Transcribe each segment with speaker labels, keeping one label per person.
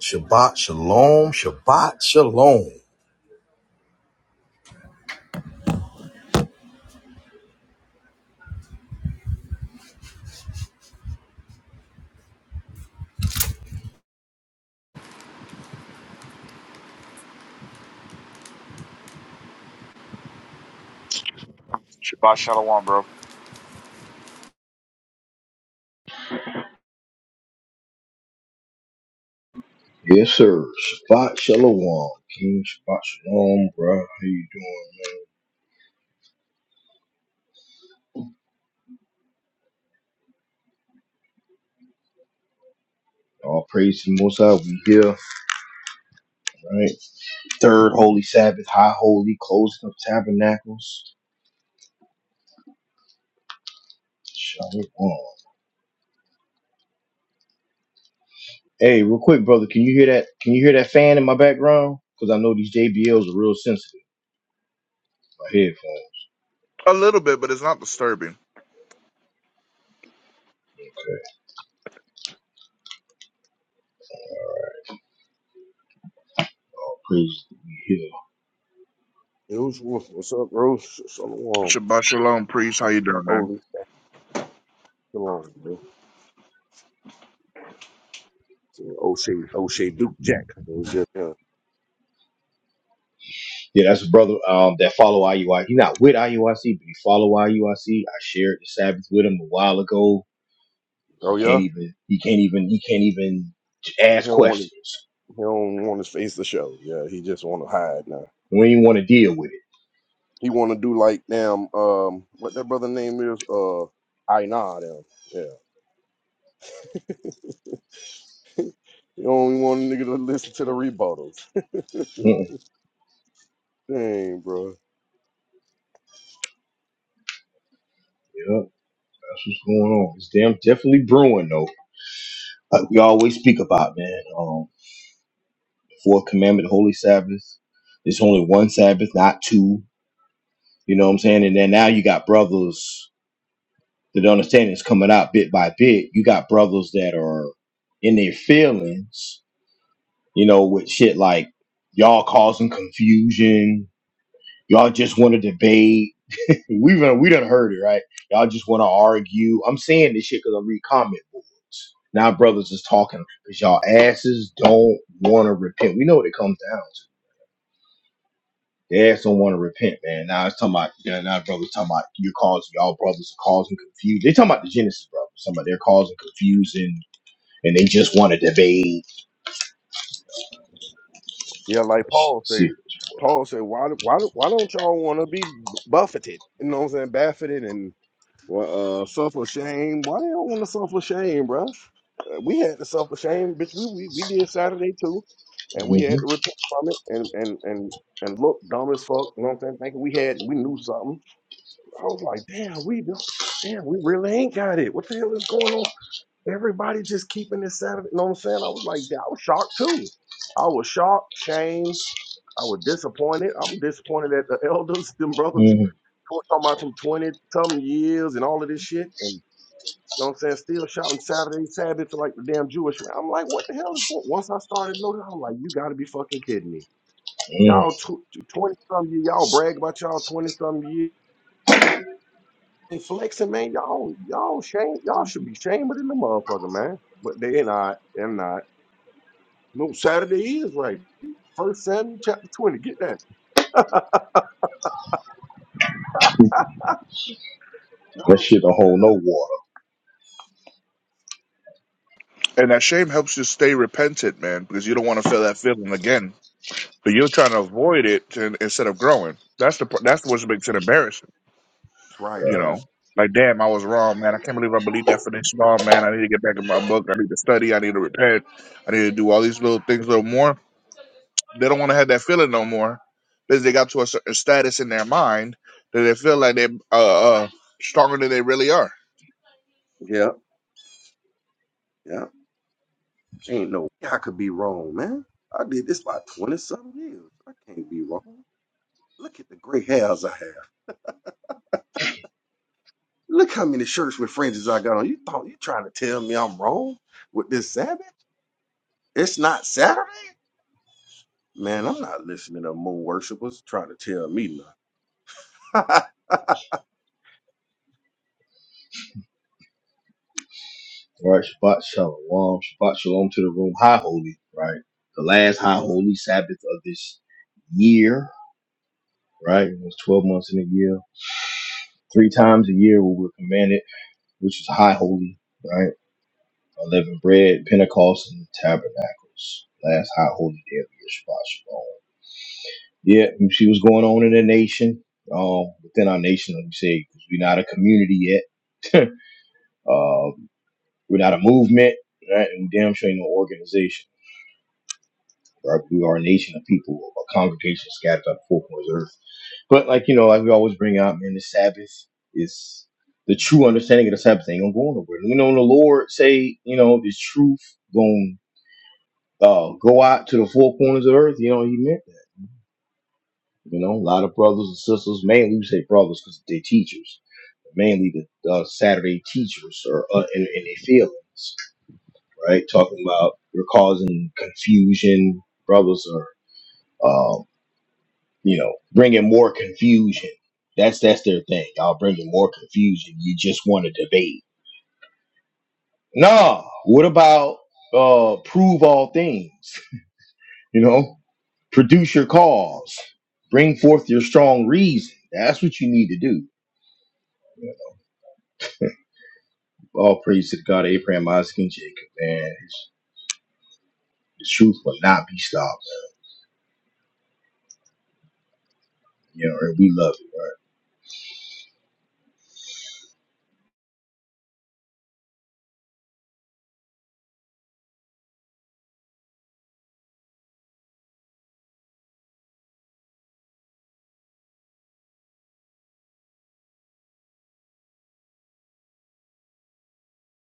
Speaker 1: Shabbat shalom. Shabbat shalom.
Speaker 2: Shabbat shalom, bro.
Speaker 1: Yes, sir. Shabbat Shalom. King Shabbat Shalom, bro. How you doing, man? All praise to the Most High. We here, right? Third Holy Sabbath, High Holy, closing of tabernacles. Shalom. Hey, real quick, brother. Can you hear that? Can you hear that fan in my background? Because I know these JBLs are real sensitive. My headphones.
Speaker 2: A little bit, but it's not disturbing.
Speaker 1: Okay. All praise to you
Speaker 3: It was what's what's up, bro? Sh- Shalom.
Speaker 2: Shabbat shalom, priest. How you doing, man?
Speaker 3: Holy shalom, bro. See, O'Shea, O'Shea Duke Jack. It was just, yeah.
Speaker 1: Yeah, that's a brother um, that follow IUIC. He's not with IUIC, but he follow I U I C. I shared the Sabbath with him a while ago.
Speaker 3: Oh
Speaker 1: He can't
Speaker 3: yeah,
Speaker 1: even. He can't even. He can't even
Speaker 3: he
Speaker 1: ask
Speaker 3: don't want to,
Speaker 1: questions.
Speaker 3: he don't want his face to show. Yeah, he just want to hide now.
Speaker 1: We ain't want to deal with it.
Speaker 3: He want to do like damn, um, what that brother name is, uh, I nah them. Yeah, he only want a nigga to listen to the rebuttals.
Speaker 1: Mm-mm.
Speaker 3: Dang, bro.
Speaker 1: Yeah, that's what's going on. It's damn definitely brewing though. Like we always speak about, man. Um, the fourth commandment, the holy Sabbath. There's only one Sabbath, not two. You know what I'm saying? And then now you got brothers that understand it's coming out bit by bit. You got brothers that are in their feelings you know, with shit like y'all causing confusion. Y'all just want to debate. We done, we done heard it, right? Y'all just want to argue. I'm saying this shit because I read comment boards. Now brothers is talking because y'all asses don't want to repent. We know what it comes down to. They ass don't want to repent, man. Now it's talking about, yeah, now brothers talking about you causing, y'all brothers are causing confusion. They talking about the Genesis brothers. Somebody they're causing confusion and they just want to debate.
Speaker 3: Yeah, like
Speaker 1: Shit,
Speaker 3: Paul say.
Speaker 1: serious.
Speaker 3: Paul said, "Why, why, why don't y'all want to be buffeted? You know what I'm saying? Buffeted and Well, uh, suffer shame. Why they don't want to suffer shame, bruh? Uh, We had to suffer shame, bitch. We, we we did Saturday too, and we had to
Speaker 1: hmm
Speaker 3: repent from it, and and and and look dumb as fuck. You know what I'm saying? Thinking we had we knew something. I was like, damn, we don't- damn, we really ain't got it. What the hell is going on? Everybody just keeping this Saturday. You know what I'm saying? I was like, I was shocked too. I was shocked, shame. I was disappointed. I'm disappointed at the elders, them brothers who were talking about some twenty something years and all of this shit, and know what I'm saying? Still shouting Saturday Sabbath for like the damn Jewish man. I'm like, what the hell is going Once I started noticing, I'm like, you got to be fucking kidding me.
Speaker 1: hmm
Speaker 3: Y'all tw- tw- 20 some year, y'all brag about y'all 20 some year. Ain't flexing, man. Y'all, y'all shame, y'all should be shamed in the motherfucker, man. But they not, they're not. No, Saturday is right. First Samuel chapter 20. Get that.
Speaker 1: That
Speaker 3: Y'all-
Speaker 1: shit don't hold no water,
Speaker 2: And that shame helps you stay repentant, man, because you don't want to feel that feeling again. But you're trying to avoid it to, instead of growing. That's the part- that's what makes it embarrassing,
Speaker 3: Right,
Speaker 2: you
Speaker 3: man.
Speaker 2: know. Like, damn, I was wrong, man. I can't believe I believed that for this long, man. I need to get back in my book. I need to study. I need to repent. I need to do all these little things a little more. They don't want to have that feeling no more because they got to a certain status in their mind that they feel like they're uh, uh, stronger than they really are
Speaker 3: Yeah, yeah. Ain't no way I could be wrong, man. I did this by 20 some years. I can't be wrong. Look at the gray hairs I have. Look how many shirts with fringes I got on. You thought you trying to tell me I'm wrong with this Sabbath? It's not Saturday? Man, I'm not listening to moon worshipers trying to tell me nothing.
Speaker 1: right? Shabbat shalom, Shabbat shalom to the room. High holy, right? The last high holy Sabbath of this year, right? It was 12 months in a year. Three times a year we were commanded, which is high holy, right? Unleavened bread, Pentecost, and tabernacles. Last high holy day of the year, Shabbat shalom. Yeah, you see what's going on in the nation, um, within our nation, let me say, because we're not a community yet. um, We're not a movement, right? And we damn sure ain't no organization, right? We are a nation of people, a congregation scattered on the four corners of the earth. But like you know, like we always bring out, man, the Sabbath is the true understanding of the Sabbath ain't gonna go nowhere. We know when the Lord say, you know, this truth gonna uh, go out to the four corners of the earth. You know, He meant that. You know, a lot of brothers and sisters, mainly we say brothers because they're teachers, mainly the uh, Saturday teachers or uh, in, in their field. right? Talking about you're causing confusion. Brothers are, um, you know, bringing more confusion. That's that's their thing. Y'all bringing more confusion. You just want to debate. Nah. What about uh, prove all things? You know, produce your cause. Bring forth your strong reason. That's what you need to do. All praise to the God of Abraham, Isaac, and Jacob, man. His, his truth will not be stopped. You know, and we love it, right?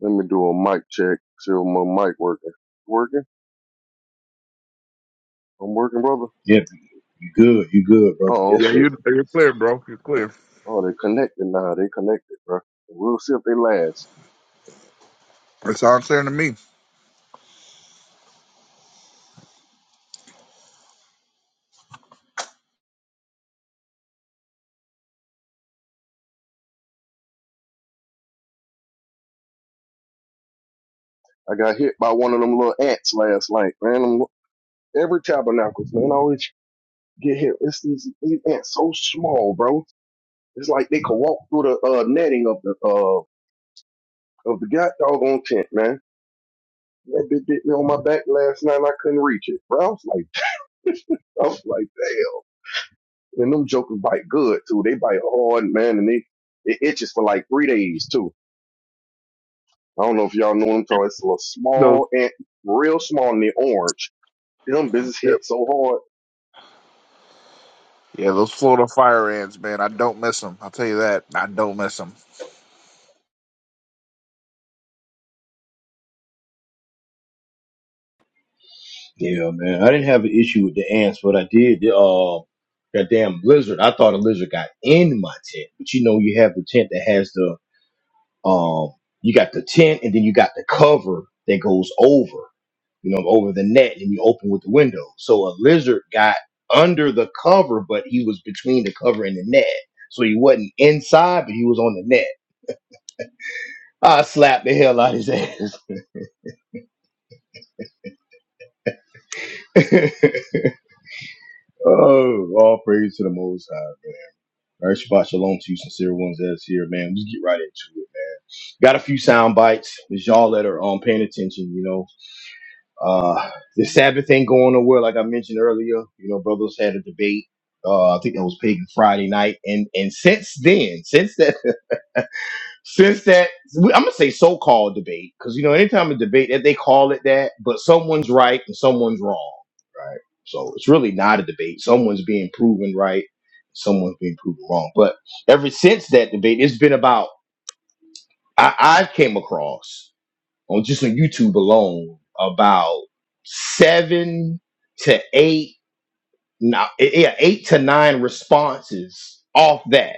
Speaker 3: Let me do a mic check. See if my mic working. Working? I'm working, brother.
Speaker 1: Yeah, you good, you good, brother.
Speaker 3: Oh,
Speaker 1: Yes,
Speaker 2: Yeah,
Speaker 1: sir.
Speaker 3: okay.
Speaker 2: you you're clear, bro. You're clear.
Speaker 3: Oh, they connected now. They connected, bro. We'll see if they last.
Speaker 2: It sounds clear to me.
Speaker 3: I got hit by one of them little ants last night, man. I'm, every tabernacles, man, I always get hit. It's these, these ants so small, bro. It's like they could walk through the uh, netting of the uh, of the god doggone tent, man. That bitch bit me on my back last night and I couldn't reach it. Bro, I was like, I was like, damn. And them jokers bite good too. They bite hard, man, and they it itches for like three days too. I don't know if y'all know what I'm talking. about. It's a little
Speaker 2: No.
Speaker 3: small and real small and they orange. Them business
Speaker 2: Yeah,
Speaker 3: hit so hard.
Speaker 2: yeah, those Florida fire ants, man. I don't miss them. I'll tell you that. I don't miss them.
Speaker 1: Yeah, man. I didn't have an issue with the ants, but I did. The, uh, that damn lizard. I thought a lizard got in my tent, but you know, you have the tent that has the um, you got the tent, and then you got the cover that goes over, you know, over the net, and you open with the window. So a lizard got under the cover, but he was between the cover and the net, so he wasn't inside, but he was on the net. I slapped the hell out of his ass. oh, all praise to the Most High. All right, Shabbat Shalom to you, sincere ones that's here, man. We get right into it, man. Got a few sound bites. It's y'all that are um paying attention, you know. Uh the Sabbath ain't going nowhere, like I mentioned earlier. You know, brothers had a debate. Uh, I think that was Pagan Friday night. And and since then, since that. Since that, I'm gonna say so-called debate because you know anytime a debate that they call it that, but someone's right and someone's wrong, right? So it's really not a debate. Someone's being proven right, someone's being proven wrong. But ever since that debate, it's been about I, I came across on just on YouTube alone about seven to eight, now yeah, eight to nine responses off that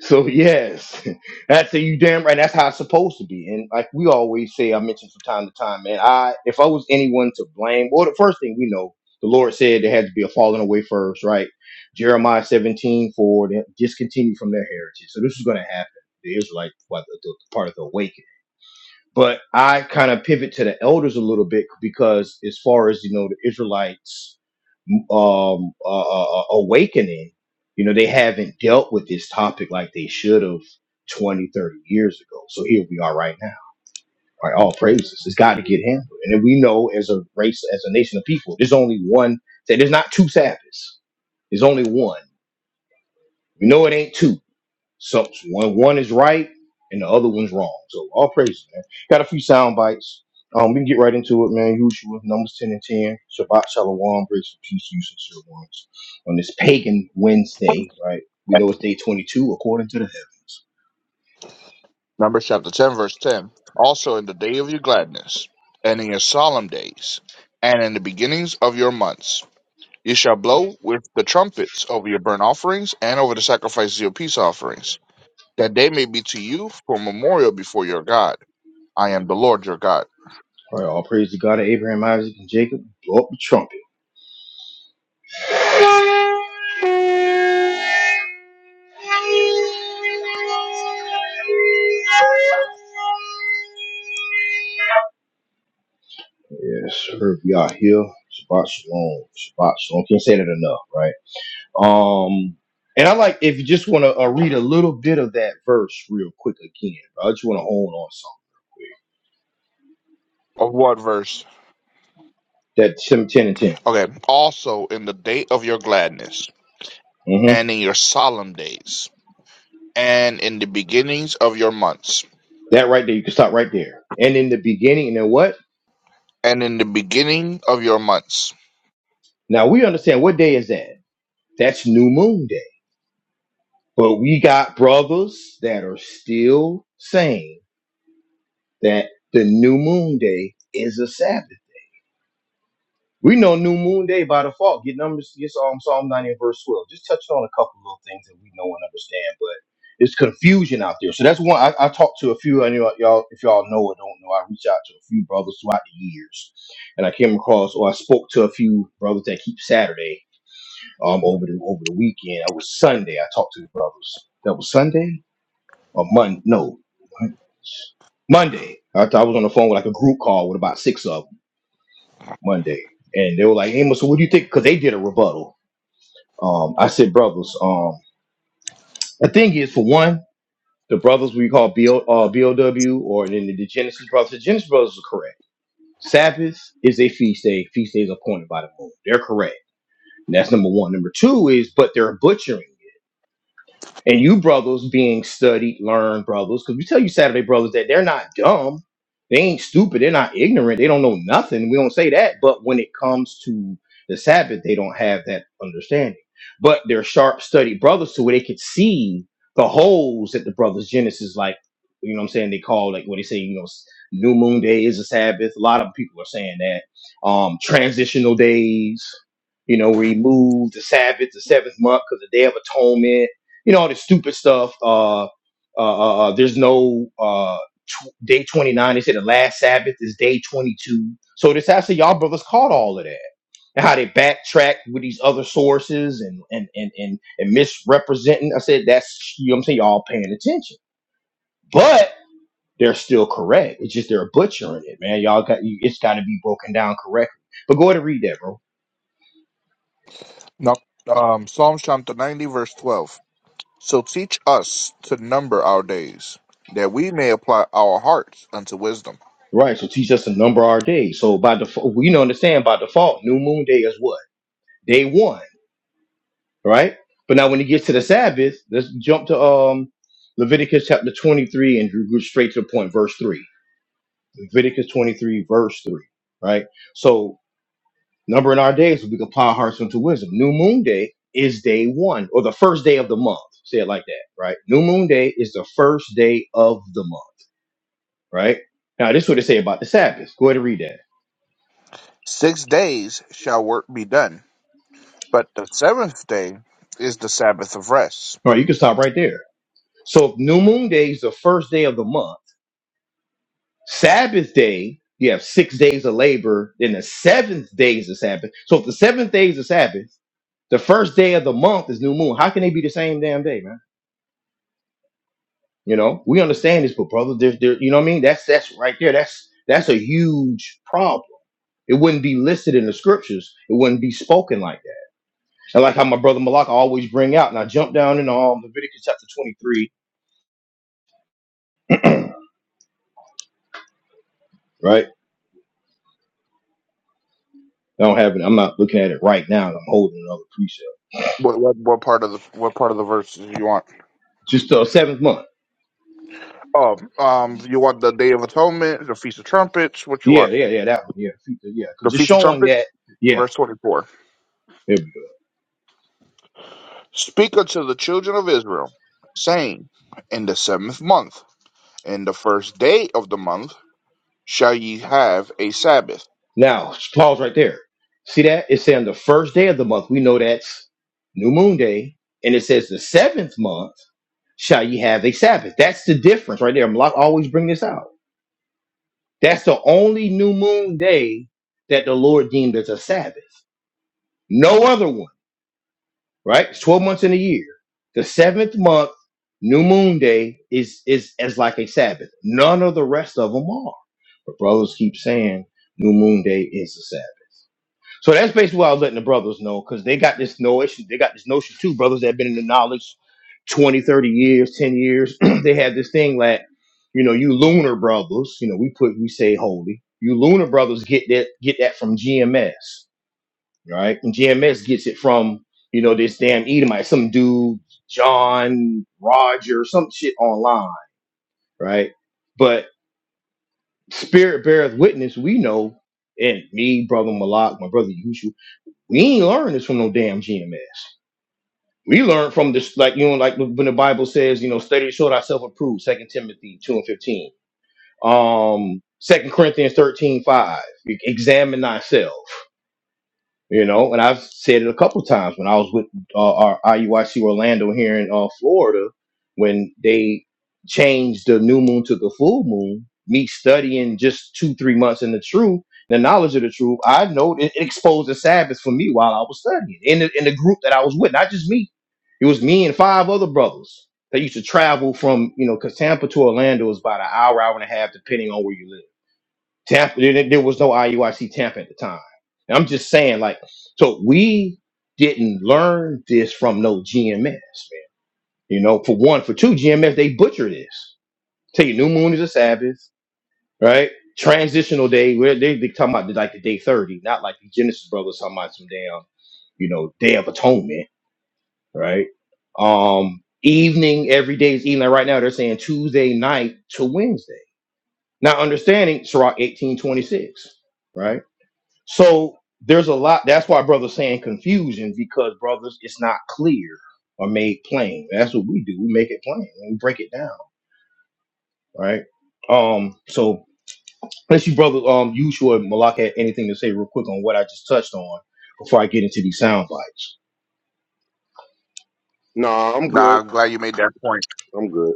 Speaker 1: So yes, that's a you damn right. That's how it's supposed to be. And like we always say, I mention from time to time, man. I if I was anyone to blame, well, the first thing we know, the Lord said there had to be a falling away first, right? Jeremiah seventeen for them discontinued from their heritage. So this is going to happen. The Israelite well, the, the part of the awakening. But I kind of pivot to the elders a little bit because as far as you know, the Israelites um, uh, uh, uh, awakening, you know, they haven't dealt with this topic like they should have 20, 30 years ago. So here we are right now. All right, all praises. It's got to get handled. And then we know as a race, as a nation of people, there's only one, there's not two Sabbaths. There's only one. We know it ain't two. So one one is right and the other one's wrong. So all praises, man. Got a few sound bites. Um, we can get right into it, man. Usual numbers ten and ten. Shabbat shalom, grace and peace, to you sincere ones. On this pagan Wednesday, right? We know it's day twenty-two according to the heavens.
Speaker 2: Numbers chapter ten, verse ten. Also in the day of your gladness, and in your solemn days, and in the beginnings of your months, you shall blow with the trumpets over your burnt offerings and over the sacrifices of your peace offerings, that they may be to you for a memorial before your God. I am the Lord your God.
Speaker 1: All right, all praise to God of Abraham, Isaac, and Jacob. Blow up the trumpet. Yes, sir. Y'all here. Shabbat Shalom. Spot Shalom. Can't say that enough, right? Um, and I like if you just want to uh, read a little bit of that verse real quick again. I just want to hold on something.
Speaker 2: Of what verse?
Speaker 1: That seven, ten, and 10.
Speaker 2: Okay. Also in the day of your gladness.
Speaker 1: hmm
Speaker 2: and in your solemn days, and in the beginnings of your months,
Speaker 1: That right there. You can stop right there. And in the beginning, and then what?
Speaker 2: and in the beginning of your months.
Speaker 1: Now we understand what day is that? That's New Moon Day. But we got brothers that are still saying that the New Moon Day is a Sabbath. We know New Moon Day by default. Get numbers. Get Psalm Psalm 90 and verse 12. Just touching on a couple little things that we know and understand, but it's confusion out there. So that's one. I, I talked to a few. I know y'all. If y'all know or don't know, I reached out to a few brothers throughout the years, and I came across or I spoke to a few brothers that keep Saturday um over the over the weekend. I was Sunday. I talked to the brothers. That was Sunday or Monday? No, Monday. I, I was on the phone with like a group call with about six of them. Monday, and they were like, "Amos, what do you think?" Because they did a rebuttal. Um, I said, "Brothers, um, the thing is, for one, the brothers we call BL, uh, BLW, or then the Genesis brothers. The Genesis brothers are correct. Sabbath is a feast day. Feast day is appointed by the moon. They're correct. And That's number one. Number two is, but they're butchering. and you brothers being studied, learned brothers, because we tell you Saturday brothers that they're not dumb, they ain't stupid, they're not ignorant, they don't know nothing. We don't say that, but when it comes to the Sabbath, they don't have that understanding. But they're sharp, studied brothers, to where they could see the holes that the brothers Genesis like. You know what I'm saying? They call like what they say. You know, s- New Moon Day is a Sabbath. A lot of people are saying that. Um, transitional days. You know, where he moved the Sabbath, the seventh month, because the Day of Atonement you know all this stupid stuff. Uh, uh, uh, uh, there's no uh, tw- day 29. They say the last Sabbath is day 22. So this actually y'all brothers caught all of that. And how they backtrack with these other sources and and and and, and misrepresenting. I said that's you know what I'm saying y'all paying attention, but they're still correct. It's just they're butchering it, man. Y'all got you, it's got to be broken down correctly. But go ahead and read that, bro.
Speaker 2: Now, um, Psalm chapter 90, verse 12. So teach us to number our days, that we may apply our hearts unto wisdom.
Speaker 1: Right, so teach us to number our days. So by default, we know understand by default, new moon day is what day one right? But now when it gets to the Sabbath, let's jump to um Leviticus chapter 23 and go straight to the point, verse 3. Leviticus 23, verse 3, right? So number in our days, we can apply our hearts unto wisdom. New moon day is day one, or the first day of the month. Say it like that, right? New moon day is the first day of the month, right? Now this is what they say about the Sabbath. Go ahead and read that.
Speaker 2: Six days shall work be done, but the seventh day is the Sabbath of rest.
Speaker 1: All right, you can stop right there. So if new moon day is the first day of the month Sabbath day, you have six days of labor, then the seventh day is the Sabbath. So if the seventh day is the Sabbath, the first day of the month is new moon. How can they be the same damn day, man? You know, we understand this, but brother, there, there, you know what I mean? That's that's right there. That's that's a huge problem. It wouldn't be listed in the scriptures. It wouldn't be spoken like that. And like how my brother Malak always bring out, and I jump down in um, Leviticus chapter 23, right? I don't have it. I'm not looking at it right now. I'm holding another precept.
Speaker 2: What, what, what part of the what part of the verse do you want?
Speaker 1: Just uh, seventh month.
Speaker 2: Oh, um, you want the Day of Atonement, the Feast of Trumpets. What you
Speaker 1: Yeah,
Speaker 2: want?
Speaker 1: yeah, yeah, that one. Yeah, feet, yeah,
Speaker 2: The
Speaker 1: because it's
Speaker 2: Feast of
Speaker 1: showing
Speaker 2: Trumpets,
Speaker 1: that. Yeah,
Speaker 2: verse twenty-four.
Speaker 1: there we go.
Speaker 2: Speak unto the children of Israel, saying, In the seventh month, in the first day of the month, shall ye have a Sabbath.
Speaker 1: Now, pause right there. See that? It's saying the first day of the month. We know that's New Moon Day, and it says the seventh month shall ye have a Sabbath. That's the difference right there. I'm like always bring this out. That's the only New Moon Day that the Lord deemed as a Sabbath. No other one. right? It's 12 months in a year. The seventh month, new moon day, is is as like a Sabbath. None of the rest of them are. But brothers keep saying new moon day is a Sabbath. So that's basically what I was letting the brothers know, because they got this notion, they got this notion too, brothers that have been in the knowledge 20, 30 years, 10 years. they have this thing that, you know, you lunar brothers, you know, we put we say holy. You lunar brothers get that get that from GMS right? And GMX gets it from, you know, this damn Edomite, some dude, John, Roger, some shit online, right? But spirit beareth witness, we know, and me, brother Malak, my brother Yushu, we ain't learned this from no damn GMS. We learned from this, like, you know, like when the Bible says, you know, study to show thyself approved, Second Timothy 2 and 15. Um, Second Corinthians 13 5, Examine thyself. You know, and I've said it a couple times when I was with uh, our IUIC Orlando here in uh, Florida, when they changed the new moon to the full moon. Me studying just two, three months in the truth, the knowledge of the truth, I know it, it exposed the Sabbath for me while I was studying in the, in the group that I was with, not just me. It was me and five other brothers that used to travel from, you know, because Tampa to Orlando is about an hour, hour and a half, depending on where you live Tampa, there, there was no IUIC Tampa at the time. And I'm just saying, like, so we didn't learn this from no GMS, man. You know, for one, for two, GMS they butcher this. Tell you, new moon is a Sabbath, right? Transitional day, where they they talking about like the day thirty, not like the Genesis brothers talking about some damn, you know, Day of Atonement, right? Um, evening, every day is evening. Like right now, they're saying Tuesday night to Wednesday. Not understanding Sirach eighteen twenty six, right? So there's a lot. That's why brothers saying confusion because brothers, it's not clear or made plain. That's what we do. We make it plain and we break it down, right? Um. So unless you brother, um, you sure Malak had anything to say real quick on what I just touched on before I get into these sound bites.
Speaker 3: Nah, I'm
Speaker 2: Now,
Speaker 3: good.
Speaker 2: I'm glad you made that point.
Speaker 3: I'm good.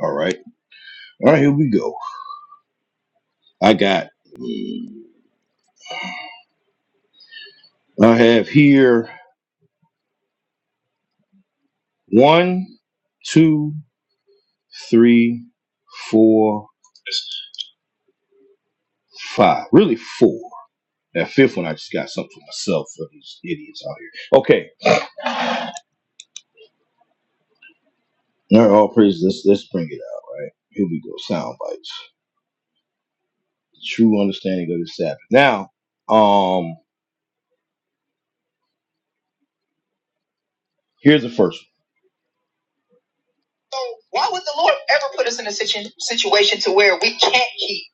Speaker 1: All right. All right. Here we go. I got. I have here one, two, three, four, five. Really four. That fifth one, I just got something for myself for these idiots out here. Okay. All right, all praise. Let's, let's bring it out, right? Here we go. Sound bites. The true understanding of the Sabbath. Now, um, here's the first one. So why would the Lord ever put us in a situ- situation to where we can't keep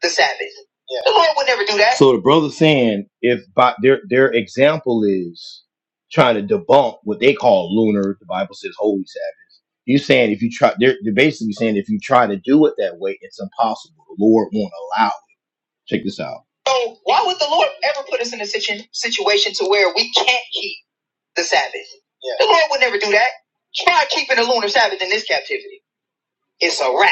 Speaker 1: the Sabbath? Yeah. The Lord would never do that. So the brother's saying if by their their example is trying to debunk what they call lunar, the Bible says holy Sabbath You're saying if you try, they're, they're basically saying if you try to do it that way, it's impossible. The Lord won't allow it. Check this out. So why would the Lord ever put us in a situ- situation to where we can't keep the Sabbath? Yeah. The Lord would never do that. Try keeping the lunar Sabbath in this captivity. It's a wrap.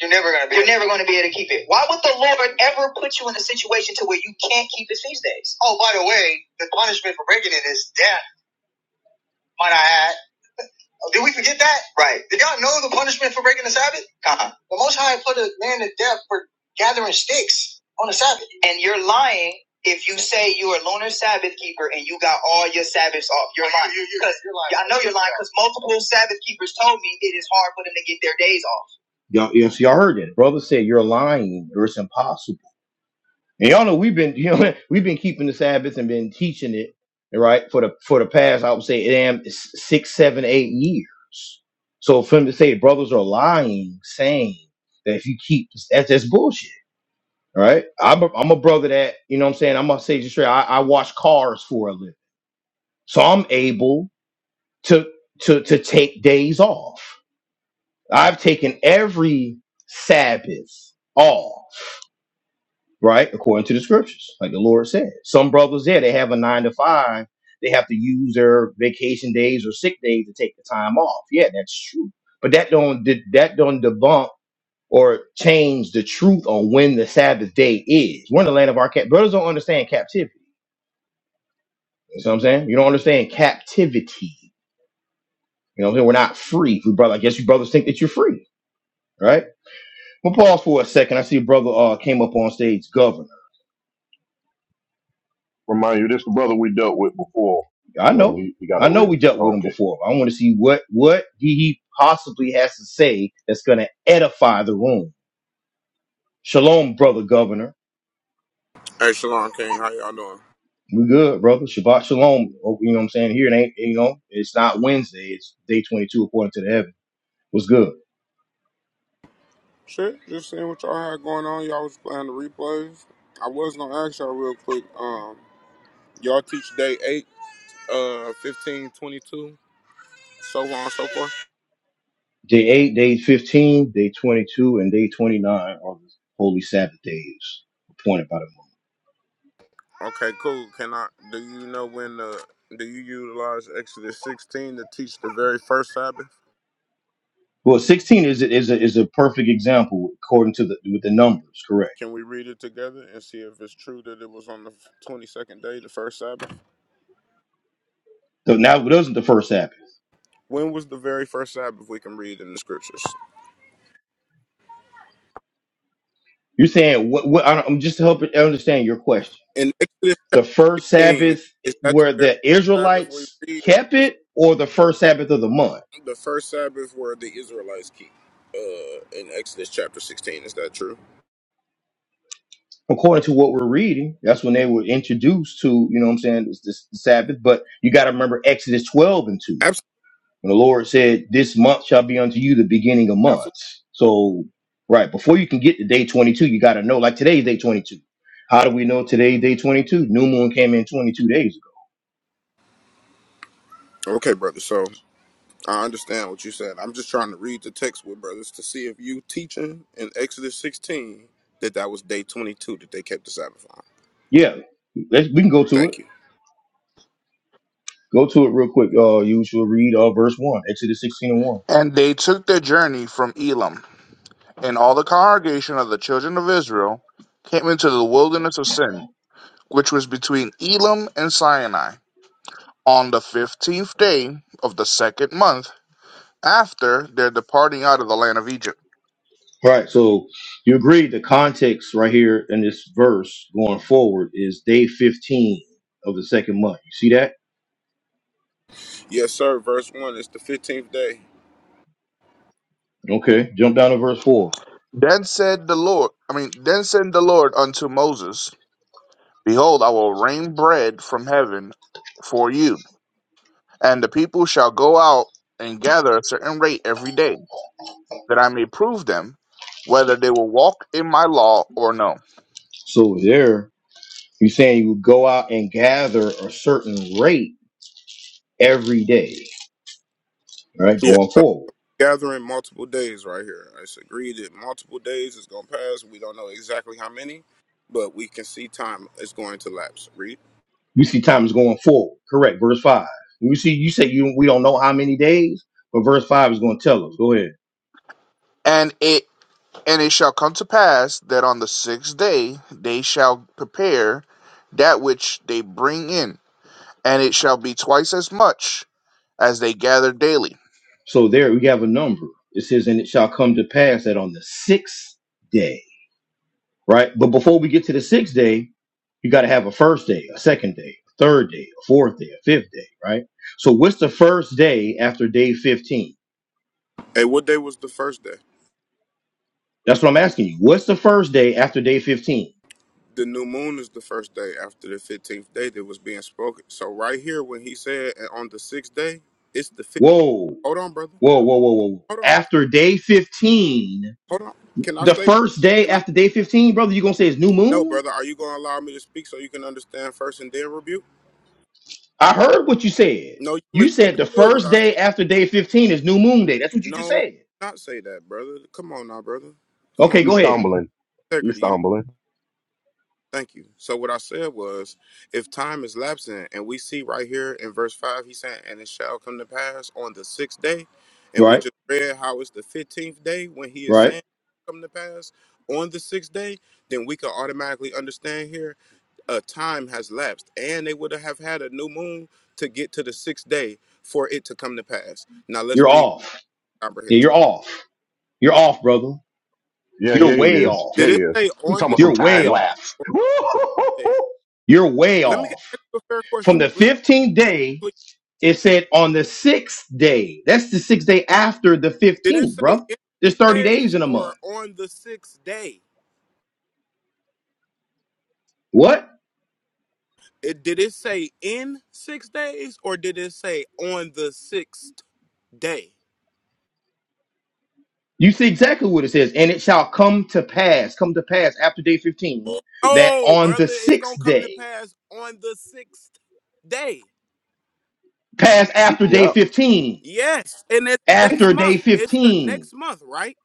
Speaker 1: You're never gonna be. You're never gonna be able to keep it. Why would the Lord ever put you in a situation to where you can't keep His feast days? Oh, by the way, the punishment for breaking it is death. Might I add? Did we forget that? Right. Did y'all know the punishment for breaking the Sabbath? Uh-huh. The Most High put a man to death for gathering sticks on the Sabbath. And you're lying if you say you are a lunar Sabbath keeper and you got all your Sabbaths off. You're lying. You- you- 'Cause you're lying. I know you're lying because multiple Sabbath keepers told me it is hard for them to get their days off. Y'all, yes, y'all heard it. Brother said you're lying. Or it's impossible. And y'all know we've been, you know, we've been keeping the Sabbath and been teaching it, right, for the for the past, I would say, damn, s- six, seven, eight years. So for them to say brothers are lying, saying that if you keep that's that's bullshit, right? I'm a, I'm a brother that you know what I'm saying. I'm gonna say just straight. I, I wash cars for a living, so I'm able to to to take days off. I've taken every Sabbath off right? According to the scriptures, like the Lord said. Some brothers there, they have a nine to five. They have to use their vacation days or sick days to take the time off. Yeah, that's true. But that don't that don't debunk or change the truth on when the Sabbath day is. We're in the land of our cap. Brothers don't understand captivity. You know what I'm saying? You don't understand captivity. You know what I'm saying? We're not free. We brother, I guess you brothers think that you're free, right? We'll pause for a second. I see a brother uh, came up on stage, Governor.
Speaker 3: Remind you, this the brother we dealt with before.
Speaker 1: I
Speaker 3: You know,
Speaker 1: know.
Speaker 3: he, he got a
Speaker 1: I know
Speaker 3: rib.
Speaker 1: we dealt with him
Speaker 3: Okay,
Speaker 1: before. I want to see what what he possibly has to say that's going to edify the room. Shalom, brother governor.
Speaker 4: Hey, Shalon King, how y'all doing?
Speaker 1: We good, brother. Shabbat shalom. Oh, You know what I'm saying? Here it ain't. You know, it's not Wednesday. It's day 22 according to the heaven. What's good?
Speaker 4: Shit, just seeing what y'all had going on. Y'all was playing the replays. I was gonna ask y'all real quick. Um, y'all teach day eight, uh, fifteen twenty-two, so on and so forth.
Speaker 1: Day eight, day 15, day 22, and day 29 are the holy Sabbath days appointed by the moon.
Speaker 4: Okay, cool. Can I? Do you know when the? Do you utilize Exodus sixteen to teach the very first Sabbath?
Speaker 1: Well, 16 is a, is a, is a perfect example according to the with the numbers, correct?
Speaker 4: Can we read it together and see if it's true that it was on the twenty-second day, the first Sabbath?
Speaker 1: So now it wasn't the first Sabbath.
Speaker 4: When was the very first Sabbath we can read in the scriptures?
Speaker 1: You're saying what? what I don't- I'm just helping understand your question.
Speaker 4: in Exodus
Speaker 1: The
Speaker 4: chapter
Speaker 1: first
Speaker 4: 16,
Speaker 1: Sabbath
Speaker 4: is that the
Speaker 1: where
Speaker 4: very
Speaker 1: the
Speaker 4: Sabbath we
Speaker 1: Israelites
Speaker 4: read?
Speaker 1: kept
Speaker 4: Is
Speaker 1: it, or the first Sabbath of the month,
Speaker 4: the first Sabbath where the Israelites keep uh, in Exodus chapter 16? Is that true?
Speaker 1: according to what we're reading, that's when they were introduced to. You know, what I'm saying it's this Sabbath, but you got to remember Exodus 12 and 2,
Speaker 4: Absolutely.
Speaker 1: when the Lord said, "This month shall be unto you the beginning of
Speaker 4: Absolutely.
Speaker 1: months." So, right before you can get to day 22, you got to know. Like today's day 22. How do we know today's day 22? New moon came in 22 days ago.
Speaker 4: Okay, brother. So I understand what you said. I'm just trying to read the text with brothers to see if you teaching in Exodus 16 that that was day 22 that they kept the Sabbath on.
Speaker 1: Yeah, let's, we can go to it.
Speaker 4: Thank you.
Speaker 1: Go to it real quick. Uh, you should read uh, verse 1, Exodus 16 and 1.
Speaker 2: And they took their journey from Elam, and all the congregation of the children of Israel came into the wilderness of Sin, which was between Elam and Sinai, on the fifteenth day of the second month after their departing out of the land of Egypt.
Speaker 1: All right, so you agree the context right here in this verse going forward is day 15 of the second month. You see that?
Speaker 4: Yes, sir. Verse 1 It's the 15th day.
Speaker 1: Okay, jump down to verse 4.
Speaker 2: Then said the Lord, I mean, then said the Lord unto Moses, Behold, I will rain bread from heaven for you, and the people shall go out and gather a certain rate every day, that I may prove them whether they will walk in my law or no.
Speaker 1: So there, you're saying you go out and gather a certain rate every day, all right,
Speaker 4: Yeah.
Speaker 1: going forward.
Speaker 4: gathering multiple days right here. It's agreed that multiple days is going to pass. We don't know exactly how many, but we can see time is going to lapse. Read.
Speaker 1: We see time is going forward. Correct, verse 5. You see, you say you we don't know how many days, but verse 5 is going to tell us. Go ahead.
Speaker 2: And it and it shall come to pass that on the sixth day they shall prepare that which they bring in, and it shall be twice as much as they gather daily.
Speaker 1: So there we have a number. It says, and it shall come to pass that on the sixth day, right? But before we get to the sixth day, you got to have a first day, a second day, a third day, a fourth day, a fifth day, right? So what's the first day after day 15?
Speaker 4: Hey, what day was the first day?
Speaker 1: That's what I'm asking you. What's the first day after day 15?
Speaker 4: The new moon is the first day after the 15th day that was being spoken. So, right here, when he said "And on the sixth day, it's the fifth.
Speaker 1: Whoa,
Speaker 4: Hold on, brother.
Speaker 1: whoa, whoa, whoa, whoa.
Speaker 4: Hold on.
Speaker 1: After day 15,
Speaker 4: Hold on. Can I
Speaker 1: the
Speaker 4: say,
Speaker 1: first day
Speaker 4: can I?
Speaker 1: after day 15, brother, you going to say it's new
Speaker 4: No,
Speaker 1: moon?
Speaker 4: brother. Are you going to allow me to speak so you can understand first and then rebuke?
Speaker 1: I heard what you said.
Speaker 4: No, you
Speaker 1: You said the
Speaker 4: misunderstood what
Speaker 1: first
Speaker 4: I
Speaker 1: day
Speaker 4: said.
Speaker 1: after day 15 is new moon day. That's what you
Speaker 4: No,
Speaker 1: just
Speaker 4: I did
Speaker 1: said.
Speaker 4: not say that, brother. Come on now, brother. Come
Speaker 1: Okay,
Speaker 4: on now.
Speaker 3: he's
Speaker 1: go ahead.
Speaker 3: stumbling. He's
Speaker 4: integrity. You know,
Speaker 3: stumbling.
Speaker 4: thank you. So what I said was, if time is lapsing, and we see right here in verse five, he saying, "And it shall come to pass on the sixth day," and we
Speaker 1: Right,
Speaker 4: just read how it's the fifteenth day when he is
Speaker 1: right.
Speaker 4: saying come to pass on the sixth day. Then we can automatically understand here a time has lapsed, and they would have had a new moon to get to the sixth day for it to come to pass. Now let's
Speaker 1: You're
Speaker 4: read
Speaker 1: off. Yeah, you're
Speaker 4: comprehension.
Speaker 1: off. You're off, brother.
Speaker 3: Yeah,
Speaker 1: You're
Speaker 3: yeah, he
Speaker 1: way
Speaker 3: is. Yeah,
Speaker 4: Did
Speaker 3: he
Speaker 1: off.
Speaker 4: it
Speaker 3: is.
Speaker 4: say
Speaker 3: He
Speaker 4: on
Speaker 3: talking
Speaker 4: the
Speaker 3: about some
Speaker 1: You're
Speaker 4: sixth
Speaker 1: way
Speaker 3: time
Speaker 4: day
Speaker 3: lapse.
Speaker 1: off.
Speaker 4: or days?
Speaker 3: Woo-hoo-hoo-hoo.
Speaker 1: You're way
Speaker 4: Let me
Speaker 1: off.
Speaker 4: ask you a fair
Speaker 1: From
Speaker 4: question.
Speaker 1: the 15th day,
Speaker 4: Please
Speaker 1: it said on the sixth day. That's the sixth day after the
Speaker 4: Did it
Speaker 1: 15th,
Speaker 4: say
Speaker 1: bro.
Speaker 4: in
Speaker 1: There's 30 days
Speaker 4: days
Speaker 1: in a month.
Speaker 4: or on the sixth day?
Speaker 1: What?
Speaker 4: It, did it say in six days or did it say on the sixth day?
Speaker 1: You see exactly what it says. And it shall come to pass, come to pass after day 15, that
Speaker 4: No,
Speaker 1: on the
Speaker 4: brother, it's
Speaker 1: sixth
Speaker 4: gonna come
Speaker 1: day.
Speaker 4: to pass on the sixth day.
Speaker 1: Pass after day
Speaker 3: Yep.
Speaker 1: 15.
Speaker 4: Yes, and it's next
Speaker 1: After day
Speaker 4: month. It's the
Speaker 1: 15.
Speaker 4: next month, right?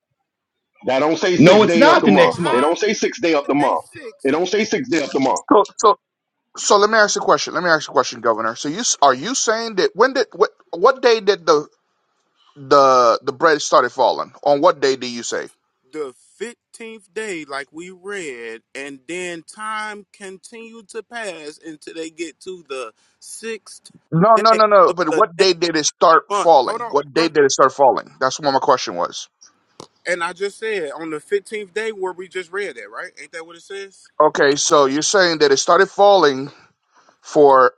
Speaker 3: That don't say
Speaker 1: No,
Speaker 3: six
Speaker 1: it's
Speaker 3: day of
Speaker 1: not
Speaker 3: the
Speaker 1: the
Speaker 4: So
Speaker 3: month.
Speaker 1: next
Speaker 3: They
Speaker 1: month.
Speaker 3: don't
Speaker 4: how
Speaker 3: say
Speaker 4: did you
Speaker 3: six day of
Speaker 4: get
Speaker 3: the
Speaker 4: to day
Speaker 3: month. They
Speaker 4: six?
Speaker 3: don't say six day of the month.
Speaker 2: So, so, so let me ask you a question. Let me ask you a question, Governor. So, you s- are you saying that when did what what day did the the the bread started falling. On what day do you say?
Speaker 4: the 15th day, like we read, and then time continued to pass until they get to the sixth
Speaker 2: No, no,
Speaker 4: day
Speaker 2: no, no.
Speaker 4: of
Speaker 2: But
Speaker 4: the
Speaker 2: what
Speaker 4: next
Speaker 2: day did it start
Speaker 4: month. Hold
Speaker 2: falling?
Speaker 4: on,
Speaker 2: What day
Speaker 4: brother.
Speaker 2: did it start falling? That's what my question was.
Speaker 4: And I just said on the 15th day where we just read that, right? Ain't that what it says?
Speaker 2: Okay, so you're saying that it started falling for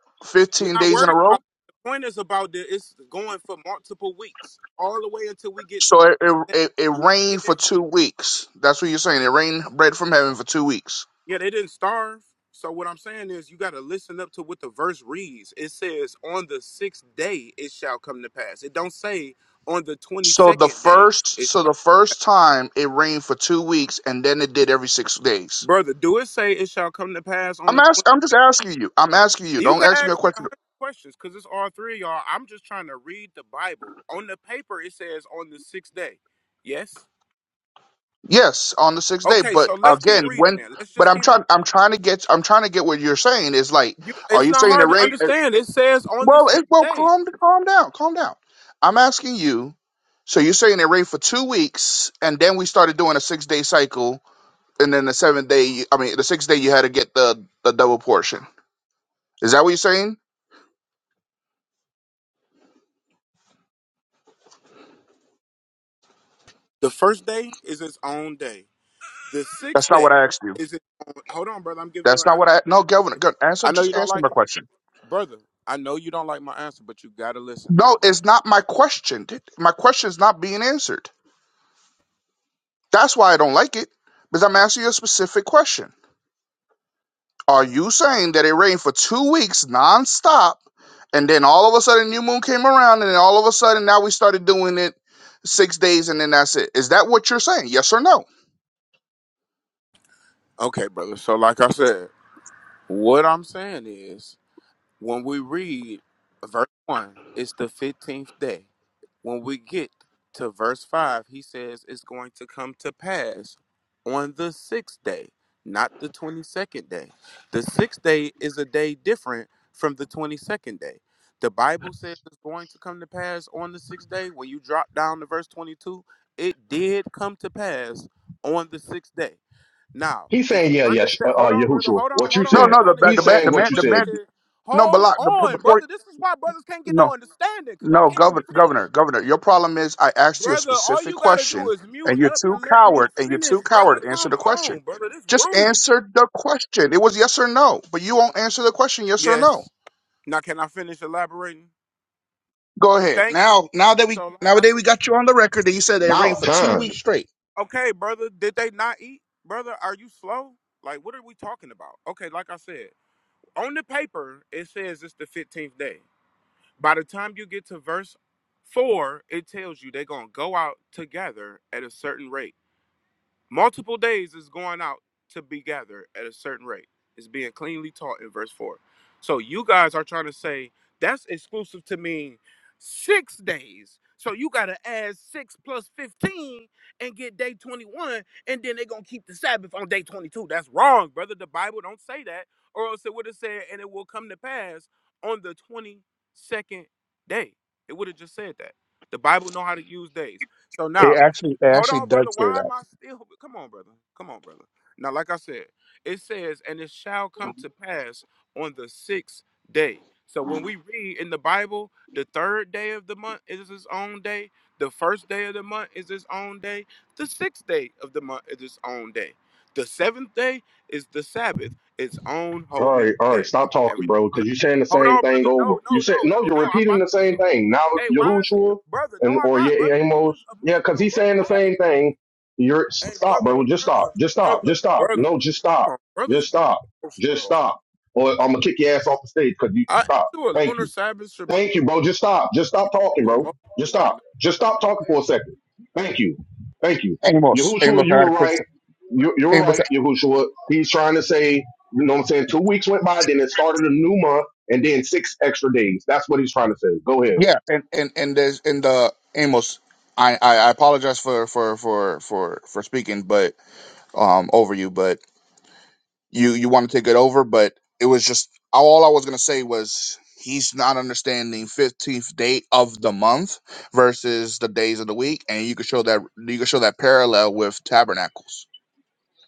Speaker 4: We're
Speaker 2: 15
Speaker 4: not
Speaker 2: days in a
Speaker 4: worried
Speaker 2: row?
Speaker 4: about it. The point is about that it's going for multiple weeks, all the way until we get
Speaker 2: So it it, it, it
Speaker 4: to
Speaker 2: rained for two weeks. That's what you're saying. It rained bread from heaven for two weeks.
Speaker 4: Yeah, they didn't starve. So what I'm saying is you gotta listen up to what the verse reads. It says, On the sixth day it shall come to pass. It don't say on the twenty
Speaker 2: So the
Speaker 4: second day
Speaker 2: first
Speaker 4: it
Speaker 2: so
Speaker 4: shall
Speaker 2: the first time it rained for two weeks and then it did every six days.
Speaker 4: brother, do it say it shall come to pass on
Speaker 2: I'm
Speaker 4: the
Speaker 2: ask,
Speaker 4: 20?
Speaker 2: I'm just asking you. I'm asking you.
Speaker 4: You
Speaker 2: Don't
Speaker 4: can
Speaker 2: ask me a
Speaker 4: ask me
Speaker 2: question.
Speaker 4: a hundred questions because it's all three of y'all. I'm just trying to read the Bible. On the paper it says on the sixth day. Yes?
Speaker 2: Yes, on the sixth day.
Speaker 4: Okay,
Speaker 2: But
Speaker 4: so let's keep
Speaker 2: again,
Speaker 4: reading
Speaker 2: when
Speaker 4: it. Let's
Speaker 2: but
Speaker 4: just
Speaker 2: I'm
Speaker 4: keep
Speaker 2: trying I'm trying to get I'm trying to get what you're saying is like,
Speaker 4: reading. You,
Speaker 2: are
Speaker 4: it's
Speaker 2: you
Speaker 4: not
Speaker 2: saying it
Speaker 4: hard to
Speaker 2: rain? uh,
Speaker 4: understand. It says on the
Speaker 2: Well,
Speaker 4: sixth
Speaker 2: it, well,
Speaker 4: day.
Speaker 2: calm calm down, calm down. I'm asking you. So you're saying it rained for two weeks, and then we started doing a six day cycle, and then the seventh day, you- I mean the sixth day, you had to get the the double portion. Is that what you're saying?
Speaker 4: The first day is its own day. The
Speaker 2: That's
Speaker 4: sixth
Speaker 2: not
Speaker 4: day
Speaker 2: what I asked you.
Speaker 4: is it? uh, Hold on, brother. I'm giving you
Speaker 2: That's
Speaker 4: an
Speaker 2: not what I. No, Governor,
Speaker 4: answer.
Speaker 2: go- answer.
Speaker 4: I know you
Speaker 2: Just
Speaker 4: don't
Speaker 2: answer
Speaker 4: like
Speaker 2: my
Speaker 4: it,
Speaker 2: question.
Speaker 4: brother. I know you don't like my answer, but you gotta listen,
Speaker 2: No,
Speaker 4: brother.
Speaker 2: it's not my question. My question is not being answered. That's why I don't like it, because I'm asking you a specific question. Are you saying that it rained for two weeks nonstop, and then all of a sudden new moon came around, and then all of a sudden now we started doing it six days, and then that's it? Is that what you're saying? Yes or no?
Speaker 4: Okay, brother. So, like I said, what I'm saying is, when we read verse one, it's the fifteenth day. when we get to verse 5, he says it's going to come to pass on the sixth day, not the 22nd day. The sixth day is a day different from the 22nd day. The Bible says it's going to come to pass on the sixth day. When you drop down to verse 22, it did come to pass on the sixth day. Now,
Speaker 3: He's
Speaker 4: if
Speaker 3: saying,
Speaker 4: you
Speaker 3: yeah, yes, uh,
Speaker 4: understand,
Speaker 3: uh,
Speaker 4: hold on, brother,
Speaker 3: Yahushua,
Speaker 4: hold on,
Speaker 3: what you
Speaker 4: hold on.
Speaker 2: No,
Speaker 3: said.
Speaker 4: I'm
Speaker 2: no. The
Speaker 4: trying to
Speaker 2: ba-
Speaker 4: give
Speaker 2: the
Speaker 3: He's
Speaker 4: a
Speaker 2: ba-
Speaker 3: saying
Speaker 2: the
Speaker 4: full
Speaker 3: what
Speaker 2: man
Speaker 3: you
Speaker 2: the
Speaker 3: said.
Speaker 2: man.
Speaker 4: position.
Speaker 2: No, but
Speaker 4: Hold
Speaker 2: like the the
Speaker 4: on,
Speaker 2: point.
Speaker 4: brother. This is why brothers can't get
Speaker 2: No,
Speaker 4: no understanding because I
Speaker 2: No,
Speaker 4: can't even
Speaker 2: governor,
Speaker 4: finish.
Speaker 2: governor, governor. Your problem is I asked you a
Speaker 4: Brother, all
Speaker 2: specific
Speaker 4: you gotta do
Speaker 2: question,
Speaker 4: is mute
Speaker 2: and you're
Speaker 4: up
Speaker 2: too
Speaker 4: and let me
Speaker 2: coward, and you're
Speaker 4: finish,
Speaker 2: too
Speaker 4: brother.
Speaker 2: coward to answer
Speaker 4: Come
Speaker 2: the question.
Speaker 4: on, brother. This
Speaker 2: Just
Speaker 4: rude.
Speaker 2: answer the question. It was yes or no, but you won't answer the question, yes or no.
Speaker 4: Yes. Now can I finish elaborating?
Speaker 2: Go ahead.
Speaker 4: Thank you.
Speaker 2: Now, now that we
Speaker 4: So like I
Speaker 2: nowadays we
Speaker 4: said,
Speaker 2: got you on the record that you said it rained
Speaker 3: About
Speaker 2: for two
Speaker 3: time.
Speaker 2: weeks straight.
Speaker 4: okay, brother, did they not eat? Brother, are you slow? Like what are we talking about? Okay, like I said, on the paper it says it's the 15th day. By the time you get to verse 4, it tells you they're going to go out together at a certain rate. Multiple days is going out to be gathered at a certain rate. It's being cleanly taught in verse 4. So you guys are trying to say that's exclusive to mean six days. So you got to add six plus 15 and get day 21, and then they're going to keep the Sabbath on day 22. That's wrong, brother. The Bible don't say that, or else it would have said, and it will come to pass on the 22nd day. It would have just said that. The Bible know how to use days. So
Speaker 2: It
Speaker 4: now
Speaker 2: actually, it
Speaker 4: Hold
Speaker 2: actually
Speaker 4: on,
Speaker 2: does
Speaker 4: brother.
Speaker 2: say
Speaker 4: Why
Speaker 2: that.
Speaker 4: am I still? Come on, brother. Come on, brother. Now, like I said, it says, and it shall come to pass on the sixth day. So when we read in the Bible, the third day of the month is its own day. The first day of the month is its own day. The sixth day of the month is its own day. The seventh day is the Sabbath, its own
Speaker 3: All
Speaker 4: holy
Speaker 3: right, all right,
Speaker 4: day.
Speaker 3: stop talking,
Speaker 4: Everybody,
Speaker 3: bro, because you're saying the
Speaker 4: hold
Speaker 3: same
Speaker 4: on,
Speaker 3: thing
Speaker 4: brother.
Speaker 3: over.
Speaker 4: No, no,
Speaker 3: You said
Speaker 4: no,
Speaker 3: no,
Speaker 4: no,
Speaker 3: you're
Speaker 4: no. I'm
Speaker 3: repeating
Speaker 4: about
Speaker 3: the
Speaker 4: to
Speaker 3: same
Speaker 4: yield.
Speaker 3: thing. Now
Speaker 4: Hey, why is it?
Speaker 3: Yahushua
Speaker 4: brother. No,
Speaker 3: and
Speaker 4: I'm
Speaker 3: or
Speaker 4: not,
Speaker 3: Ye-
Speaker 4: brother. You
Speaker 3: Amos,
Speaker 4: just
Speaker 3: yeah, because
Speaker 4: emotional,
Speaker 3: he's
Speaker 4: brother.
Speaker 3: saying the
Speaker 4: Why is
Speaker 3: same thing. You're
Speaker 4: Hey
Speaker 3: stop,
Speaker 4: brother,
Speaker 3: bro. Just stop.
Speaker 4: brother,
Speaker 3: Just stop.
Speaker 4: brother,
Speaker 3: Just stop.
Speaker 4: brother.
Speaker 3: No,
Speaker 4: Come
Speaker 3: just stop.
Speaker 4: on, brothers
Speaker 3: Just
Speaker 4: be
Speaker 3: stop.
Speaker 4: emotional,
Speaker 3: Just
Speaker 4: bro.
Speaker 3: stop. Or I'm gonna kick your ass off the stage because you
Speaker 4: I ain't
Speaker 3: stop.
Speaker 4: you a
Speaker 3: Thank you.
Speaker 4: lunar Sabbath Shabbat.
Speaker 3: Thank you, bro. Just stop. Just
Speaker 4: You
Speaker 3: stop talking,
Speaker 4: too
Speaker 3: bro.
Speaker 4: emotional
Speaker 3: Just
Speaker 4: right now,
Speaker 3: stop. Just
Speaker 4: brother.
Speaker 3: stop talking for a second. Thank you. Thank you.
Speaker 2: Amos,
Speaker 3: Yahushua,
Speaker 2: Amos, I
Speaker 3: you
Speaker 2: got
Speaker 3: were
Speaker 2: a quick.
Speaker 3: right. You, you were
Speaker 2: Amos,
Speaker 3: right, Yahushua. He's trying to say, you know what I'm saying? Two weeks went by, then it started a new month, and then six extra days. That's what he's trying to say. Go ahead.
Speaker 2: yeah, and and and there's in the Amos. I, I I apologize for for for for for speaking, but um over you, but you you want to take it over, but it was just all I was gonna say was he's not understanding fifteenth day of the month versus the days of the week, and you could show that you could show that parallel with tabernacles.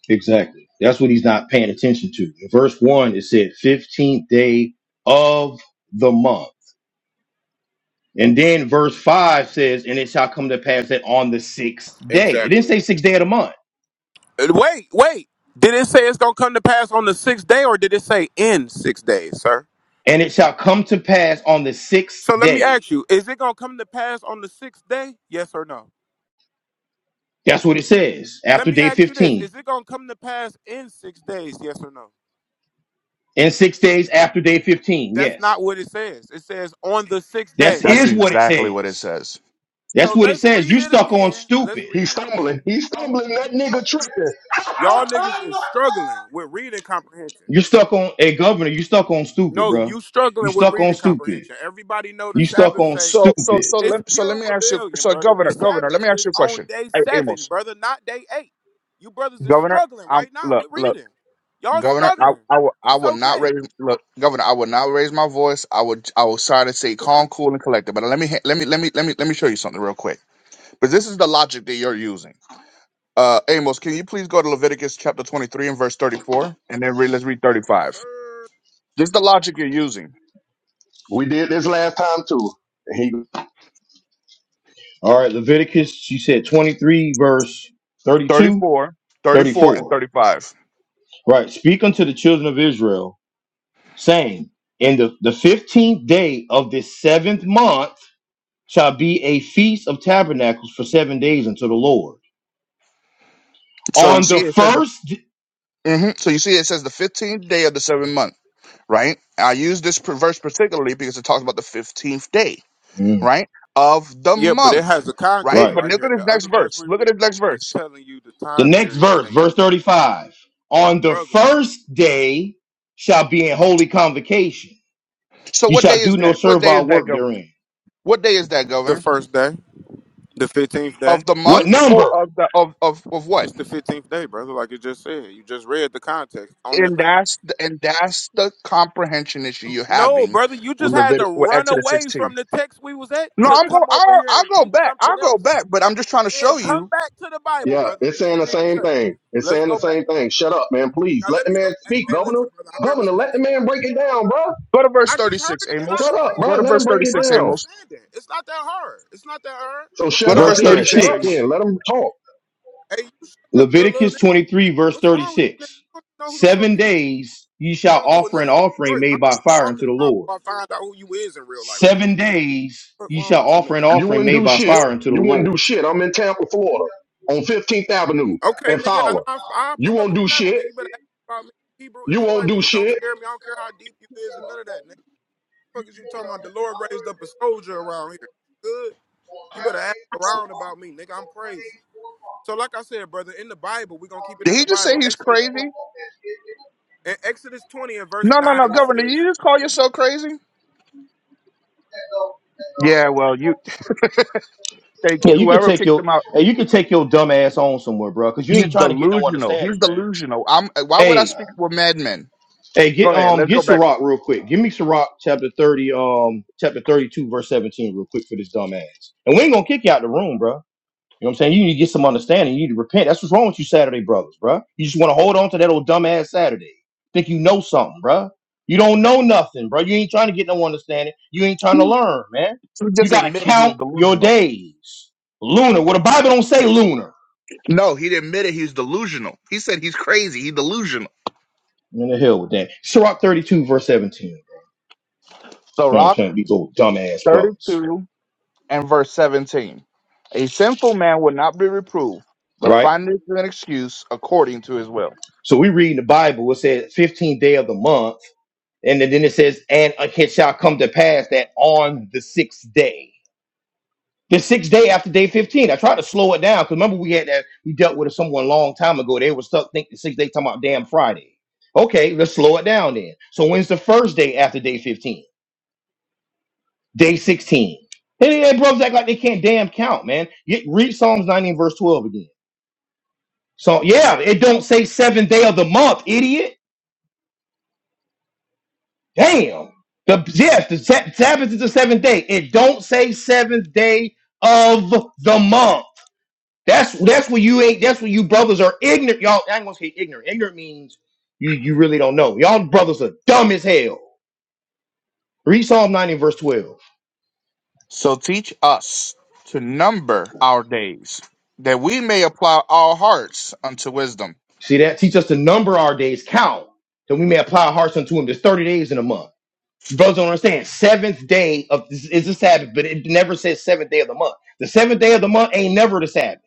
Speaker 1: Exactly. That's what he's not paying attention to. In verse 1, it said 15th day of the month. And then verse 5 says, And it shall come to pass that on the sixth day. It didn't
Speaker 4: Exactly.
Speaker 1: say sixth day of the month.
Speaker 4: And Wait, wait. Did it say it's gonna come to pass on the sixth day or did it say in six days, sir?
Speaker 1: And it shall come to pass on the sixth
Speaker 4: So let me
Speaker 1: day.
Speaker 4: ask you, is it gonna come to pass on the sixth day? Yes or no?
Speaker 1: That's what it says
Speaker 4: Let
Speaker 1: after
Speaker 4: me
Speaker 1: day
Speaker 4: ask you this.
Speaker 1: 15.
Speaker 4: Is it gonna come to pass in six days, yes or no?
Speaker 1: And six days after day 15.
Speaker 4: That's
Speaker 1: Yes.
Speaker 4: not what it says. It says on the sixth
Speaker 1: That
Speaker 4: day.
Speaker 2: That's
Speaker 1: is what it
Speaker 2: exactly what it
Speaker 1: says.
Speaker 2: says.
Speaker 4: So
Speaker 1: That's what it
Speaker 4: let's
Speaker 1: says.
Speaker 4: read
Speaker 1: You
Speaker 4: it
Speaker 1: stuck on
Speaker 4: again. Let's
Speaker 1: stupid.
Speaker 4: read
Speaker 3: He's
Speaker 4: it again.
Speaker 3: stumbling. He's stumbling. That nigga tripping.
Speaker 4: Y'all niggas is struggling with reading comprehension.
Speaker 1: You're stuck on a governor. You stuck on stupid,
Speaker 4: No,
Speaker 1: bro.
Speaker 4: you
Speaker 1: You
Speaker 4: struggling with
Speaker 1: stuck on
Speaker 4: reading
Speaker 1: stupid.
Speaker 4: comprehension. Everybody know the
Speaker 1: You stuck
Speaker 4: Sabbath
Speaker 1: on
Speaker 4: say
Speaker 2: So so
Speaker 1: stupid.
Speaker 2: so
Speaker 4: it's
Speaker 2: let so let
Speaker 4: pure
Speaker 2: me ask you.
Speaker 4: rebellion,
Speaker 2: So
Speaker 4: brother. The
Speaker 2: governor, governor, let
Speaker 4: Sabbath
Speaker 2: me ask
Speaker 4: is
Speaker 2: you a
Speaker 4: on
Speaker 2: question.
Speaker 4: day
Speaker 2: Hey,
Speaker 4: seven,
Speaker 2: Amos,
Speaker 4: brother, not day eight. You brothers are
Speaker 2: governor,
Speaker 4: struggling
Speaker 2: I'm
Speaker 4: right now
Speaker 2: look
Speaker 4: with
Speaker 2: look
Speaker 4: reading. Y'all
Speaker 2: governor. I
Speaker 4: struggling.
Speaker 2: I will I
Speaker 4: It's
Speaker 2: will not
Speaker 4: okay.
Speaker 2: raise look governor. I will not raise my voice. I would I will try to stay calm, cool, and collected. But let me ha- let me let me let me let me show you something real quick. But this is the logic that you're using. Uh, Amos, can you please go to Leviticus chapter 23 and verse 34? And then read, let's read
Speaker 4: Yes,
Speaker 2: 35.
Speaker 4: sir.
Speaker 2: This is the logic you're using
Speaker 3: we did this last time too. He,
Speaker 1: All right, Leviticus, you said 23, verse 32,
Speaker 2: 34, 34, and
Speaker 1: 34.
Speaker 2: 35.
Speaker 1: Right. Speak unto the children of Israel, saying, In the, the 15th day of this seventh month shall be a feast of tabernacles for seven days unto the Lord.
Speaker 2: So you
Speaker 1: On
Speaker 2: see,
Speaker 1: the
Speaker 2: it says the
Speaker 1: first, d-
Speaker 2: hmm so you see it says the fifteenth day of the seventh month, right? I use this per- verse particularly because it talks about the fifteenth day,
Speaker 1: Mm,
Speaker 2: right, of the
Speaker 4: Yeah, but it
Speaker 2: month,
Speaker 4: has a
Speaker 2: right?
Speaker 4: context
Speaker 1: right.
Speaker 2: But
Speaker 4: right
Speaker 2: look
Speaker 4: here.
Speaker 2: at this
Speaker 4: The
Speaker 2: next
Speaker 4: other verse
Speaker 2: verse.
Speaker 4: we
Speaker 2: Look at
Speaker 4: read
Speaker 2: this next
Speaker 4: is
Speaker 2: verse.
Speaker 4: telling you the
Speaker 1: The
Speaker 4: time
Speaker 1: next
Speaker 4: period
Speaker 1: verse,
Speaker 4: that you're
Speaker 1: verse 35. On the
Speaker 4: struggling.
Speaker 1: first day shall be in holy convocation.
Speaker 2: So
Speaker 1: You
Speaker 2: what
Speaker 1: shall
Speaker 2: day is
Speaker 1: do no
Speaker 2: that? What day is
Speaker 1: servile
Speaker 2: that,
Speaker 1: work
Speaker 2: governor?
Speaker 1: therein.
Speaker 2: What day is that,
Speaker 4: The
Speaker 2: governor?
Speaker 4: first day, the fifteenth day.
Speaker 2: Of the
Speaker 1: What
Speaker 2: month
Speaker 1: number?
Speaker 2: or of the of of of what?
Speaker 4: It's the fifteenth day, brother. Like you just said, you just read the context on the
Speaker 2: and
Speaker 4: paper.
Speaker 2: that's the, and that's the comprehension issue you're
Speaker 4: No,
Speaker 2: having
Speaker 4: brother, you
Speaker 2: with
Speaker 4: just had to
Speaker 2: Levit- with
Speaker 4: run
Speaker 2: Exodus
Speaker 4: away
Speaker 2: 16.
Speaker 4: from the text we was at
Speaker 2: No,
Speaker 4: to
Speaker 2: I'm go
Speaker 4: come over
Speaker 2: I'll,
Speaker 4: here
Speaker 2: I'll
Speaker 4: and
Speaker 2: go
Speaker 4: teach
Speaker 2: back. I'll
Speaker 4: something
Speaker 2: go
Speaker 4: else.
Speaker 2: back, but I'm just trying to
Speaker 4: Yeah,
Speaker 2: show
Speaker 4: come
Speaker 2: you.
Speaker 4: back to the Bible,
Speaker 3: yeah,
Speaker 4: brother,
Speaker 3: it's
Speaker 4: because
Speaker 3: saying
Speaker 4: you
Speaker 3: the
Speaker 4: getting
Speaker 3: same
Speaker 4: cut.
Speaker 3: thing. It's
Speaker 4: Let's
Speaker 3: saying the
Speaker 4: go back.
Speaker 3: same thing. Shut up, man. Please
Speaker 4: Now
Speaker 3: let
Speaker 4: let
Speaker 3: the
Speaker 4: me go.
Speaker 3: man
Speaker 4: Hey,
Speaker 3: speak,
Speaker 4: hey,
Speaker 3: Governor.
Speaker 4: listen, brother, I've been
Speaker 3: Governor, let the
Speaker 4: respectful.
Speaker 3: man break it down, bro.
Speaker 2: Go to verse
Speaker 4: I just heard
Speaker 2: 36,
Speaker 4: it and I
Speaker 2: Amos.
Speaker 3: Shut up,
Speaker 4: agree,
Speaker 2: Go
Speaker 3: bro.
Speaker 2: to
Speaker 3: Let
Speaker 4: brother.
Speaker 3: them
Speaker 2: verse
Speaker 4: That's
Speaker 3: break it
Speaker 2: 36,
Speaker 4: right
Speaker 3: down.
Speaker 2: Amos.
Speaker 4: understanding. It's not that hard. It's not that hard.
Speaker 3: So
Speaker 2: Go
Speaker 3: shut
Speaker 2: to
Speaker 4: Now
Speaker 3: up
Speaker 1: Verse
Speaker 2: verse
Speaker 4: let me
Speaker 3: then.
Speaker 4: say
Speaker 3: Shut
Speaker 2: 36,
Speaker 3: up
Speaker 4: this.
Speaker 2: Amos.
Speaker 1: 36.
Speaker 3: then. Let them talk.
Speaker 4: Hey, you shut up, little
Speaker 1: Leviticus
Speaker 4: nigga.
Speaker 1: 23, verse
Speaker 4: What's wrong with you? nigga?
Speaker 1: 36.
Speaker 4: You don't know who the fuck
Speaker 1: Seven
Speaker 4: you be
Speaker 1: days ye shall
Speaker 4: talking to a
Speaker 1: offer an
Speaker 4: nigga from
Speaker 1: offering
Speaker 4: Detroit. Why
Speaker 1: made by
Speaker 4: you
Speaker 1: fire unto
Speaker 4: talking
Speaker 1: the
Speaker 4: around
Speaker 1: Lord.
Speaker 4: before I find out who you is in real life, little
Speaker 1: Seven
Speaker 4: nigga?
Speaker 1: days
Speaker 4: What
Speaker 1: ye
Speaker 4: wrong
Speaker 1: shall
Speaker 4: with you,
Speaker 1: offer an
Speaker 4: nigga?
Speaker 3: You
Speaker 1: offering
Speaker 3: wouldn't
Speaker 1: made
Speaker 3: do
Speaker 1: by
Speaker 3: shit.
Speaker 1: fire unto the
Speaker 3: You wouldn't do
Speaker 1: Lord.
Speaker 3: shit. I'm in Tampa, Florida, on 15th Avenue
Speaker 4: Okay,
Speaker 3: and
Speaker 4: nigga, I know
Speaker 3: Fowler.
Speaker 4: I, I pull
Speaker 3: You
Speaker 4: up
Speaker 3: won't
Speaker 4: and
Speaker 3: do
Speaker 4: tap it,
Speaker 3: shit.
Speaker 4: nigga. You better ask about me. Hebrew
Speaker 3: You won't
Speaker 4: Israelite
Speaker 3: do
Speaker 4: niggas don't
Speaker 3: shit.
Speaker 4: scare me. I don't care how deep you is and none of that, nigga. fuck is you talking about? The Lord raised up a soldier around here. Good. You better ask around about me, nigga. I'm crazy. So, like I said, brother, in the Bible, we're gonna keep it
Speaker 2: Did
Speaker 4: in
Speaker 2: he
Speaker 4: the
Speaker 2: just say
Speaker 4: Bible.
Speaker 2: he's
Speaker 4: Exodus 20,
Speaker 2: crazy?
Speaker 4: in Exodus 20 and verse
Speaker 2: No, no,
Speaker 4: 9,
Speaker 2: no,
Speaker 4: it
Speaker 2: Governor.
Speaker 4: says.
Speaker 2: You just call yourself crazy? Yeah, well, you thank you.
Speaker 1: Yeah, you could
Speaker 2: Whoever
Speaker 1: take
Speaker 2: kicked him
Speaker 1: your
Speaker 2: out,
Speaker 1: hey, you could take your dumb ass on somewhere, bro, because you
Speaker 2: he's
Speaker 1: ain't trying to get no
Speaker 2: delusional. He's
Speaker 1: understanding, man.
Speaker 2: delusional. I'm. Why would I
Speaker 1: Hey,
Speaker 2: speak with madmen?
Speaker 1: Hey,
Speaker 2: Go
Speaker 1: get
Speaker 2: ahead.
Speaker 1: um
Speaker 2: Let's
Speaker 1: get
Speaker 2: go back.
Speaker 1: Sirach real quick. Give me Sirach chapter thirty, um chapter thirty two, verse seventeen, real quick for this dumbass. And we ain't gonna kick you out the room, bro. You know what I'm saying? You need to get some understanding. You need to repent. That's what's wrong with you, Saturday brothers, bro. You just want to hold on to that old dumbass Saturday. Think you know something, bro? You don't know nothing, bro. You ain't trying to get no understanding. You ain't trying
Speaker 2: He,
Speaker 1: to learn, man.
Speaker 2: he
Speaker 1: You
Speaker 2: just
Speaker 1: gotta
Speaker 2: admitted he was
Speaker 1: count your
Speaker 2: delusional.
Speaker 1: days. Lunar. Well, the Bible don't say lunar.
Speaker 2: No, he admitted he's delusional. He said he's crazy. He's delusional.
Speaker 1: I'm in the hell with that. Sirach thirty two, verse seventeen. You know what I'm
Speaker 2: Sirach
Speaker 1: saying? These old dumbass brothers,
Speaker 2: 32 and verse 17. A sinful man will not be reproved, but
Speaker 1: right?
Speaker 2: findeth an excuse according to his will.
Speaker 1: So we read in the Bible, it says 15th day of the month, and then it says, and it shall come to pass that on the sixth day. The sixth day after day 15. I tried to slow it down because remember we had that we dealt with someone a long time ago. They were stuck thinking the sixth day talking about damn Friday. Okay, let's slow it down then. So when's the first day after day 15? Day 16. And then brothers act like they can't damn count, man. You, read Psalms 19, verse 12 again. So yeah, it don't say seventh day of the month, idiot. Damn. The yes, the sa- Sabbath is the seventh day. It don't say seventh day of the month. That's that's what you ain't. That's what you brothers are ignorant. Y'all, I ain't gonna say ignorant. Ignorant means you you really don't know. Y'all brothers are dumb as hell. Read Psalm 90 verse 12.
Speaker 2: So teach us to number our days, that we may apply our hearts unto wisdom.
Speaker 1: See that? Teach us to number our days, count, that we may apply our hearts unto him. There's 30 days in a month. You brothers don't understand. Seventh day of is the Sabbath, but it never says seventh day of the month. The seventh day of the month ain't never the Sabbath.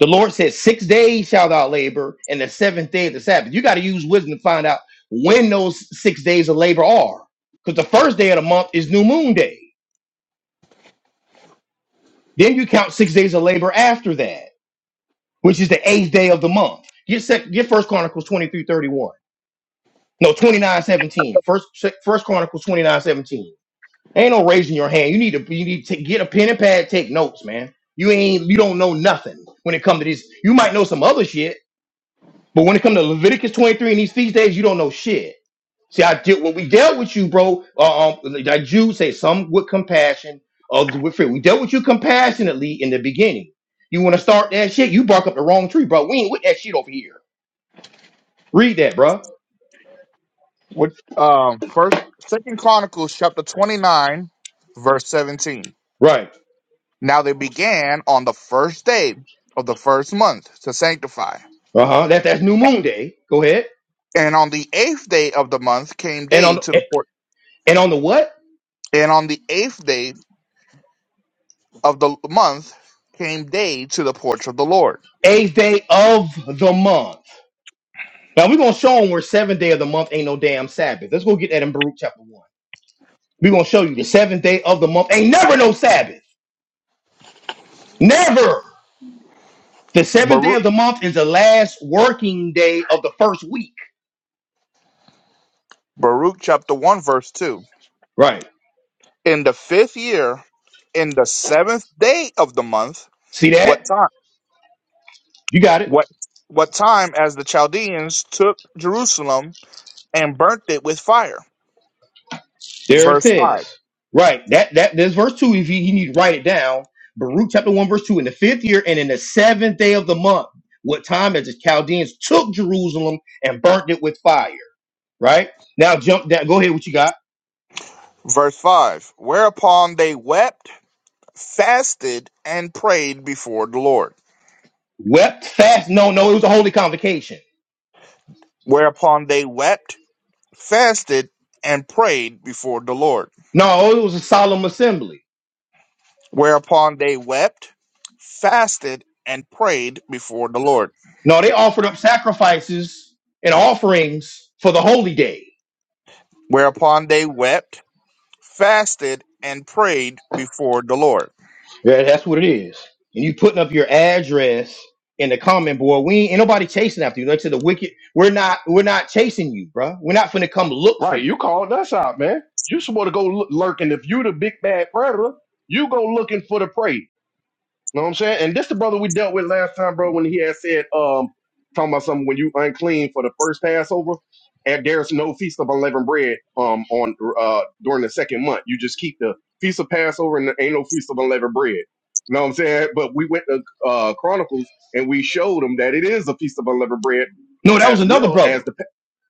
Speaker 1: The Lord said, Six days shalt thou labor, and the seventh day is the Sabbath. You got to use wisdom to find out when those six days of labor are. Because the first day of the month is new moon day. Then you count six days of labor after that, which is the eighth day of the month. Get sec- get first Chronicles 23 31, No, twenty First, first Chronicles 29 17. Ain't no raising your hand. You need to you need to get a pen and pad, take notes, man. You ain't you don't know nothing when it comes to this. You might know some other shit, But when it comes to Leviticus 23 and these feast days, you don't know shit. See, I did what we dealt with you, bro. Uh, um, that Jew say some with compassion, others with fear. We dealt with you compassionately in the beginning. You want to start that shit? You bark up the wrong tree, bro. We ain't with that shit over here. Read that, bro.
Speaker 2: What um first second Chronicles chapter 29, verse 17.
Speaker 1: Right.
Speaker 2: Now they began on the first day of the first month to sanctify.
Speaker 1: Uh huh. That that's New Moon Day. Go ahead.
Speaker 2: And on the eighth day of the month came
Speaker 1: And on
Speaker 2: day to the port.
Speaker 1: and on the what?
Speaker 2: And on the eighth day of the month came day to the porch of the Lord.
Speaker 1: Eighth day of the month. Now we're gonna show them where seventh day of the month ain't no damn Sabbath. Let's go get that in Baruch chapter one. We're gonna show you the seventh day of the month ain't never no Sabbath. Never. The seventh day
Speaker 2: Baruch,
Speaker 1: of the month is the last working day of the first week.
Speaker 2: Baruch chapter one verse two.
Speaker 1: Right.
Speaker 2: In the fifth year, in the seventh day of the month,
Speaker 1: See
Speaker 2: what
Speaker 1: that?
Speaker 2: time?
Speaker 1: You got it.
Speaker 2: What what time? As the Chaldeans took Jerusalem and burnt it with fire.
Speaker 1: There it
Speaker 2: Verse five.
Speaker 1: says. Right. That that there's verse two. If you, you need to write it down. Baruch chapter one verse two. In the fifth year and in the seventh day of the month, what time as the Chaldeans took Jerusalem and burnt it with fire. Right. Now jump down. Go ahead. What you got?
Speaker 2: Verse five. Whereupon they wept, fasted, and prayed before the Lord.
Speaker 1: Wept fast. No, no. It was a holy convocation.
Speaker 2: Whereupon they wept fasted and prayed before the Lord.
Speaker 1: No, it was a solemn assembly.
Speaker 2: Whereupon they wept, fasted, and prayed before the Lord.
Speaker 1: No, they offered up sacrifices and offerings for the holy day.
Speaker 2: Whereupon they wept, fasted, and prayed before the Lord.
Speaker 1: Yeah, that's what it is. And you putting up your address in the comment board. We ain't, ain't nobody chasing after you. That's to the wicked. We're not. We're not chasing you, bruh. We're not finna come look for
Speaker 3: Right.
Speaker 1: you.
Speaker 3: You called us out, man. You supposed to go look, lurking. If you the big bad predator, you go looking for the prey. know what I'm saying? And this the brother we dealt with last time, bro, when he had said, um, talking about something when you unclean for the first Passover, and there's no feast of unleavened bread um on uh during the second month. You just keep the feast of Passover and there ain't no feast of unleavened bread. know what I'm saying? But we went to uh Chronicles and we showed him that it is a feast of unleavened bread
Speaker 1: No, that was
Speaker 3: as
Speaker 1: another
Speaker 3: well
Speaker 1: brother.
Speaker 3: as the pa-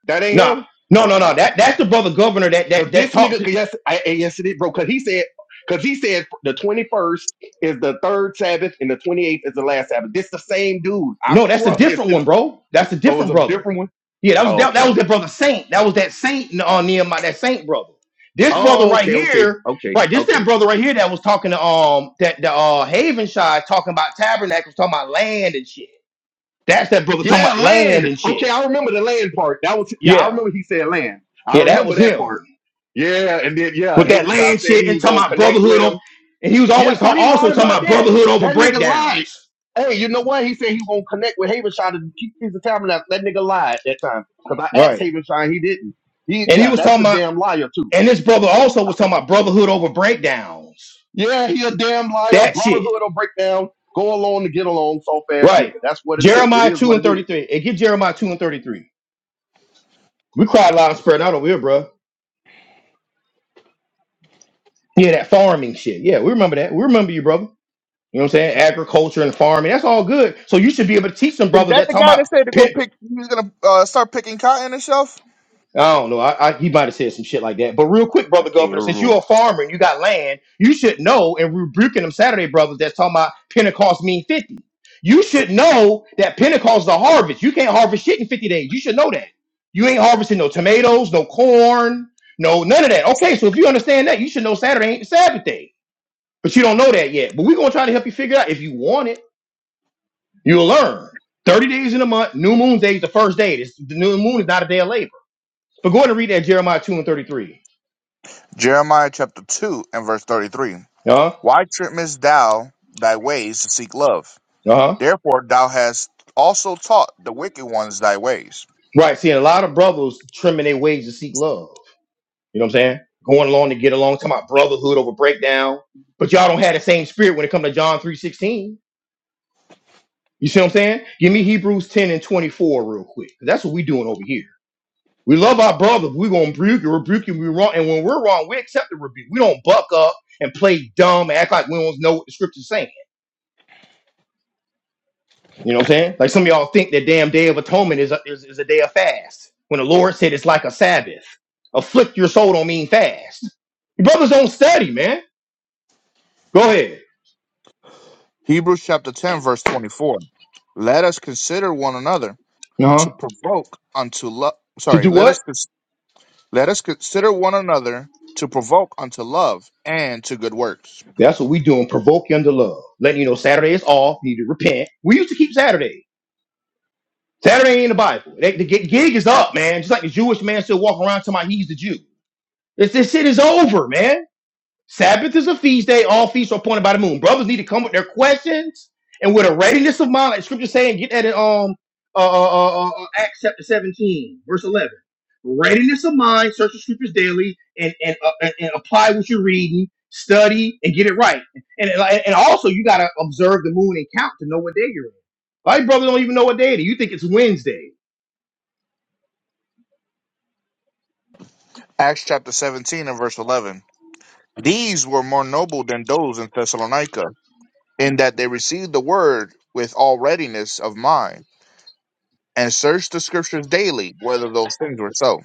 Speaker 3: that ain't
Speaker 1: Nah,
Speaker 3: him.
Speaker 1: no, no, no. That that's the brother governor that
Speaker 3: Cause
Speaker 1: that that
Speaker 3: this
Speaker 1: talked.
Speaker 3: nigga,
Speaker 1: To,
Speaker 3: 'cause yes, I, I- yes it is, bro. Cause he said, cause he said the twenty first is the third Sabbath and the twenty eighth is the last Sabbath. This the same dude. I
Speaker 1: no, that's a
Speaker 3: promise.
Speaker 1: different
Speaker 3: This
Speaker 1: one, bro. That's a
Speaker 3: oh, it's
Speaker 1: different
Speaker 3: a
Speaker 1: brother.
Speaker 3: different one.
Speaker 1: Yeah, that was
Speaker 3: Oh,
Speaker 1: that,
Speaker 3: okay,
Speaker 1: that was
Speaker 3: okay.
Speaker 1: that brother Saint. That was that Saint on uh, Nehemiah, that Saint brother. This brother
Speaker 3: Oh,
Speaker 1: right
Speaker 3: okay, okay,
Speaker 1: here,
Speaker 3: okay,
Speaker 1: right? This that
Speaker 3: okay.
Speaker 1: brother right here that was talking to um that the uh Haven Shy talking about tabernacles, talking about land and shit. That's that brother talking
Speaker 3: Yeah,
Speaker 1: about land
Speaker 3: land.
Speaker 1: and
Speaker 3: Okay,
Speaker 1: shit.
Speaker 3: I remember the land part. That was yeah. I
Speaker 1: Yeah,
Speaker 3: remember he said land. I
Speaker 1: yeah, that
Speaker 3: remember
Speaker 1: was
Speaker 3: that
Speaker 1: him
Speaker 3: part. Yeah, and then yeah,
Speaker 1: with that
Speaker 3: Havenshah
Speaker 1: land
Speaker 3: said
Speaker 1: shit
Speaker 3: he
Speaker 1: and
Speaker 3: was
Speaker 1: talking
Speaker 3: gonna
Speaker 1: about
Speaker 3: connect
Speaker 1: brotherhood.
Speaker 3: with
Speaker 1: Over,
Speaker 3: him.
Speaker 1: and he was
Speaker 3: Yeah,
Speaker 1: always
Speaker 3: so
Speaker 1: ta-
Speaker 3: he
Speaker 1: also
Speaker 3: lied
Speaker 1: talking
Speaker 3: about
Speaker 1: about
Speaker 3: that.
Speaker 1: brotherhood over
Speaker 3: That nigga lied.
Speaker 1: breakdowns.
Speaker 3: Hey, you know what? He said he won't connect with Havenshine to keep peace of tabernacle. That nigga lied that time. Because I asked
Speaker 1: Right.
Speaker 3: Havenshine, he didn't. He
Speaker 1: And he
Speaker 3: yeah,
Speaker 1: was
Speaker 3: that's
Speaker 1: talking
Speaker 3: a
Speaker 1: about,
Speaker 3: damn liar too.
Speaker 1: and this brother also was talking about brotherhood over breakdowns.
Speaker 3: Yeah, he a damn liar.
Speaker 1: That shit.
Speaker 3: Brotherhood will break down. Go along to get along, soft ass nigga.
Speaker 1: Right.
Speaker 3: That's what it is. It
Speaker 1: Jeremiah
Speaker 3: is
Speaker 1: 2
Speaker 3: what
Speaker 1: and
Speaker 3: it is.
Speaker 1: 33. And get Jeremiah 2 and 33. We cried loud and spread out over here, bro. Yeah, that farming shit. Yeah, we remember that. We remember you, brother. You know what I'm saying? Agriculture and farming. That's all good. So you should be able to teach some
Speaker 2: Is
Speaker 1: brothers
Speaker 2: that
Speaker 1: that
Speaker 2: the
Speaker 1: talking
Speaker 2: guy that
Speaker 1: about
Speaker 2: said to go pick, he's going to uh, start picking cotton himself?
Speaker 1: I don't know. I, I he might have said some shit like that. But real quick,
Speaker 3: I
Speaker 1: brother
Speaker 3: can't
Speaker 1: governor, since
Speaker 3: remember
Speaker 1: you're a farmer and you got land, you should know and rebuking them Saturday brothers that's talking about Pentecost mean 50. You should know that Pentecost is a harvest. You can't harvest shit in 50 days. You should know that. You ain't harvesting no tomatoes, no corn, no none of that. Okay, so if you understand that, you should know Saturday ain't the Sabbath day. But you don't know that yet. But we're gonna try to help you figure it out. If you want it, you'll learn. 30 days in a month, new moon day is the first day. This the new moon is not a day of labor. But go ahead and read that Jeremiah 2 and 33.
Speaker 2: Jeremiah chapter 2 and verse 33.
Speaker 1: Uh-huh.
Speaker 2: Why trimmest thou thy ways to seek love?
Speaker 1: Uh-huh.
Speaker 2: Therefore thou hast also taught the wicked ones thy ways.
Speaker 1: Right. Seeing a lot of brothers trimming their ways to seek love. You know what I'm saying? Going along to get along, talking about brotherhood over breakdown. But y'all don't have the same spirit when it comes to John 3.16. You see what I'm saying? Give me Hebrews 10 and 24 real quick. That's what we doing over here. We love our brothers. We're gonna rebuke you, rebuke you, we wrong. And when we're wrong, we accept the rebuke. We don't buck up and play dumb and act like we don't know what the scripture's saying. You know what I'm saying? Like some of y'all think that damn day of atonement is a, is, is a day of fast. When the Lord said it's like a Sabbath. Afflict your soul don't mean fast. Your brothers don't study, man. Go ahead.
Speaker 2: Hebrews chapter 10, verse 24. Let us consider one another
Speaker 1: Uh-huh.
Speaker 2: to provoke unto love.
Speaker 1: To
Speaker 2: Sorry,
Speaker 1: do
Speaker 2: let us
Speaker 1: what?
Speaker 2: cons- let us consider one another to provoke unto love and to good works.
Speaker 1: That's what we doing. Provoke you unto love. Letting you know Saturday is off. You need to repent. We used to keep Saturday. Saturday ain't in the Bible. They, the gi- gig is up, man. Just like the Jewish man still walking around to my he's the Jew. This, this shit is over, man. Sabbath is a feast day. All feasts are appointed by the moon. Brothers need to come with their questions and with a readiness of mind. Like scripture saying, get that in um uh, uh, uh, uh, uh, Acts chapter 17, verse 11. Readiness of mind, search the scriptures daily, and and, uh, and and apply what you're reading, study, and get it right. And and and also you gotta observe the moon and count to know what day you're in. A lot of brothers don't even know what day it is. You think it's Wednesday.
Speaker 2: Acts chapter 17 and verse 11. These were more noble than those in Thessalonica, in that they received the word with all readiness of mind, and searched the scriptures daily whether those things were so.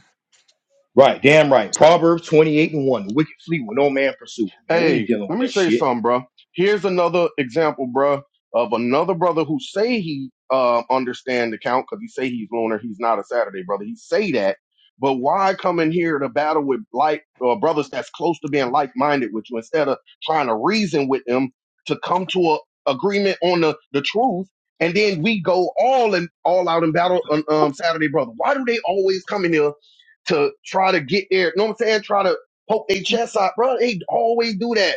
Speaker 1: Right, damn right. Proverbs 28 and 1. The wicked flee when no man pursues. Man, we ain't
Speaker 3: Hey,
Speaker 1: dealing
Speaker 3: let
Speaker 1: with
Speaker 3: me
Speaker 1: that
Speaker 3: say
Speaker 1: shit.
Speaker 3: something, bro. Here's another example, bro, of another brother who say he uh, understand the count because he say he's lunar. He's not a Saturday brother. He say that, but why come in here to battle with like uh, brothers that's close to being like minded with you instead of trying to reason with them to come to a agreement on the the truth? And then we go all and all out in battle on um, Saturday, brother. Why do they always come in here to try to get there? You know what I'm saying? Try to poke their chest out, bro. They always do that.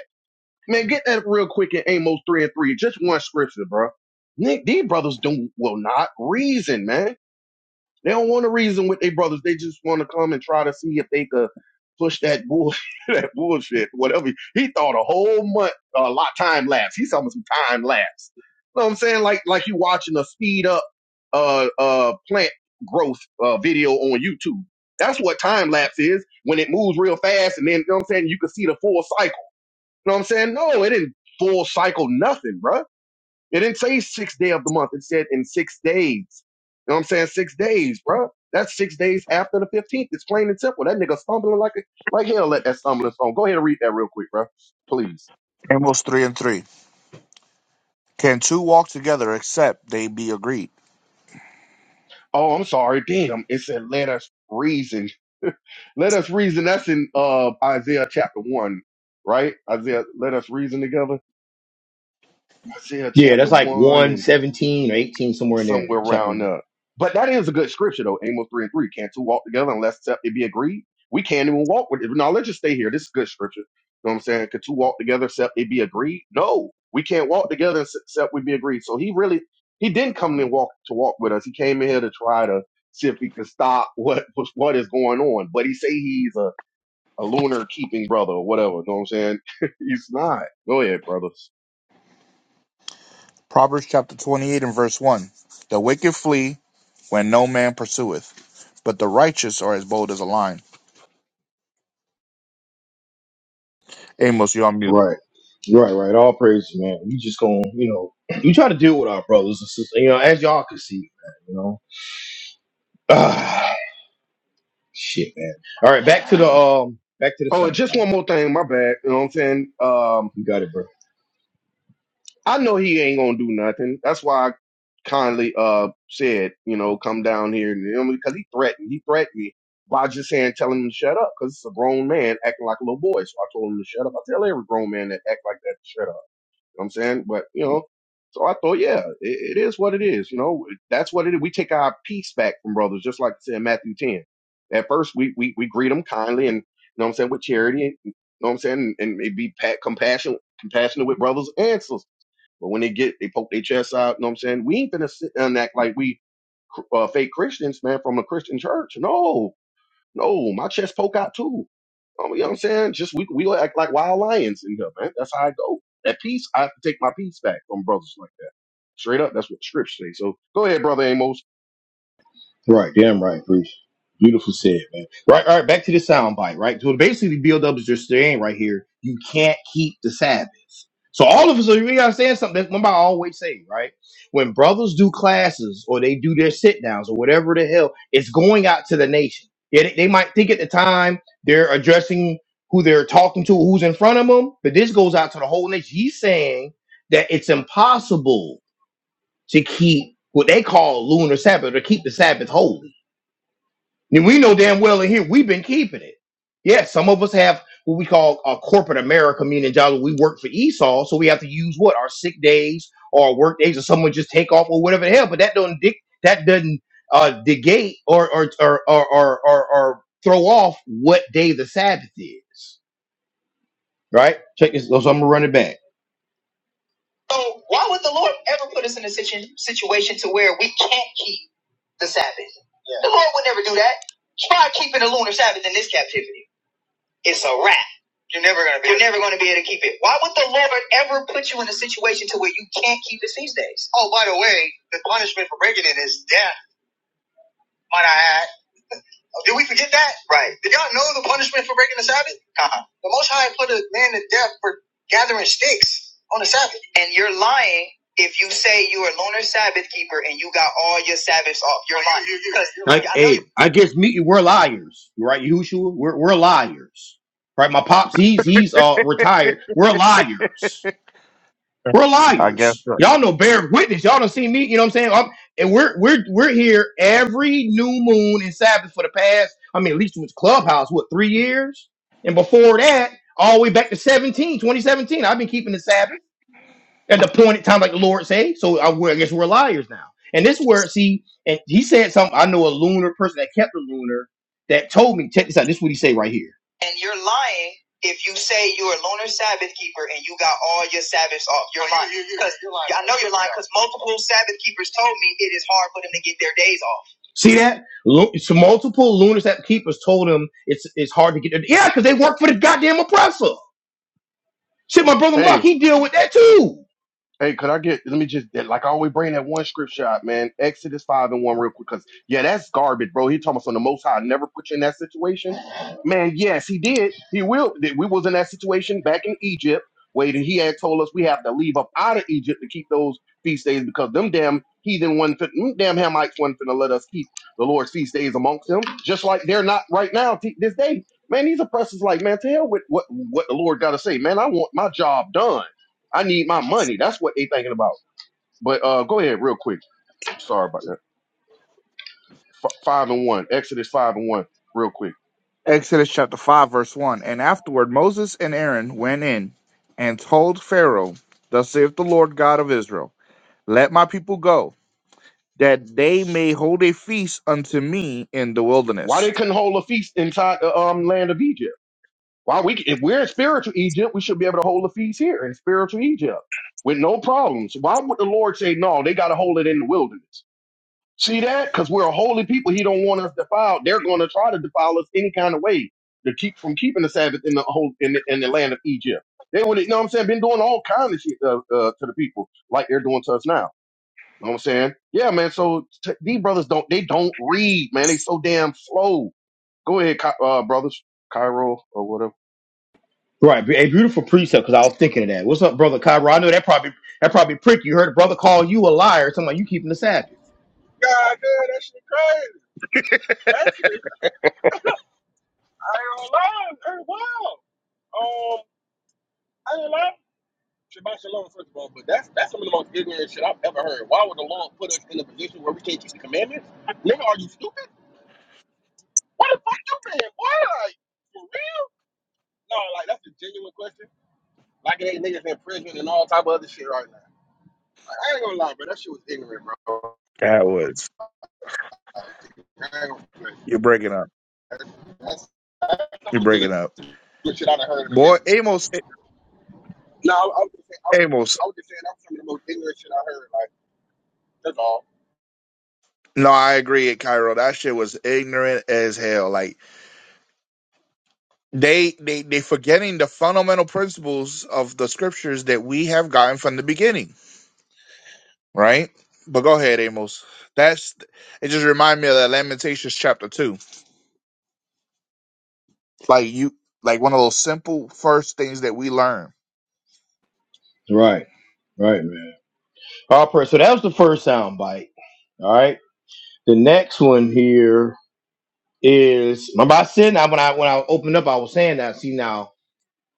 Speaker 3: Man, get that real quick in Amos 3 and 3. Just one scripture, bro. Nick, these brothers don't will not reason, man. They don't want to reason with their brothers. They just want to come and try to see if they could push that bullshit, that bullshit, whatever. He thought a whole month, a lot time lapse. He's talking some time lapse. You know what I'm saying? Like, like you watching a speed up, uh, uh, plant growth, uh, video on YouTube. That's what time lapse is when it moves real fast. And then, you know what I'm saying? You can see the full cycle. You know what I'm saying? No, it didn't full cycle nothing, bruh. It didn't say sixth day of the month. It said in six days. You know what I'm saying? Six days, bro. That's six days after the 15th. It's plain and simple. That nigga stumbling like a, like hell at that stumbling stone. Go ahead and read that real quick, bro. Please.
Speaker 2: Amos 3 and 3. Can two walk together except they be agreed?
Speaker 3: Oh, I'm sorry. Damn. It said, let us reason. Let us reason. That's in uh, Isaiah chapter 1, right? Isaiah, let us reason together. Isaiah
Speaker 1: Yeah,
Speaker 3: chapter
Speaker 1: that's like
Speaker 3: 1 and.
Speaker 1: 117 or 18, somewhere in there,
Speaker 3: somewhere
Speaker 1: chapter
Speaker 3: around
Speaker 1: one.
Speaker 3: uh but that is a good scripture though amos 3 and 3 can't two walk together unless it be agreed we can't even walk with it no let's just stay here this is good scripture you know what i'm saying could two walk together except it be agreed no we can't walk together except we be agreed so he really he didn't come and walk to walk with us he came in here to try to see if he could stop what what is going on but he say he's a, a lunar keeping brother or whatever you know what i'm saying he's not go ahead brothers
Speaker 2: Proverbs chapter 28 and verse 1. The wicked flee when no man pursueth, but the righteous are as bold as a lion. Amos, you're on mute.
Speaker 1: Right, right, right. All praise, man. We just gonna, you know, we try to deal with our brothers and sisters, you know, as y'all can see, man, you know. Ah, shit, man. All right, back to the um, back to the
Speaker 3: oh and
Speaker 1: sound
Speaker 3: just
Speaker 1: bite.
Speaker 3: one more thing my bad you know what i'm saying um
Speaker 1: You got it, bro.
Speaker 3: I know he ain't gonna do nothing. That's why I kindly uh said, you know, come down here and you know, because he threatened. He threatened me by just saying, telling him to shut up because it's a grown man acting like a little boy. So I told him to shut up. I tell every grown man that act like that to shut up. You know what I'm saying? But you know, so I thought, yeah, it, it is what it is. You know, that's what it is. We take our peace back from brothers, just like it said in Matthew 10. At first, we we we greet them kindly and you know what I'm saying with charity. And, you know what I'm saying? And, and be pat, compassionate, compassionate with brothers and sisters. But when they get, they poke their chests out. You know what I'm saying? We ain't gonna sit and act like we uh, fake Christians, man, from a Christian church. No, no, my chest poke out too. Um, you know what I'm saying? Just we we act like wild lions in here, man. That's how I go. At peace, I have to take my peace back from brothers like that. Straight up, that's what the scripture says. So go ahead, brother Amos.
Speaker 1: Right. Damn right, Bruce. Beautiful said, man. Right. All right. Back to the sound bite, right? So basically, Bill is just saying right here, you can't keep the Sabbath. So all of us are we understand something that remember I always say, right? When brothers do classes or they do their sit downs or whatever the hell, it's going out to the nation. Yeah, they, they might think at the time they're addressing who they're talking to, who's in front of them, but this goes out to the whole nation. He's saying that it's impossible to keep what they call lunar Sabbath or keep the Sabbath holy and we know damn well in here we've been keeping it. Yeah, some of us have what we call a corporate America, meaning job we work for Esau, so we have to use what our sick days or our work days, or someone just take off or whatever the hell. But that don't dic- that doesn't uh, negate or or or, or or or or throw off what day the Sabbath is, right? Check this. So I'm gonna run it back. So why would the Lord ever put us in a situ- situation to where we can't keep the Sabbath? Yeah. The Lord would never do that. Try keeping the lunar Sabbath in this captivity. It's a wrap. You're never gonna be. You're never gonna be able to keep it. Why would the Lord ever put you in a situation to where you can't keep the feast days? Oh, by the way, the punishment for breaking it is death. Might I add? Did we forget that? Right. Did y'all know the punishment for breaking the Sabbath? Uh-huh. The Most High put a man to death for gathering sticks on the Sabbath. And you're lying if you say you are a loner Sabbath keeper and you got all your Sabbaths off. You're lying. You- you- you- Like, I know you. hey, I guess me, we're liars, right, Yahushua? We're we're liars, right? My pops, he's he's uh retired. We're liars. We're
Speaker 2: I guess.
Speaker 1: liars.
Speaker 2: so.
Speaker 1: Y'all know bear witness. Y'all don't see me. You know what I'm saying? I'm, and we're we're we're here every new moon and Sabbath for the past. I mean, at least since Clubhouse, what three years? And before that, all the way back to seventeen, twenty seventeen. I've been keeping the Sabbath at the appointed time, like the Lord say. So I, I guess we're liars now. And this word, see, and he said something. I know a lunar person that kept a lunar that told me. Check this out. This is what he say right here. And you're lying if you say you're a lunar Sabbath keeper and you got all your Sabbaths off. You're lying Yeah, yeah, because I know you're lying because multiple Sabbath keepers told me it is hard for them to get their days off. See that? Lu- so multiple lunar Sabbath keepers told him it's it's hard to get their yeah because they work for the goddamn oppressor. Shit, my brother
Speaker 3: Hey.
Speaker 1: Mark, he deal with that too.
Speaker 3: Hey, could I get? Let me just like I always bring that one scripture out, man. Exodus five and one, real quick, because yeah, that's garbage, bro. He talking about something the Most High never put you in that situation, man. Yes, he did. He will. that We was in that situation back in Egypt, where he had told us we have to leave up out of Egypt to keep those feast days because them damn heathen one, damn Hamites wasn't finna let us keep the Lord's feast days amongst them, just like they're not right now t- this day. Man, these oppressors like, man, to hell with what what the Lord got to say, man. I want my job done. I need my money. That's what they thinking about. But uh, go ahead real quick. Sorry about that. F- five and one. Exodus five and one. Real quick.
Speaker 2: Exodus chapter 5, verse 1. And afterward Moses and Aaron went in and told Pharaoh, Thus saith the Lord God of Israel, Let my people go, that they may hold a feast unto me in the
Speaker 3: Why they
Speaker 2: wilderness.
Speaker 3: couldn't hold a feast inside the um land of Egypt? Why we if we're in spiritual Egypt, we should be able to hold a feast here in spiritual Egypt with no problems. Why would the Lord say no? They got to hold it in the wilderness. See that? Because we're a holy people. He don't want us defiled. They're going to try to defile us any kind of way to keep from keeping the Sabbath in the whole in the, in the land of Egypt. They would, you know what I'm saying, been doing all kind of shit uh, uh, to the people like they're doing to us now. You know what I'm saying? Yeah, man. So t- these brothers don't they don't read, man. They so damn slow. Go ahead, Ky- uh, brothers, Cairo or whatever.
Speaker 1: Right, a beautiful precept because I was thinking of that. What's up, brother Kyra? I know that probably that probably prick. You heard a brother call you a liar. Something like you keeping the Sabbath.
Speaker 5: God damn, that shit crazy. Actually, I ain't gonna lie, that's wild. Um, I ain't lying. Shabbat shalom, first of all, but that's that's some of the most ignorant shit I've ever heard. Why would the Lord put us in a position where we can't keep the commandments? Nigga, are you stupid? What the fuck you been, boy? Like, for real? No, like, that's a genuine question. Like, it ain't niggas in prison and all type of other shit right now. Like, I ain't gonna lie, bro. That shit was ignorant, bro.
Speaker 2: That was.
Speaker 5: Like, I ain't gonna play.
Speaker 2: You're breaking up.
Speaker 5: That's, that's, that's some
Speaker 2: You're
Speaker 5: of
Speaker 2: breaking
Speaker 5: the
Speaker 2: up.
Speaker 5: shit I've heard in a minute.
Speaker 2: Boy, Amos,
Speaker 5: No, I, I was just saying, I, was-
Speaker 2: Amos,
Speaker 5: I was just saying that was some of the most ignorant shit I heard. Like that's all.
Speaker 2: No, I agree, Cairo. That shit was ignorant as hell. Like they they they forgetting the fundamental principles of the scriptures that we have gotten from the beginning, right? But go ahead, Amos. That's it. Just remind me of that Lamentations chapter two. Like you, like one of those simple first things that we learn.
Speaker 1: Right, right, man. All right, so that was the first sound bite. All right, the next one here is remember I said now when I when I opened up I was saying that. See now,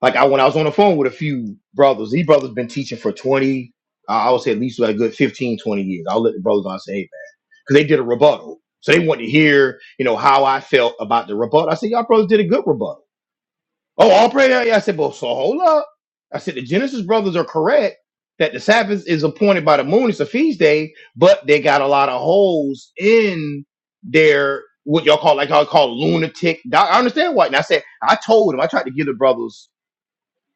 Speaker 1: like I when I was on the phone with a few brothers, these brothers been teaching for twenty. Uh, I would say at least like a good 15, 20 years. I'll let the brothers on say, hey, man, because they did a rebuttal. So they wanted to hear, you know, how I felt about the rebuttal. I said, y'all brothers did a good rebuttal. Oh, all praise. I said, well, so hold up. I said the Genesis brothers are correct that the Sabbath is appointed by the moon. It's a feast day, but they got a lot of holes in their what y'all call like y'all call lunatic. doc- I understand why. And I said I told him I tried to give the brothers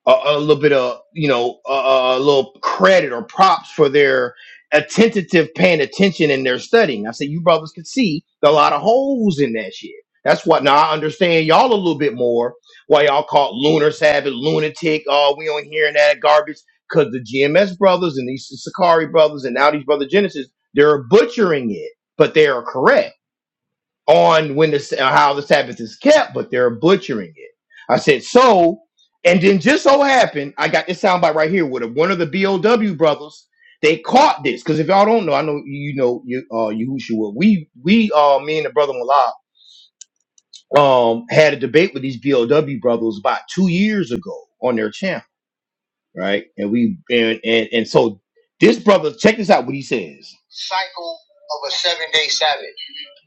Speaker 1: a, a little bit of you know a, a little credit or props for their attentive paying attention in their studying. I said you brothers can see a lot of holes in that shit. That's what now I understand y'all a little bit more why y'all called lunar sabbath lunatic. Oh, we don't hearing that garbage because the GMS brothers and these Sakari brothers and now these brother Genesis they're butchering it, but they are correct on when the how the Sabbath is kept, but they're butchering it. I said so, and then just so happened I got this soundbite right here with a, one of the BOW brothers. They caught this because if y'all don't know, I know you know you uh Yahushua. We we uh me and the brother Malak um had a debate with these BOW brothers about two years ago on their channel, right? And we and and, and so this brother check this out what he says. Cycle of a seven day Sabbath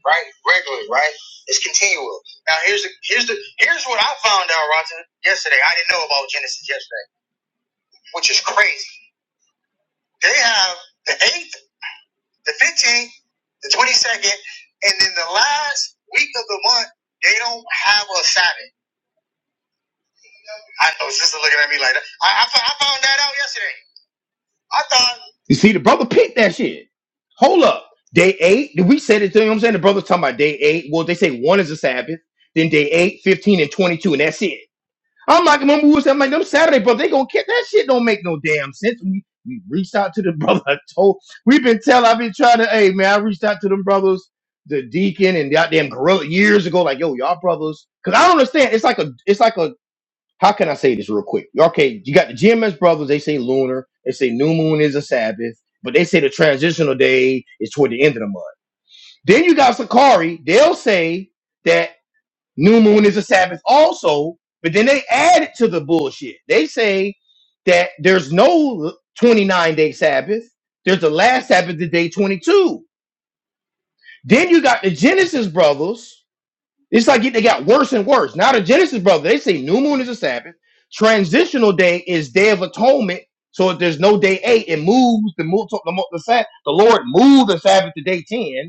Speaker 1: right? Regularly, right? It's continual. Now here's the here's the here's what I found out, Roger, yesterday. I didn't know about Genesis yesterday, which is crazy. They have the eighth, the fifteenth, the twenty second, and then the last week of the month, they don't have a Sabbath. I know sister looking at me like that. I, I, fo- I found that out yesterday. I thought You see, the brother picked that shit. Hold up. Day eight, did we say the thing? You know what I'm saying the brother talking about day eight. Well, they say one is a Sabbath, then day eight, fifteen, and 22, and that's it. I'm like, remember we was at like them Saturday, bro. They gonna get that shit. Don't make no damn sense. We we reached out to the brother. I told we've been telling. I've been trying to. Hey man, I reached out to them brothers, the deacon and goddamn gorilla years ago. Like yo, y'all brothers. Cause I don't understand. It's like a. It's like a. How can I say this real quick? Okay, you got the GMS brothers. They say lunar. They say new moon is a Sabbath, but they say the transitional day is toward the end of the month. Then you got Sakari. They'll say. that. New moon is a Sabbath also, but then they add it to the bullshit. They say that there's no 29 day Sabbath. There's the last Sabbath, the day 22. Then you got the Genesis brothers. It's like they got worse and worse. Now the Genesis brothers, they say new moon is a Sabbath. Transitional day is day of atonement. So if there's no day eight, it moves the move the, mo- the, Sab- the Lord moved the Sabbath to day 10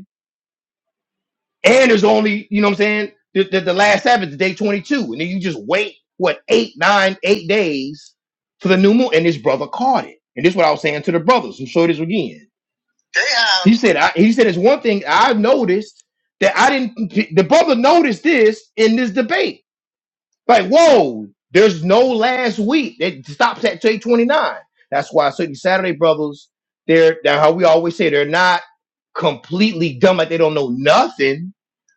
Speaker 1: And there's only, you know what I'm saying? The, the, the last Sabbath is day 22. And then you just wait, what, eight, nine, eight days for the new moon. And this brother caught it. And this is what I was saying to the brothers. I'm sure this again. He said, I, he said, it's one thing I've noticed that I didn't, the brother noticed this in this debate. Like, whoa, there's no last week. It stops at day 29. That's why certain Saturday brothers, they're, they're how we always say, they're not completely dumb, like they don't know nothing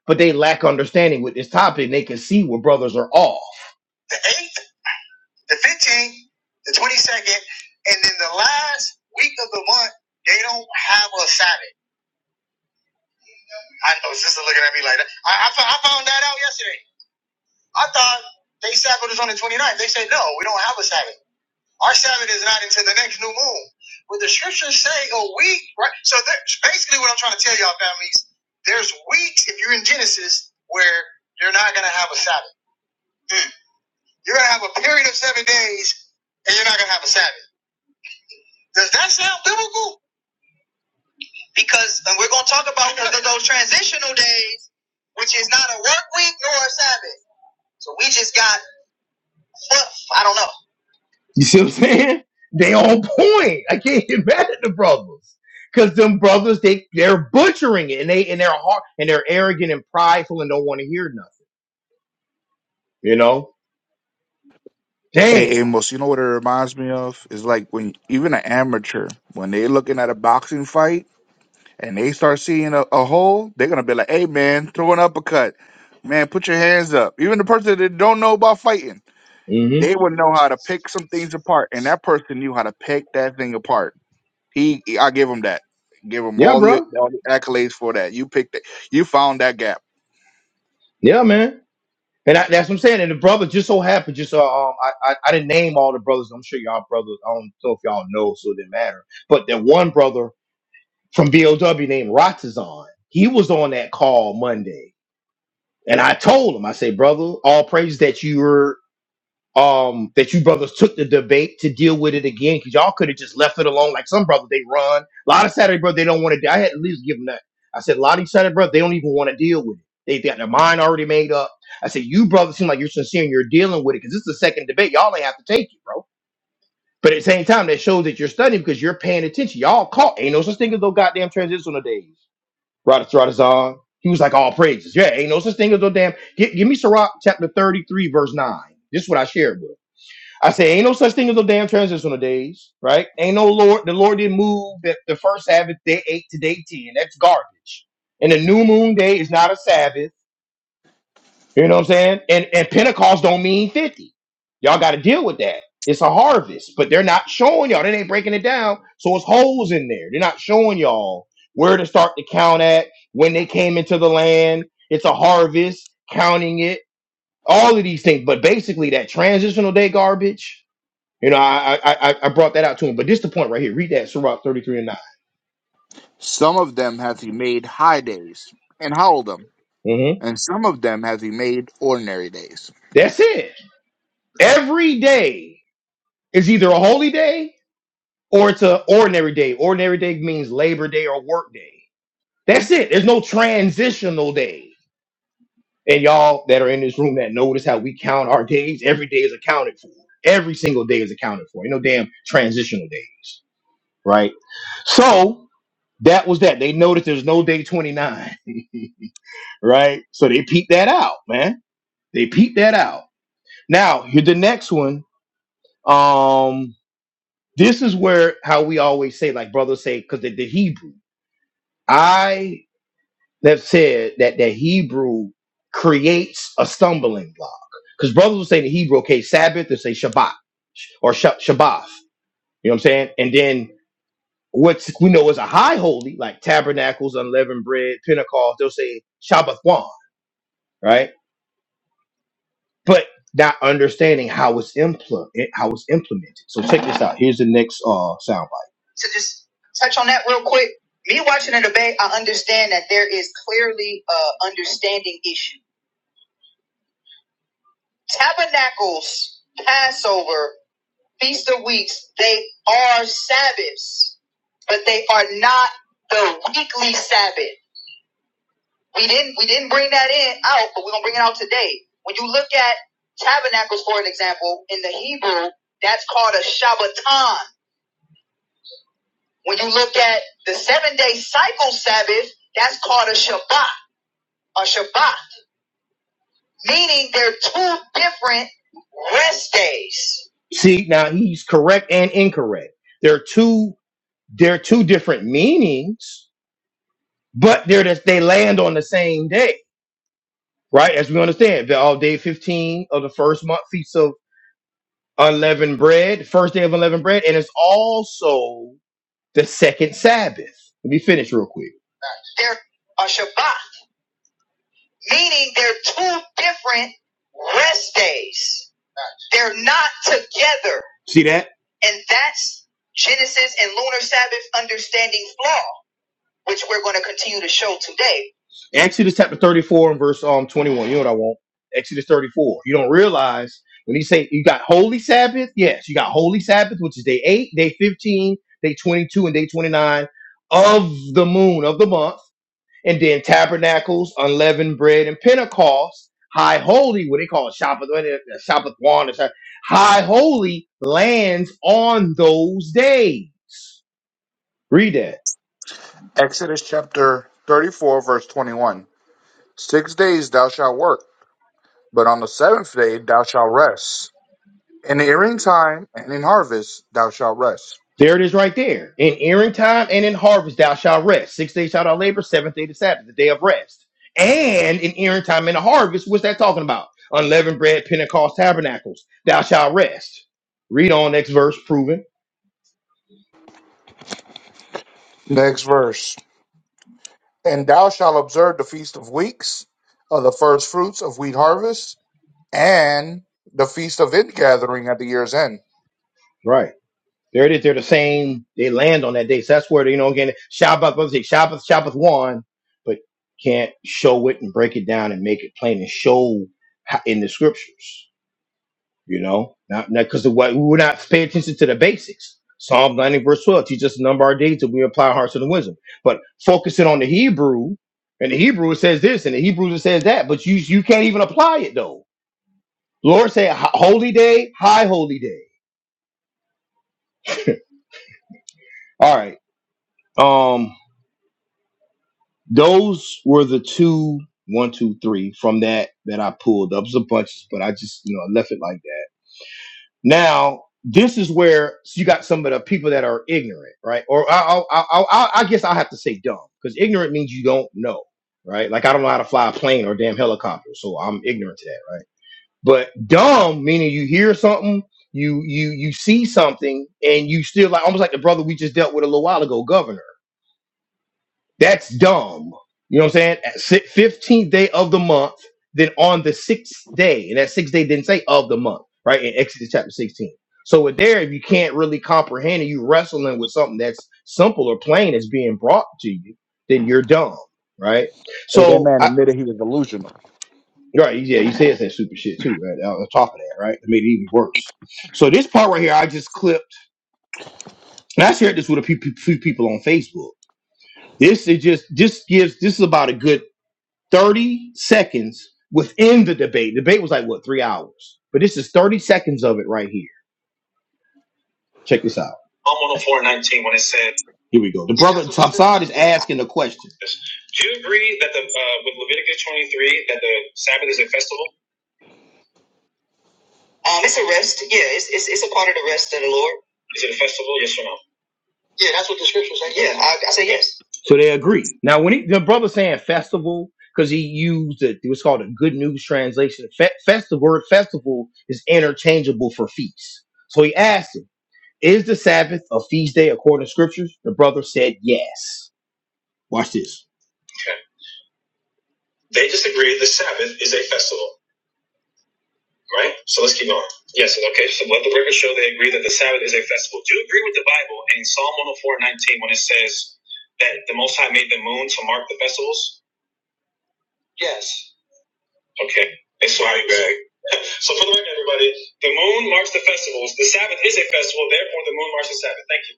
Speaker 1: but they lack understanding with this topic. and They can see where brothers are off. The eighth, the fifteenth, the twenty-second, and then the last week of the month, they don't have a Sabbath. I know sister looking at me like that. I, I, I found that out yesterday. I thought they Sabbath is on the twenty-ninth. They said no, we don't have a Sabbath. Our Sabbath is not until the next new moon. But the scriptures say a week, right? So that's basically what I'm trying to tell y'all, families. There's weeks if you're in Genesis where you're not gonna have a Sabbath. Mm. You're going to have a period of seven days, and you're not going to have a Sabbath. Does that sound biblical? Because, and we're going to talk about those transitional days, which is not a work week nor a Sabbath. So we just got I don't know. You see what I'm saying? They on point. I can't get mad at the brothers. Cause them brothers, they they're butchering it and they and they're hard and they're arrogant and prideful and don't want to hear nothing. You know?
Speaker 2: Hey,
Speaker 1: Damn.
Speaker 2: Amos, you know what it reminds me of? It's like when even an amateur when they're looking at a boxing fight and they start seeing a, a hole, they're gonna be like, "Hey, man, throw an uppercut, man, put your hands up." Even the person that don't know about fighting,
Speaker 1: hmm
Speaker 2: they would know how to pick some things apart, and that person knew how to pick that thing apart. He, I give him that. Give him
Speaker 1: Yeah,
Speaker 2: all the,
Speaker 1: bro.
Speaker 2: all the accolades for that. You picked it. You found that gap.
Speaker 1: Yeah, man. And I, that's what I'm saying. And the brother just so happened, just uh, um, I, I I didn't name all the brothers. I'm sure y'all brothers. I don't know if y'all know, so it didn't matter. But that one brother from BOW named Ratazan, he was on that call Monday, and I told him, I say, brother, all praise that you were um that you brothers took the debate to deal with it again because y'all could have just left it alone like some brothers they run a lot of saturday brothers they don't want to i had at least give them that i said a lot of these saturday brothers they don't even want to deal with it they got their mind already made up i said you brothers seem like you're sincere and you're dealing with it because this is the second debate y'all ain't have to take it bro but at the same time that shows that you're studying because you're paying attention y'all caught ain't no such thing as no goddamn transitional days Rada Radazan. he was like all praises yeah ain't no such thing as no damn give, give me Sirach chapter 33 verse 9 this is what i shared with him I say, ain't no such thing as no damn transitional days, right? Ain't no Lord. The Lord didn't move that the first Sabbath day eight to day ten. That's garbage. And the new moon day is not a Sabbath. You know what I'm saying? And and Pentecost don't mean fifty. Y'all got to deal with that. It's a harvest, but they're not showing y'all. They ain't breaking it down, so it's holes in there. They're not showing y'all where to start to count at when they came into the land. It's a harvest, counting it, all of these things. But basically, that transitional day garbage you know, I I I I brought that out to him. But this the point right here. Read that Sirach 33 and 9.
Speaker 2: Some of them have he made high days and howled them,
Speaker 1: hmm
Speaker 2: and some of them have he made ordinary days.
Speaker 1: That's it. Every day is either a holy day or it's an ordinary day. Ordinary day means labor day or work day. That's it. There's no transitional day. And y'all that are in this room that notice how we count our days, every day is accounted for. Every single day is accounted for. You no damn transitional days, right? So that was that. They noticed there's no day 29, right? So they peeped that out, man They peeped that out. Now, here the next one. Um, this is where how we always say, like brothers say, because the, the Hebrew. I have said that the Hebrew creates a stumbling block. Because brothers will say the Hebrew, okay, Sabbath, they say Shabbat or Sh- Shabbat. You know what I'm saying? And then what's we know is a high holy, like tabernacles, unleavened bread, Pentecost, they'll say Shabbathwan, right? but not understanding how it's implement how it's implemented. So check this out. Here's the next uh soundbite. To just touch on that real quick, me watching in the debate, I understand that there is clearly a understanding issue. Tabernacles, Passover, Feast of Weeks, they are Sabbaths, but they are not the weekly Sabbath. We didn't we didn't bring that in out, but we're gonna bring it out today. When you look at tabernacles, for an example, in the Hebrew, that's called a Shabbaton. When you look at the seven day cycle Sabbath, that's called a Shabbat, a Shabbat, meaning they're two different rest days. See, now he's correct and incorrect. They're two they're two different meanings, but they're just, they land on the same day right? As we understand, the all day 15 of the first month feast unleavened bread, first day of unleavened bread, and it's also the second Sabbath. Let me finish real quick. They're a Shabbat, meaning they're two different rest days. They're not together. See that? And that's Genesis and lunar Sabbath understanding flaw which we're going to continue to show today. Exodus chapter 34 and verse um 21. You know what I want? Exodus 34. You don't realize when he say you got holy Sabbath. Yes, you got holy Sabbath, which is day 8, day 15, day 22, and day 29 of the moon of the month. And then tabernacles, unleavened bread, and Pentecost, high holy, what they call it, Shabbat, what it- Shabbat one, or Shabbat- high holy lands on those days. Read that.
Speaker 2: Exodus chapter thirty-four, verse twenty-one. Six days thou shalt work But on the seventh day thou shalt rest. In the earing time and in harvest thou shalt rest.
Speaker 1: There it is right there. In earing time and in harvest thou shalt rest. Six days shalt thou labor, seventh day the Sabbath, the day of rest. And in earing time and the harvest, what's that talking about? Unleavened bread, Pentecost tabernacles, thou shalt rest. Read on next verse, proven.
Speaker 2: Next verse. And thou shalt observe the feast of weeks, of the first fruits of wheat harvest, and the feast of ingathering at the year's end.
Speaker 1: Right. There it is. They're the same. They land on that day. So that's where, they, you know, again, Shabbat, I say Shabbat, Shabbat one, but can't show it and break it down and make it plain and show how- in the scriptures. You know, not because of what we're not paying attention to the basics. Psalm 90 verse 12 teaches us to number our days till we apply our hearts to the wisdom. But focusing on the Hebrew, and the Hebrew it says this, and the Hebrew it says that, but you you can't even apply it though. Lord said "Ho- holy day, high holy day. All right. Um, those were the two one, two, three from that that I pulled up. It was a bunch, but I just you know I left it like that. Now, this is where you got some of the people that are ignorant, right? Or I, I, I, I I guess I have to say dumb because ignorant means you don't know, right? Like I don't know how to fly a plane or a damn helicopter, so I'm ignorant to that, right? But dumb meaning you hear something, you you you see something, and you still like almost like the brother we just dealt with a little while ago, governor. That's dumb. You know what I'm saying? At si- 15th day of the month, then on the sixth day, and that sixth day didn't say of the month, right? In Exodus chapter 16. So with there, if you can't really comprehend and you wrestling with something that's simple or plain is being brought to you, then you're dumb, right?
Speaker 2: Hey, that
Speaker 1: So
Speaker 2: man
Speaker 1: I
Speaker 2: admitted he was delusional.
Speaker 1: right, yeah, he says that super shit too, right? On top of that, right? It made it even worse. So this part right here, I just clipped and I shared this with a few, few people on Facebook. This is just just gives this is about a good 30 seconds within the debate. Debate was like what three hours, but this is 30 seconds of it right here. Check this out. I'm on the 419 when it said. Here we go. The brother Tassad is asking the question. Do you agree that the uh, with Leviticus 23 that the um, it's a rest? Yeah, it's, it's it's a part of the rest of the Lord. Is it or no? Yeah, that's what the scripture says. Yeah, I, I say yes. So they agree. Now, when he, the brother saying festival, because he used it, it was called a good news translation. Fe- festival word festival is interchangeable for feast. So he asked him, "Is the Sabbath a feast day according to scriptures?" The brother said, "Yes." Watch this. Okay. They disagree. The Sabbath is a festival. right? So let's keep going. Yes, okay. So let the record show they agree that the Sabbath is a festival. Do you agree with the Bible in Psalm 104 19 when it says that the Most High made the moon to mark the festivals? Yes. Okay. It's my bag. So for the record, everybody, the moon marks the festivals. The Sabbath is a festival, therefore the moon marks the Sabbath. Thank you.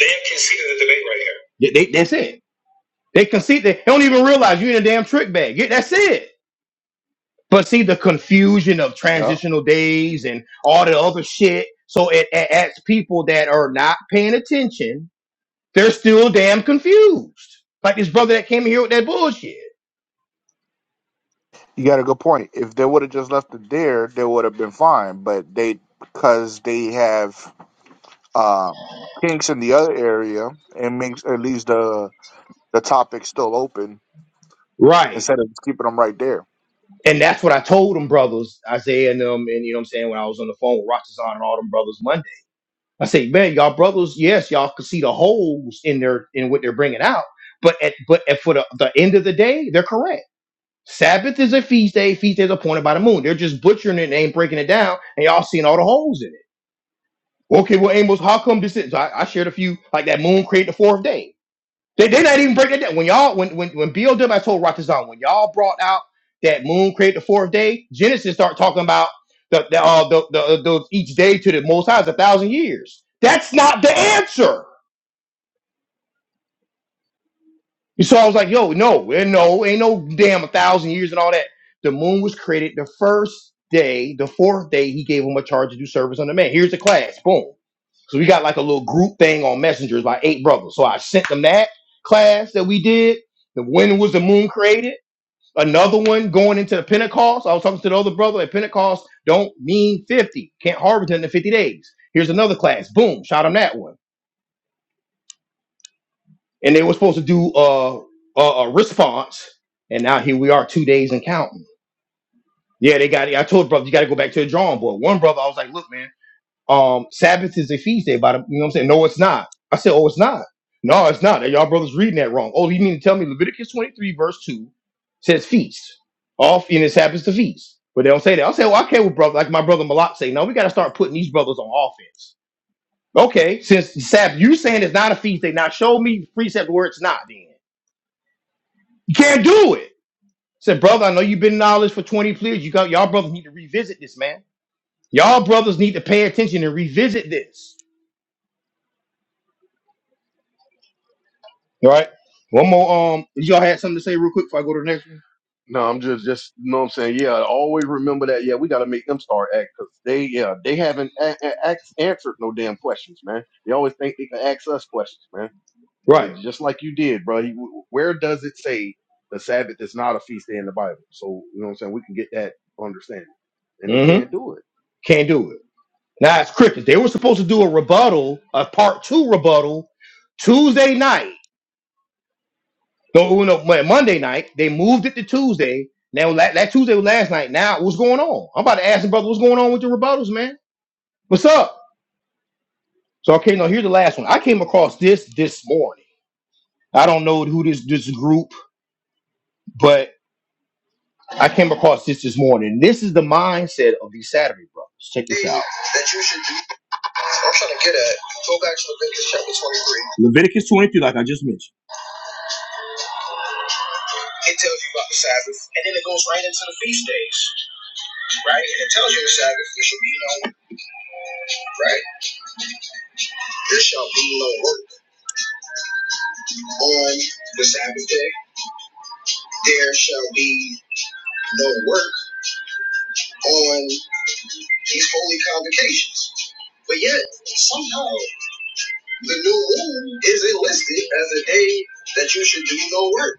Speaker 1: They have conceded the debate right here. They, they- that's it. They concede. They, they don't even realize you in a damn trick bag. Yeah, That's it. But see the confusion of
Speaker 3: Yeah.
Speaker 1: transitional days and all the other shit. So it, it adds people that are not paying attention. They're still damn confused. Like this brother that came here with that bullshit.
Speaker 2: You got a good point. If they would have just left it there, they would have been fine. But they, because they have um, kinks in the other area, it makes it leaves the the topic still open
Speaker 1: Right.
Speaker 2: instead of just keeping them right there.
Speaker 1: And that's what I told them brothers, Isaiah and them, and you know what I'm saying, when I was on the phone with Rochazon and all them brothers Monday. I say, man, y'all brothers, yes, y'all can see the holes in their in what they're bringing out. But at but at, for the, the end of the day, they're correct Sabbath is a feast day. Feast day is appointed by the moon. They're just butchering it and ain't breaking it down, and y'all seeing all the holes in it. Okay, well, Amos, how come this is? I, I shared a few like that. Moon created the fourth day. They they not even breaking it down. When y'all when when when BLW told Rotterdam when y'all brought out that moon created the fourth day, Genesis start talking about the the uh, the, the, the each day to the Most High is a thousand years. That's not the answer. So I was like, yo, no, and no, ain't no damn a thousand years and all that. The moon was created the first day, the fourth day, he gave him a charge to do service on the man. Here's the class. Boom. So we got like a little group thing on messengers, like eight brothers. So I sent them that class that we did. The when was the moon created? Another one going into the Pentecost. I was talking to the other brother at Pentecost. Don't mean 50. Can't harvest in the 50 days. Here's another class. Boom. Shot him that one. and they were supposed to do uh, a, a response, and now here we are, two days and counting. Yeah, they got. it. I told brother, you got to go back to the drawing board. One brother, I was like, look, man, um, Sabbath is a feast day. By the, you know what I'm saying? No, it's not. I said, oh, it's not. No, it's not. Y'all brothers reading that wrong. Oh, you mean to tell me Leviticus 23 verse two says feast off and it happens to feast, but they don't say that. I say, well, okay, well, brother, like my brother Malak say, no, we got to start putting these brothers on offense. Okay, since Sabbath, you saying it's not a feast day. Now show me precept where it's not. Then. You can't do it. I said, brother, I know you've been in knowledge for 20 years. You got y'all brothers need to revisit this, man. Y'all brothers need to pay attention and revisit this. All right. One more. Um, y'all had something to say real quick before I go to the next one.
Speaker 3: No, I'm just just you know what I'm saying. Yeah, always remember that. Yeah, we got to make them start act because they yeah they haven't a- a- ax- answered no damn questions, man. They always think they can ask us questions, man. That-
Speaker 1: Right.
Speaker 3: just like you did, bro. You- Where does it say the Sabbath is not a feast day in the Bible? So you know what I'm saying. We can get that understanding, and they
Speaker 1: Mm-hmm.
Speaker 3: can't do it.
Speaker 1: Can't do it. Now it's crickets. They were supposed to do a rebuttal, a part two rebuttal, Tuesday night. No, no, Mon- Monday night. They moved it to Tuesday. Now that, that Tuesday was last night. Now what's going on? I'm about to ask the brother what's going on with the rebuttals, man. What's up? So okay, now here's the last one. I came across this this morning. I don't know who this this group, but I came across this this morning. This is the mindset of these Saturday brothers. Check this out. Leviticus 23, like I just mentioned. It tells you about the Sabbath, and then it goes right into the feast days, right? And it tells you the Sabbath, there shall be no work, right? There shall be no work on the Sabbath day. There shall be no work on these holy convocations. But yet, somehow. The new moon isn't listed as a day that you should do no work.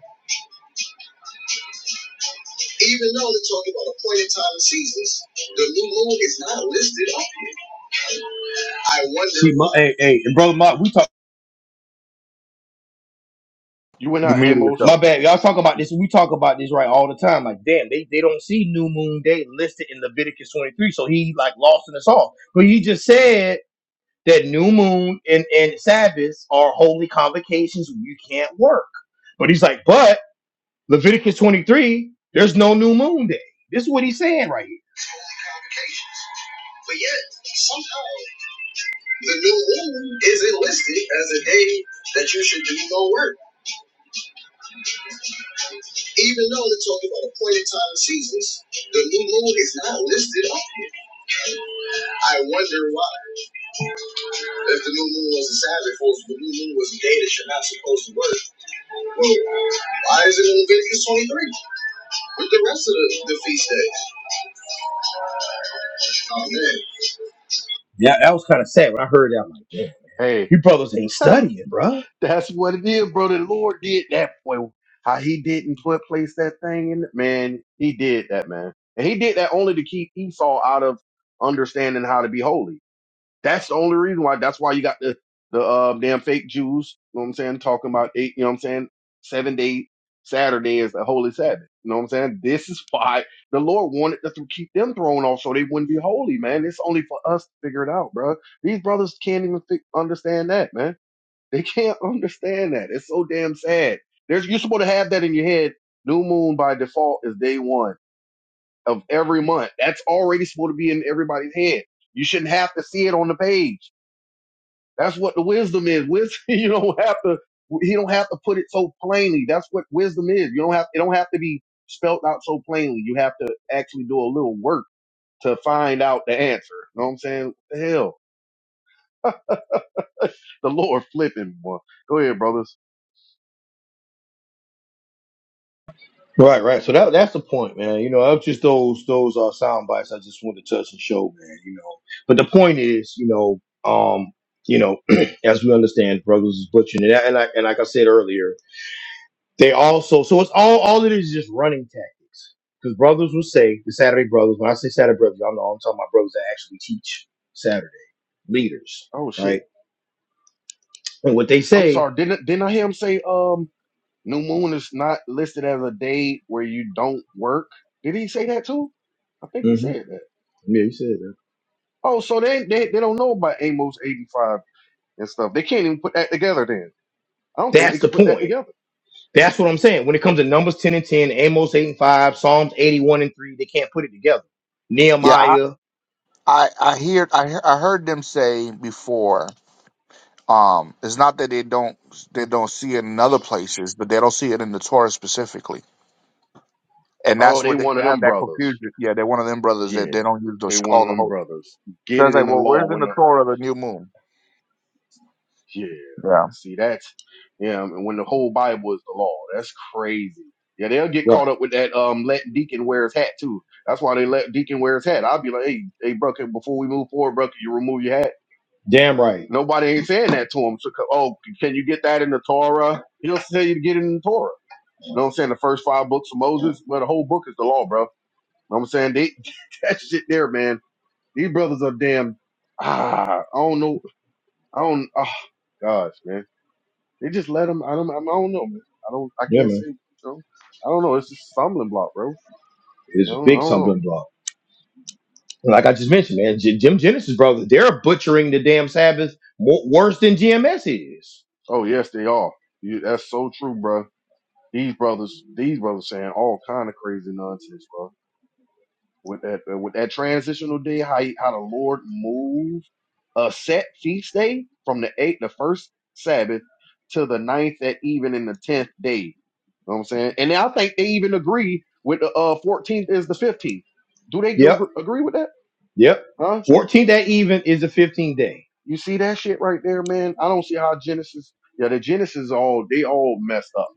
Speaker 1: Even though they're talking about appointed time and seasons, the new moon is not listed on here. I wonder. See, my, hey, hey, and brother, my, we talk.
Speaker 3: You went
Speaker 2: You
Speaker 3: out,
Speaker 2: muted
Speaker 3: Amos.
Speaker 1: My
Speaker 2: yourself.
Speaker 1: bad, y'all talk about this. We talk about this right all the time. Like, damn, they, they don't see New Moon Day listed in Leviticus twenty three, so he like lost in us all. But he just said that New Moon and and Sabbaths are holy convocations where you can't work. But he's like, but Leviticus 23, there's no new moon day. This is what he's saying right here. Convocations. But yet, somehow, the new moon is enlisted as a day that you should do no work. Even though they're talking about appointed time and seasons, the new moon is not listed on here. I wonder why. If the new moon was a Sabbath, or if the new moon was a day that you're not supposed to work. Why is it in Leviticus 23 with the rest of the, the feast days? Oh, man. Yeah, that was kind of sad when I heard that. I'm like, damn,
Speaker 3: Hey,
Speaker 1: you brothers ain't studying, bruh.
Speaker 3: That's what it is, bro. The Lord did that, boy. How he didn't put place that thing in it, man. He did that, man. And he did that only to keep Esau out of understanding how to be holy. That's the only reason why. That's why you got the the uh, damn fake Jews. You know what I'm saying? Talking about eight. You know what I'm saying? Seven day Saturday is the holy Sabbath. You know what I'm saying? This is why the Lord wanted to th- keep them thrown off so they wouldn't be holy, man. It's only for us to figure it out, bro. These brothers can't even fi- understand that, man. They can't understand that. It's so damn sad. There's you're supposed to have that in your head. New moon by default is day one of every month. That's already supposed to be in everybody's head. You shouldn't have to see it on the page. That's what the wisdom is. Wisdom, you don't have to. He don't have to put it so plainly. That's what wisdom is. You don't have. It don't have to be spelled out so plainly. You have to actually do a little work to find out the answer. You know what I'm saying? What the hell, the Lord flipping boy. Go ahead, brothers.
Speaker 1: Right, right. So that that's the point, man. You know, that's just those those are sound bites I just want to touch and show, man, you know. But the point is, you know, um, you know, as we understand, brothers is butchering and, I- and like and like I said earlier. They also so it's all all it is is just running tactics. Because brothers will say the Saturday brothers. When I say Saturday brothers, y'all know I'm talking about brothers that actually teach Saturday leaders,
Speaker 3: Oh shit.
Speaker 1: right? And what they
Speaker 3: I'm
Speaker 1: say,
Speaker 3: sorry. Didn't didn't I hear him say um new moon is not listed as a day where you don't work? Did he say that too? I think he
Speaker 1: hmm
Speaker 3: said that.
Speaker 1: yeah, you said that.
Speaker 3: Oh, so they they, they don't know about Amos 85 and stuff. They can't even put that together then. I don't think they
Speaker 1: That's the
Speaker 3: can put that
Speaker 1: point.
Speaker 3: together.
Speaker 1: That's what I'm saying. When it comes to Numbers ten and ten, Amos eight and five, Psalms eighty one and three, they can't put it together.
Speaker 2: Yeah, I
Speaker 1: Nehemiah,
Speaker 2: I, I hear I he- I heard them say before. Um, it's not that they don't they don't see it in other places, but they don't see it in the Torah specifically, and
Speaker 3: Oh,
Speaker 2: that's
Speaker 3: they
Speaker 2: where they,
Speaker 3: one
Speaker 2: they
Speaker 3: of
Speaker 2: have
Speaker 3: them
Speaker 2: that
Speaker 3: brothers.
Speaker 2: confusion. Yeah, they're one of them brothers that
Speaker 3: Yeah.
Speaker 2: they don't use
Speaker 3: They
Speaker 2: the,
Speaker 3: one
Speaker 2: all
Speaker 3: of
Speaker 2: the
Speaker 3: them
Speaker 2: whole.
Speaker 3: brothers. Get
Speaker 2: They're
Speaker 3: it in
Speaker 2: like,
Speaker 3: the
Speaker 2: well,
Speaker 3: law.
Speaker 2: where's in
Speaker 3: when
Speaker 2: the Torah the new moon?
Speaker 3: Yeah, man.
Speaker 2: Yeah,
Speaker 3: see that's yeah, and when the whole Bible is the law, that's crazy. Yeah, they'll get caught
Speaker 1: right?
Speaker 3: up with that. Um, let Deacon wear his hat too. That's why they let Deacon wear his hat. I'll be like, hey, hey, bro, can- before we move forward, bro, can you remove your hat?
Speaker 1: Damn right.
Speaker 3: Nobody ain't saying that to him. So, co- oh, can you get that in the Torah? He don't tell you to get it in the Torah. You know what I'm saying? The first five books of Moses, well, the whole book is the law, bro. You know what I'm saying? They, that shit there, man. These brothers are damn, ah, I don't know. I don't, oh gosh, man. They just let him. I don't. I don't know, man. I don't. I
Speaker 1: Yeah,
Speaker 3: can't
Speaker 1: man.
Speaker 3: say. You know, I don't know. It's just a stumbling block, bro. You
Speaker 1: It's a
Speaker 3: know. I don't
Speaker 1: big
Speaker 3: know.
Speaker 1: something block. like I just mentioned, man, J- Jim Genesis brothers, they're butchering the damn Sabbath more, worse than GMS is.
Speaker 3: Oh yes, they are. You, that's so true, bro. These brothers, these brothers, saying all kind of crazy nonsense, bro. With that, uh, with that transitional day, how he- how the Lord moved a set feast day from the eighth, the first Sabbath, to the ninth at even in the tenth day. You know what I'm saying? And I think they even agree with the uh, 14th is the 15th. Do they gr-
Speaker 1: Yep,
Speaker 3: agree with that?
Speaker 1: yep.
Speaker 3: Huh?
Speaker 1: 14th that even is the 15th day.
Speaker 3: You see that shit right there, man? I don't see how Genesis, yeah, the Genesis all, they all messed up.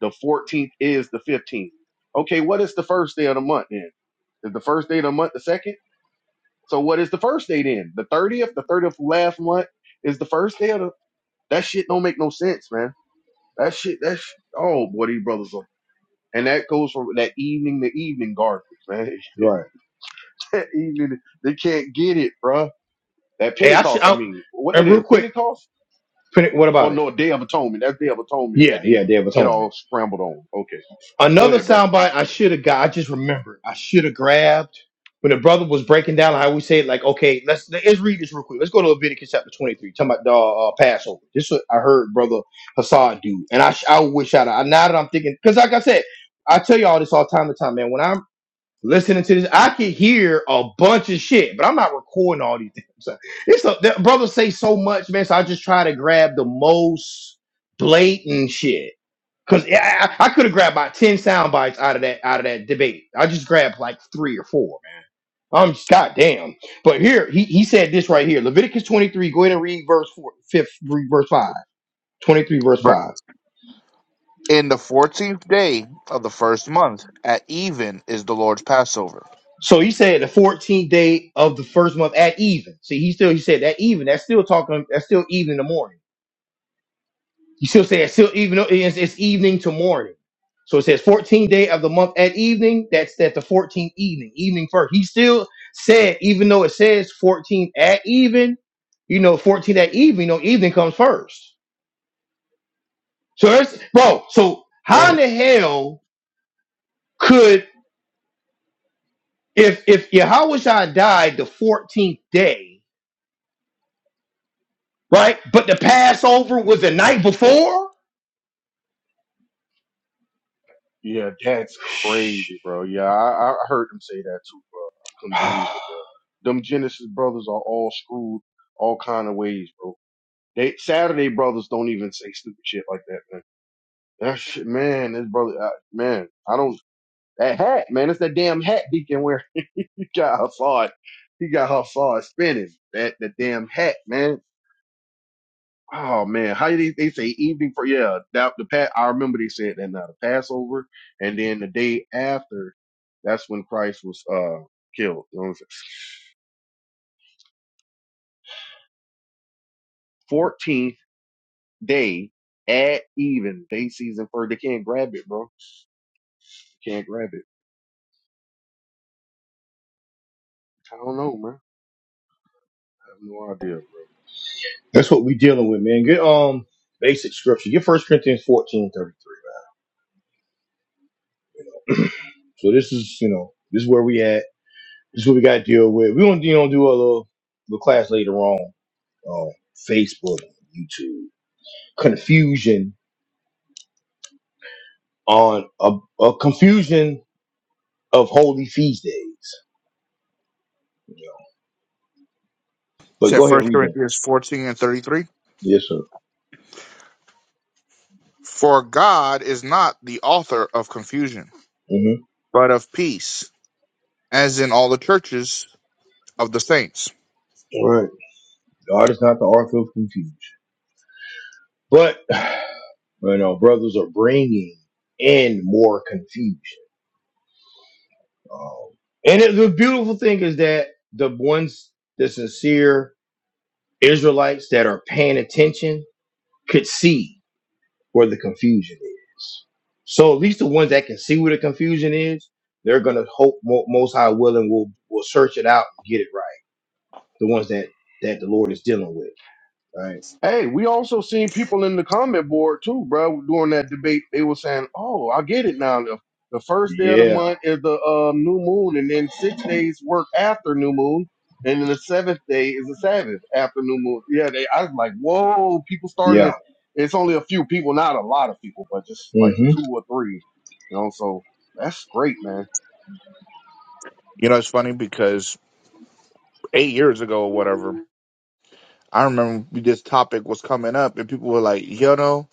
Speaker 3: The 14th is the 15th. Okay, what is the first day of the month then? Is the first day of the month the second? So what is the first day then? The 30th, the 30th of last month is the first day of the, that shit don't make no sense, man. That shit, that sh oh boy, these brothers are, and that goes from that evening to evening garbage, man.
Speaker 1: Right.
Speaker 3: that evening, they can't get it, bruh. That
Speaker 1: Hey, I should,
Speaker 3: Pentecost, I
Speaker 1: I,
Speaker 3: mean, what that
Speaker 1: and
Speaker 3: is,
Speaker 1: real quick,
Speaker 3: Pentecost?
Speaker 1: Penny- what
Speaker 3: Oh
Speaker 1: about it?
Speaker 3: no, Day of Atonement. That's Day of Atonement that
Speaker 1: Yeah,
Speaker 3: they
Speaker 1: yeah, Day of
Speaker 3: get
Speaker 1: Atonement.
Speaker 3: all scrambled on. Okay, go
Speaker 1: Another
Speaker 3: ahead, bro.
Speaker 1: soundbite I should have got. I just remembered. I should have grabbed when the brother was breaking down how we said like, okay, let's let's read this real quick. Let's go to Leviticus chapter twenty three. Talking about the uh, Passover. This is what I heard brother Hassan do, and I sh- I wish I'd I now that I'm thinking because like I said, I tell you all this all time to time, man. When I'm listening to this, I can hear a bunch of shit, but I'm not recording all these things. So It's a, that brother say so much, man. So I just try to grab the most blatant shit Cause yeah, I, I could have grabbed about ten sound bites out of that out of that debate. I just grabbed like three or four, man. I'm just goddamn. But here he, he said this right here, Leviticus 23. Go ahead and read verse four, fifth, read verse five, 23, verse
Speaker 2: but
Speaker 1: five.
Speaker 2: in the fourteenth day of the first month at even is the Lord's Passover.
Speaker 1: So he said the 14th day of the first month at even. See, he still he said that even. That's still talking. That's still even in the morning. You still say it's still even though it's, it's evening to morning. So it says 14th day of the month at evening. That's at the 14th evening, evening first. He still said, even though it says fourteen at even, you know, fourteen at even, you know, evening comes first. So that's bro. So how in
Speaker 3: Damn.
Speaker 1: the hell could if if Yahushua died the 14th day, right? But the Passover was the night before?
Speaker 3: Yeah, that's crazy, bro. Yeah, I, I heard them say that too, bro. I couldn't believe it, bro. Them Genesis brothers are all screwed all kind of ways, bro. They Saturday brothers don't even say stupid shit like that, man. That shit, man. This brother, I, man. I don't. That hat, man. It's that damn hat Deacon wear. He got Hassad. He got Hassad spinning. That the damn hat, man. Oh man, how did they, they say evening for yeah, that the pat I remember they said that now the Passover and then the day after that's when Christ was uh killed. You know what I'm saying? Fourteenth day at even day season for they can't grab it, bro. Can't grab it. I don't know, man. I have no idea.
Speaker 1: That's what we're dealing with, man. Get um basic scripture. Get First Corinthians fourteen thirty three. So this is, you know, this is where we at. This is what we got to deal with. We're gonna, you know, do a little, little class later on on Facebook, YouTube. Confusion on a, a confusion of Holy Feast days. You know. But
Speaker 2: Said
Speaker 1: go ahead,
Speaker 2: First
Speaker 1: read that.
Speaker 2: Corinthians fourteen and thirty three.
Speaker 1: Yes, sir.
Speaker 2: For God is not the author of confusion,
Speaker 1: Mm-hmm.
Speaker 2: but of peace as in all the churches of the saints.
Speaker 1: All right. God is not the author of confusion, but you know, brothers are bringing in more confusion. Um, and it, the beautiful thing is that the ones that's sincere Israelites that are paying attention could see where the confusion is. So at least the ones that can see where the confusion is, they're gonna hope mo- most high willing will will search it out and get it right. The ones that that the Lord is dealing with, right?
Speaker 3: Hey, we also seen people in the comment board too, bro. During that debate, they were saying, "Oh, I get it now. The, the first day of the
Speaker 1: Yeah,
Speaker 3: month is the uh, new moon, and then six days work after new moon, and then the seventh day is the Sabbath after new moon." Yeah, they. I was like, "Whoa!" People starting
Speaker 1: yeah.
Speaker 3: to. It's only a few people, not a lot of people, but just like
Speaker 1: hmm
Speaker 3: two or three, you know. So that's great, man.
Speaker 2: You know, it's funny because eight years ago or whatever, I remember this topic was coming up and people were like, you know,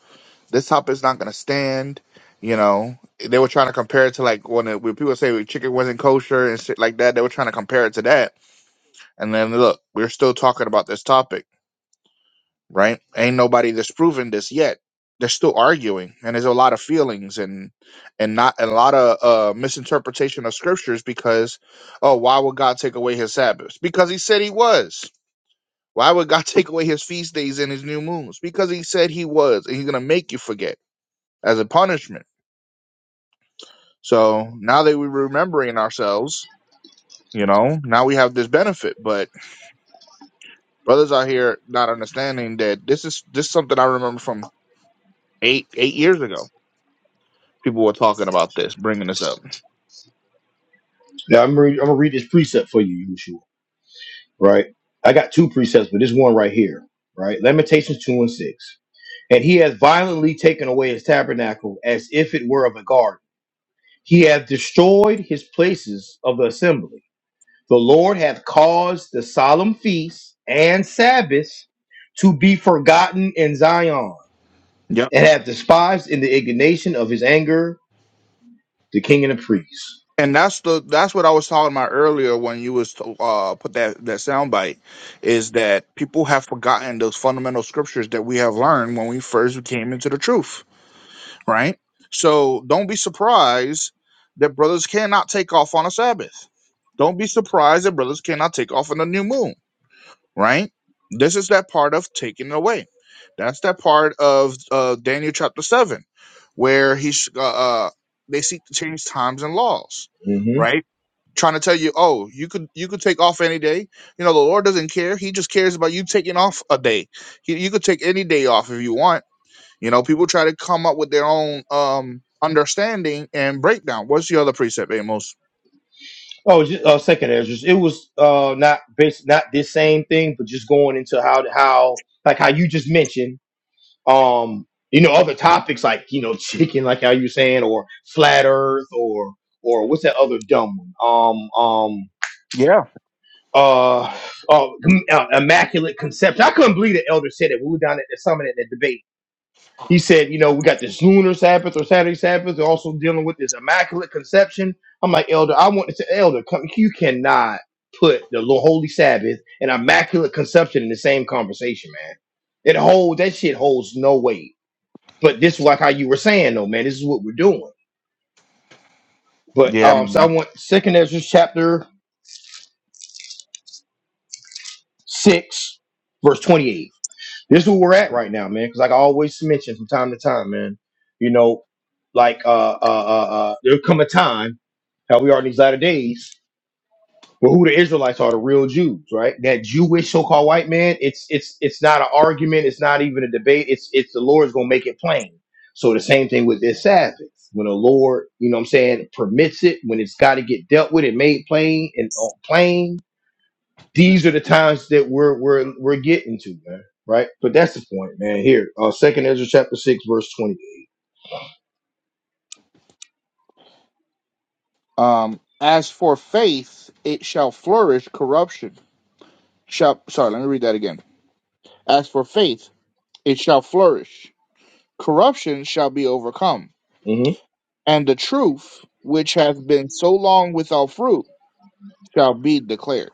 Speaker 2: this topic's not going to stand. You know, they were trying to compare it to like when, it, when people say chicken wasn't kosher and shit like that, they were trying to compare it to that. And then look, we're still talking about this topic right? Ain't nobody that's proven this yet. They're still arguing, and there's a lot of feelings and and not and a lot of uh, misinterpretation of scriptures because, oh, why would God take away His Sabbaths? Because He said He was. Why would God take away His feast days and His new moons? Because He said He was, and He's gonna make you forget as a punishment. So now that we're remembering ourselves, you know, now we have this benefit. But brothers out here not understanding that this is this is something I remember from eight eight years ago people were talking about this, bringing this up.
Speaker 1: Now I'm re- I'm gonna read this precept for you, Yahushua. Right? I got two precepts, but this one right here, right? Lamentations two and six. And he has violently taken away his tabernacle as if it were of a garden He hath destroyed his places of the assembly. The Lord hath caused the solemn feasts and Sabbaths to be forgotten in Zion,
Speaker 2: Yep.
Speaker 1: and hath despised in the indignation of his anger the king and the priests.
Speaker 2: And that's the that's what I was talking about earlier when you was to, uh put that that sound bite is that people have forgotten those fundamental scriptures that we have learned when we first came into the truth, right? So don't be surprised that brothers cannot take off on a Sabbath. Don't be surprised that brothers cannot take off on a new moon right? This is that part of taking away. That's that part of uh, Daniel chapter seven, where he's uh, uh, they seek to change times and laws,
Speaker 1: hmm
Speaker 2: right? Trying to tell you, oh, you could you could take off any day. You know, the Lord doesn't care. He just cares about you taking off a day. He, you could take any day off if you want. You know, people try to come up with their own um understanding and breakdown. What's the other precept, Amos?
Speaker 1: Oh, just, uh, second Ezra. It was uh, not bas not this same thing, but just going into how how like how you just mentioned um you know other topics like you know chicken like how you were saying or flat earth or or what's that other dumb one um um
Speaker 2: Yeah,
Speaker 1: uh, uh, mm, uh, immaculate conception. I couldn't believe the elder said it. We were down at the summit at the debate. He said, you know, we got this lunar Sabbath or Saturday Sabbath. They're also dealing with this immaculate conception. I'm like, elder, I want to say, elder, come, you cannot put the Lo- holy Sabbath and immaculate conception in the same conversation, man. It holds that shit holds no weight but this is like how you were saying though, man. This is what we're doing. But
Speaker 2: yeah,
Speaker 1: um, so I
Speaker 2: man.
Speaker 1: want Second Ezra chapter six, verse twenty-eight. This is where we're at right now, man. Because like I always mention from time to time, man. You know, like uh, uh, uh, uh there'll come a time how we are in these latter days Well, who the Israelites are the real Jews, right? That Jewish so-called white man. It's it's it's not an argument. It's not even a debate. It's it's the Lord's gonna make it plain. So the same thing with this Sabbath. When the Lord, you know, what I'm saying, permits it, when it's got to get dealt with, it made plain and on plain. These are the times that we're we're we're getting to, man. Right? But that's the point, man. Here, uh, Second Ezra chapter six, verse 20
Speaker 2: Um, as for faith, it shall flourish corruption shall sorry, let me read that again. As for faith, it shall flourish. Corruption shall be overcome, and the truth, which hath been so long without fruit, shall be declared.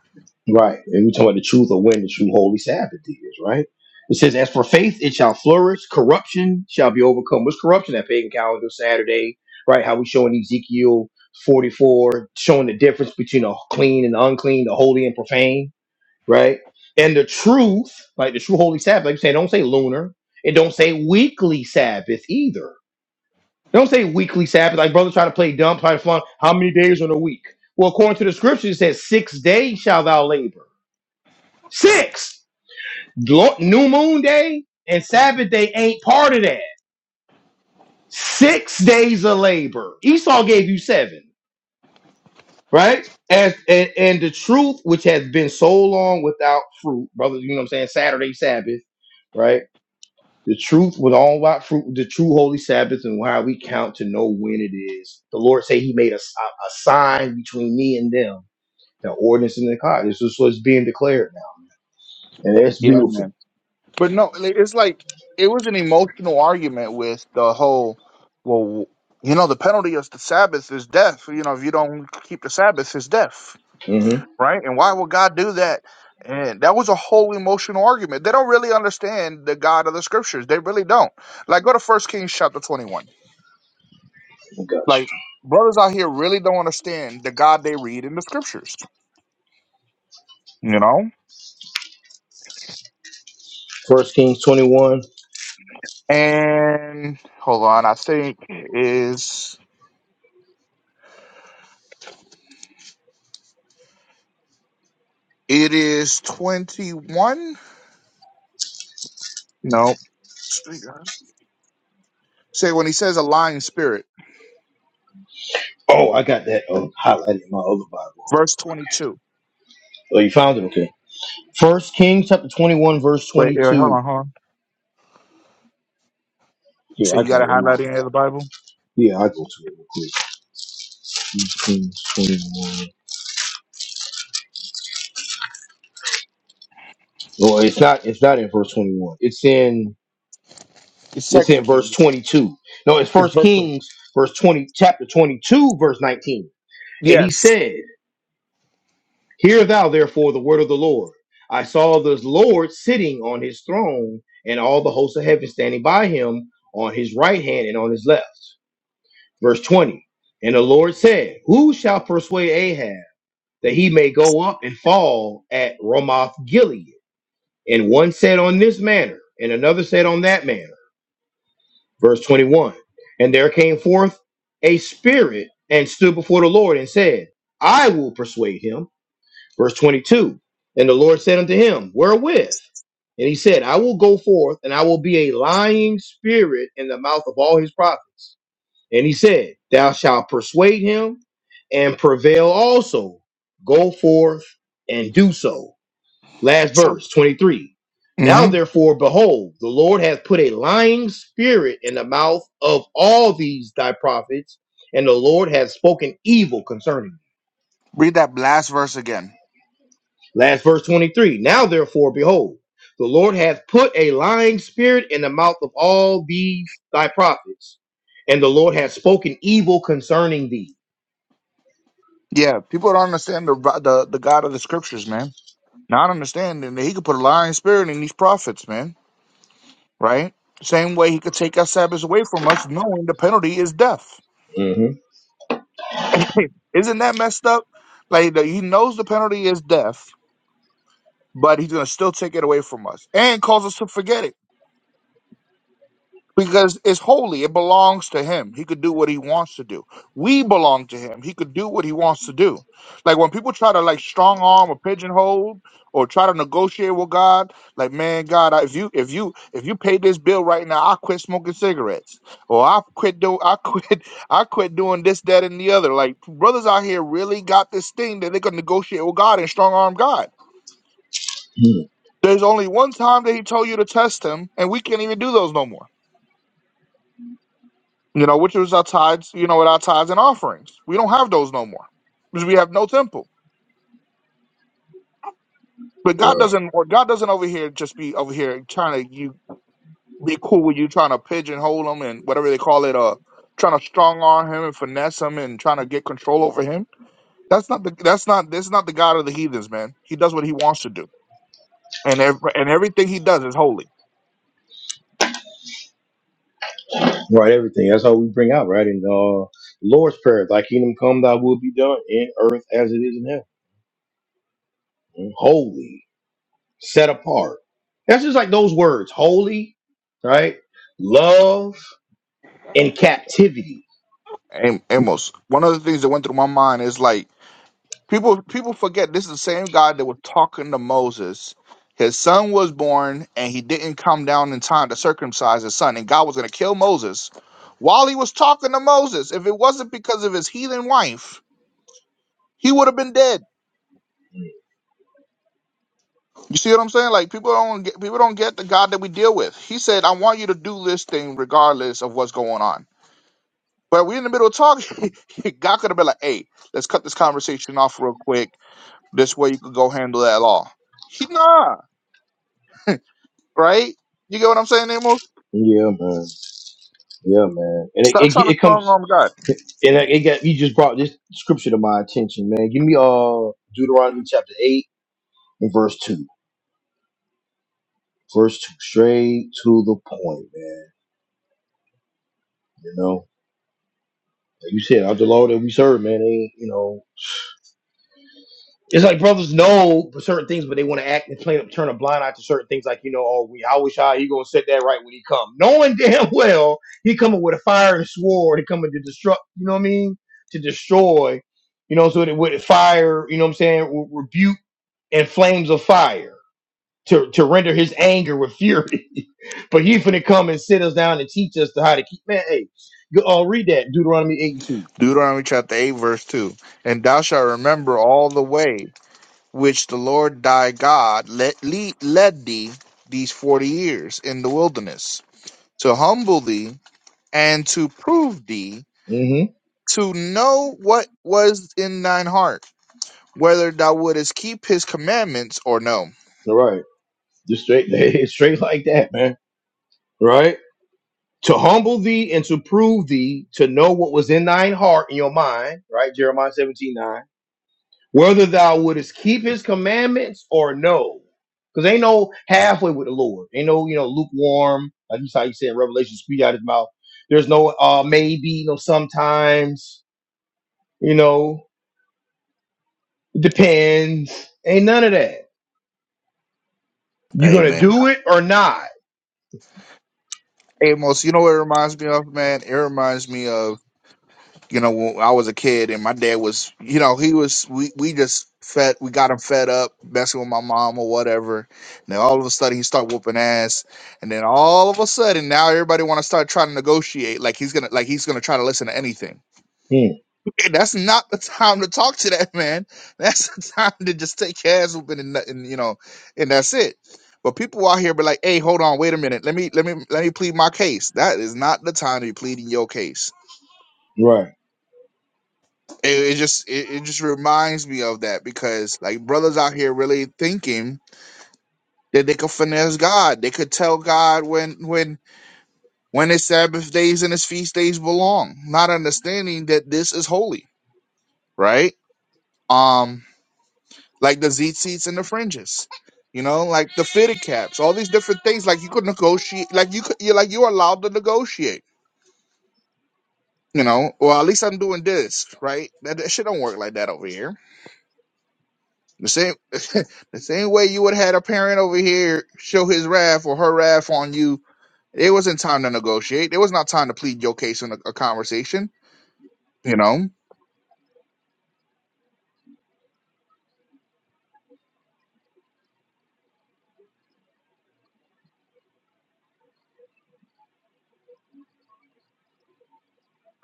Speaker 1: Right. And we talk about the truth of when the true holy Sabbath is, right? It says, As for faith, it shall flourish, corruption shall be overcome. What's corruption? That pagan calendar Saturday, right? How we show in Ezekiel 44, showing the difference between the clean and the unclean, the holy and profane, right? And the truth, like the true holy Sabbath, like you say, don't say lunar. It don't say weekly Sabbath either. Don't say weekly Sabbath. Like brothers try to play dumb, try to flaunt how many days in a week. Well, according to the scripture, it says, Six days shall thou labor Six. New moon day and Sabbath day ain't part of that. Six days of labor. Esau gave you seven, right? As, and, and the truth, which has been so long without fruit, brother, you know what I'm saying? Saturday Sabbath, right? The truth with all about fruit, the true holy Sabbath, and how we count to know when it is. The Lord say He made a, s- a- a sign between me and them, the ordinance in the cod. This is what's being declared now, and that's
Speaker 2: Yeah,
Speaker 1: beautiful.
Speaker 2: man. But no, like, it's like it was an emotional argument with the whole. Well, you know, the penalty of the Sabbath is death. You know, if you don't keep the Sabbath, is death.
Speaker 1: hmm
Speaker 2: right? And why would God do that? And that was a whole emotional argument. They don't really understand the God of the scriptures. They really don't. Like go to First Kings chapter 21. Like brothers out here really don't understand the God they read in the scriptures, you know?
Speaker 1: First Kings 21
Speaker 2: And hold on, I think is it is 21? No. Say when he says a lying spirit,
Speaker 1: Oh, I got that uh, highlighted in my other Bible. Hold on.
Speaker 2: verse 22.
Speaker 1: Oh, you found it? Okay. First Kings chapter 21, verse
Speaker 2: Wait, yeah, hold
Speaker 1: 22.
Speaker 2: on, hold on.
Speaker 1: Here,
Speaker 2: So
Speaker 1: I
Speaker 2: you got to
Speaker 1: got it in my other
Speaker 2: highlight any of the
Speaker 1: Bible.
Speaker 2: Bible?
Speaker 1: Yeah, I go to it real quick. First Kings 21. No, it's not. It's not in verse 21. It's in.
Speaker 2: It's
Speaker 1: It's
Speaker 2: Second
Speaker 1: in verse
Speaker 2: King.
Speaker 1: 22. No, it's
Speaker 2: It's
Speaker 1: First
Speaker 2: verse 22.
Speaker 1: Kings verse 20, chapter 22, verse 19. And he
Speaker 2: Yes.
Speaker 1: said, "Hear thou therefore the word of the Lord. I saw the Lord sitting on his throne, and all the hosts of heaven standing by him on his right hand and on his left." Verse 20. And the Lord said, Who shall persuade Ahab that he may go up and fall at Ramoth Gilead? And one said on this manner, and another said on that manner. Verse 21. And there came forth a spirit and stood before the Lord and said, I will persuade him. Verse 22. And the Lord said unto him, Wherewith? And he said, I will go forth and I will be a lying spirit in the mouth of all his prophets. And he said, Thou shalt persuade him and prevail also. Go forth and do so. Last
Speaker 2: So
Speaker 1: verse 23. Now,
Speaker 2: Mhm.
Speaker 1: therefore, behold, the Lord hath put a lying spirit in the mouth of all these thy prophets, and the Lord hath spoken evil concerning them.
Speaker 2: read that last verse again.
Speaker 1: Last verse 23. Now, therefore, behold, the Lord hath put a lying spirit in the mouth of all these thy prophets, and the Lord hath spoken evil concerning thee.
Speaker 2: Yeah, people don't understand the the the God of the Scriptures, man. Not understanding that He could put a lying spirit in these prophets, man. Right? Same way He could take our Sabbaths away from us, knowing the penalty is death.
Speaker 1: Mhm.
Speaker 2: Isn't that messed up? Like the, He knows the penalty is death, but He's gonna still take it away from us and cause us to forget it. because it's holy. It belongs to him. He could do what he wants to do. We belong to him. He could do what he wants to do. Like when people try to like strong arm or pigeonhole or try to negotiate with God, like man, God, I- if you if you if you pay this bill right now, I quit smoking cigarettes or I quit do I quit I quit doing this, that, and the other. Like brothers out here really got this thing that they could negotiate with God and strong arm God. There's only one time that he told you to test him, and we can't even do those no more. You know, which was our tithes, you know, with our tithes and offerings. We don't have those no more because we have no temple. But God doesn't, or God doesn't over here just be over here trying to you be cool with you, trying to pigeonhole him and whatever they call it, uh, trying to strong arm him and finesse him and trying to get control over him. That's not the that's not this is not the God of the heathens, man. He does what he wants to do, and ev- and everything he does is holy.
Speaker 1: Right, everything. That's how we bring out, right? In uh Lord's Prayer, thy kingdom come, thy will be done in earth as it is in heaven. Holy, set apart. That's just like those words, holy, right? Love and captivity.
Speaker 2: Am- Amos, one of the things that went through my mind is like People people forget this is the same God that was talking to Moses. His son was born and he didn't come down in time to circumcise his son, and God was gonna kill Moses while he was talking to Moses. If it wasn't because of his heathen wife, he would have been dead. You see what I'm saying? Like people don't get people don't get the God that we deal with. He said, I want you to do this thing regardless of what's going on. But we're in the middle of talking. God could have been like, hey, let's cut this conversation off real quick. This way you could go handle that law. He not. right? You get what I'm saying, Nemo?
Speaker 1: Yeah, man. Yeah, man. And it,
Speaker 2: Stop
Speaker 1: it,
Speaker 2: trying to
Speaker 1: it
Speaker 2: strong
Speaker 1: comes
Speaker 2: arm God.
Speaker 1: and it it got you just brought this scripture to my attention, man. Give me uh Deuteronomy chapter eight and verse two. Verse two, straight to the point, man. You know. Like you said, of the Lord that we serve, man, they, you know, it's like brothers know for certain things, but they want to act and play, turn a blind eye to certain things. Like you know, oh, we, I wish I he gonna set that right when he come, knowing damn well he coming with a fire and sword, he coming to destruct. You know what I mean? To destroy, you know, so that with fire, you know what I'm saying, re- rebuke and flames of fire to to render his anger with fury. but he finna come and sit us down and teach us to how to keep. Man, hey, go- uh, read that Deuteronomy eight and two.
Speaker 2: Deuteronomy chapter 8, verse 2. And thou shalt remember all the way which the Lord thy God led, lead, led thee these 40 years in the wilderness to humble thee and to prove thee
Speaker 1: Mm-hmm.
Speaker 2: to know what was in thine heart, whether thou wouldest keep his commandments or no.
Speaker 1: All right. Just straight, straight like that, man. Right? To humble thee and to prove thee, to know what was in thine heart and your mind, right? Jeremiah 17 9. Whether thou wouldest keep his commandments or no. Because ain't no halfway with the Lord. Ain't no, you know, lukewarm, like you saw you said in Revelation, spew out his mouth. There's no uh maybe, no sometimes, you know, it depends. Ain't none of that. you are gonna
Speaker 2: Amen.
Speaker 1: do it or not.
Speaker 2: Amos, you know what it reminds me of, man? It reminds me of you know, when I was a kid and my dad was, you know, he was, we, we just fed, we got him fed up messing with my mom or whatever. And then all of a sudden he started whooping ass. And then all of a sudden now everybody want to start trying to negotiate. Like he's going to, like he's going to try to listen to anything.
Speaker 1: Hmm,
Speaker 2: That's not the time to talk to that man. That's the time to just take your ass whooping and, nothing, you know, and that's it. But people out here be like, hey, hold on, wait a minute. Let me, let me, let me plead my case. That is not the time to be pleading your case
Speaker 1: Right.
Speaker 2: it, it just it, it just reminds me of that because like brothers out here really thinking that they could finesse God. They could tell God when when when his Sabbath days and his feast days belong, not understanding that this is holy, right? Um, like the zit and the fringes, you know, like the fitted caps, all these different things. Like you could negotiate, like you could, you're like you're allowed to negotiate, you know. Well, at least I'm doing this, right? That, that shit don't work like that over here The same, the same way you would have had a parent over here show his wrath or her wrath on you. It wasn't time to negotiate. It was not time to plead your case in a, a conversation. You know.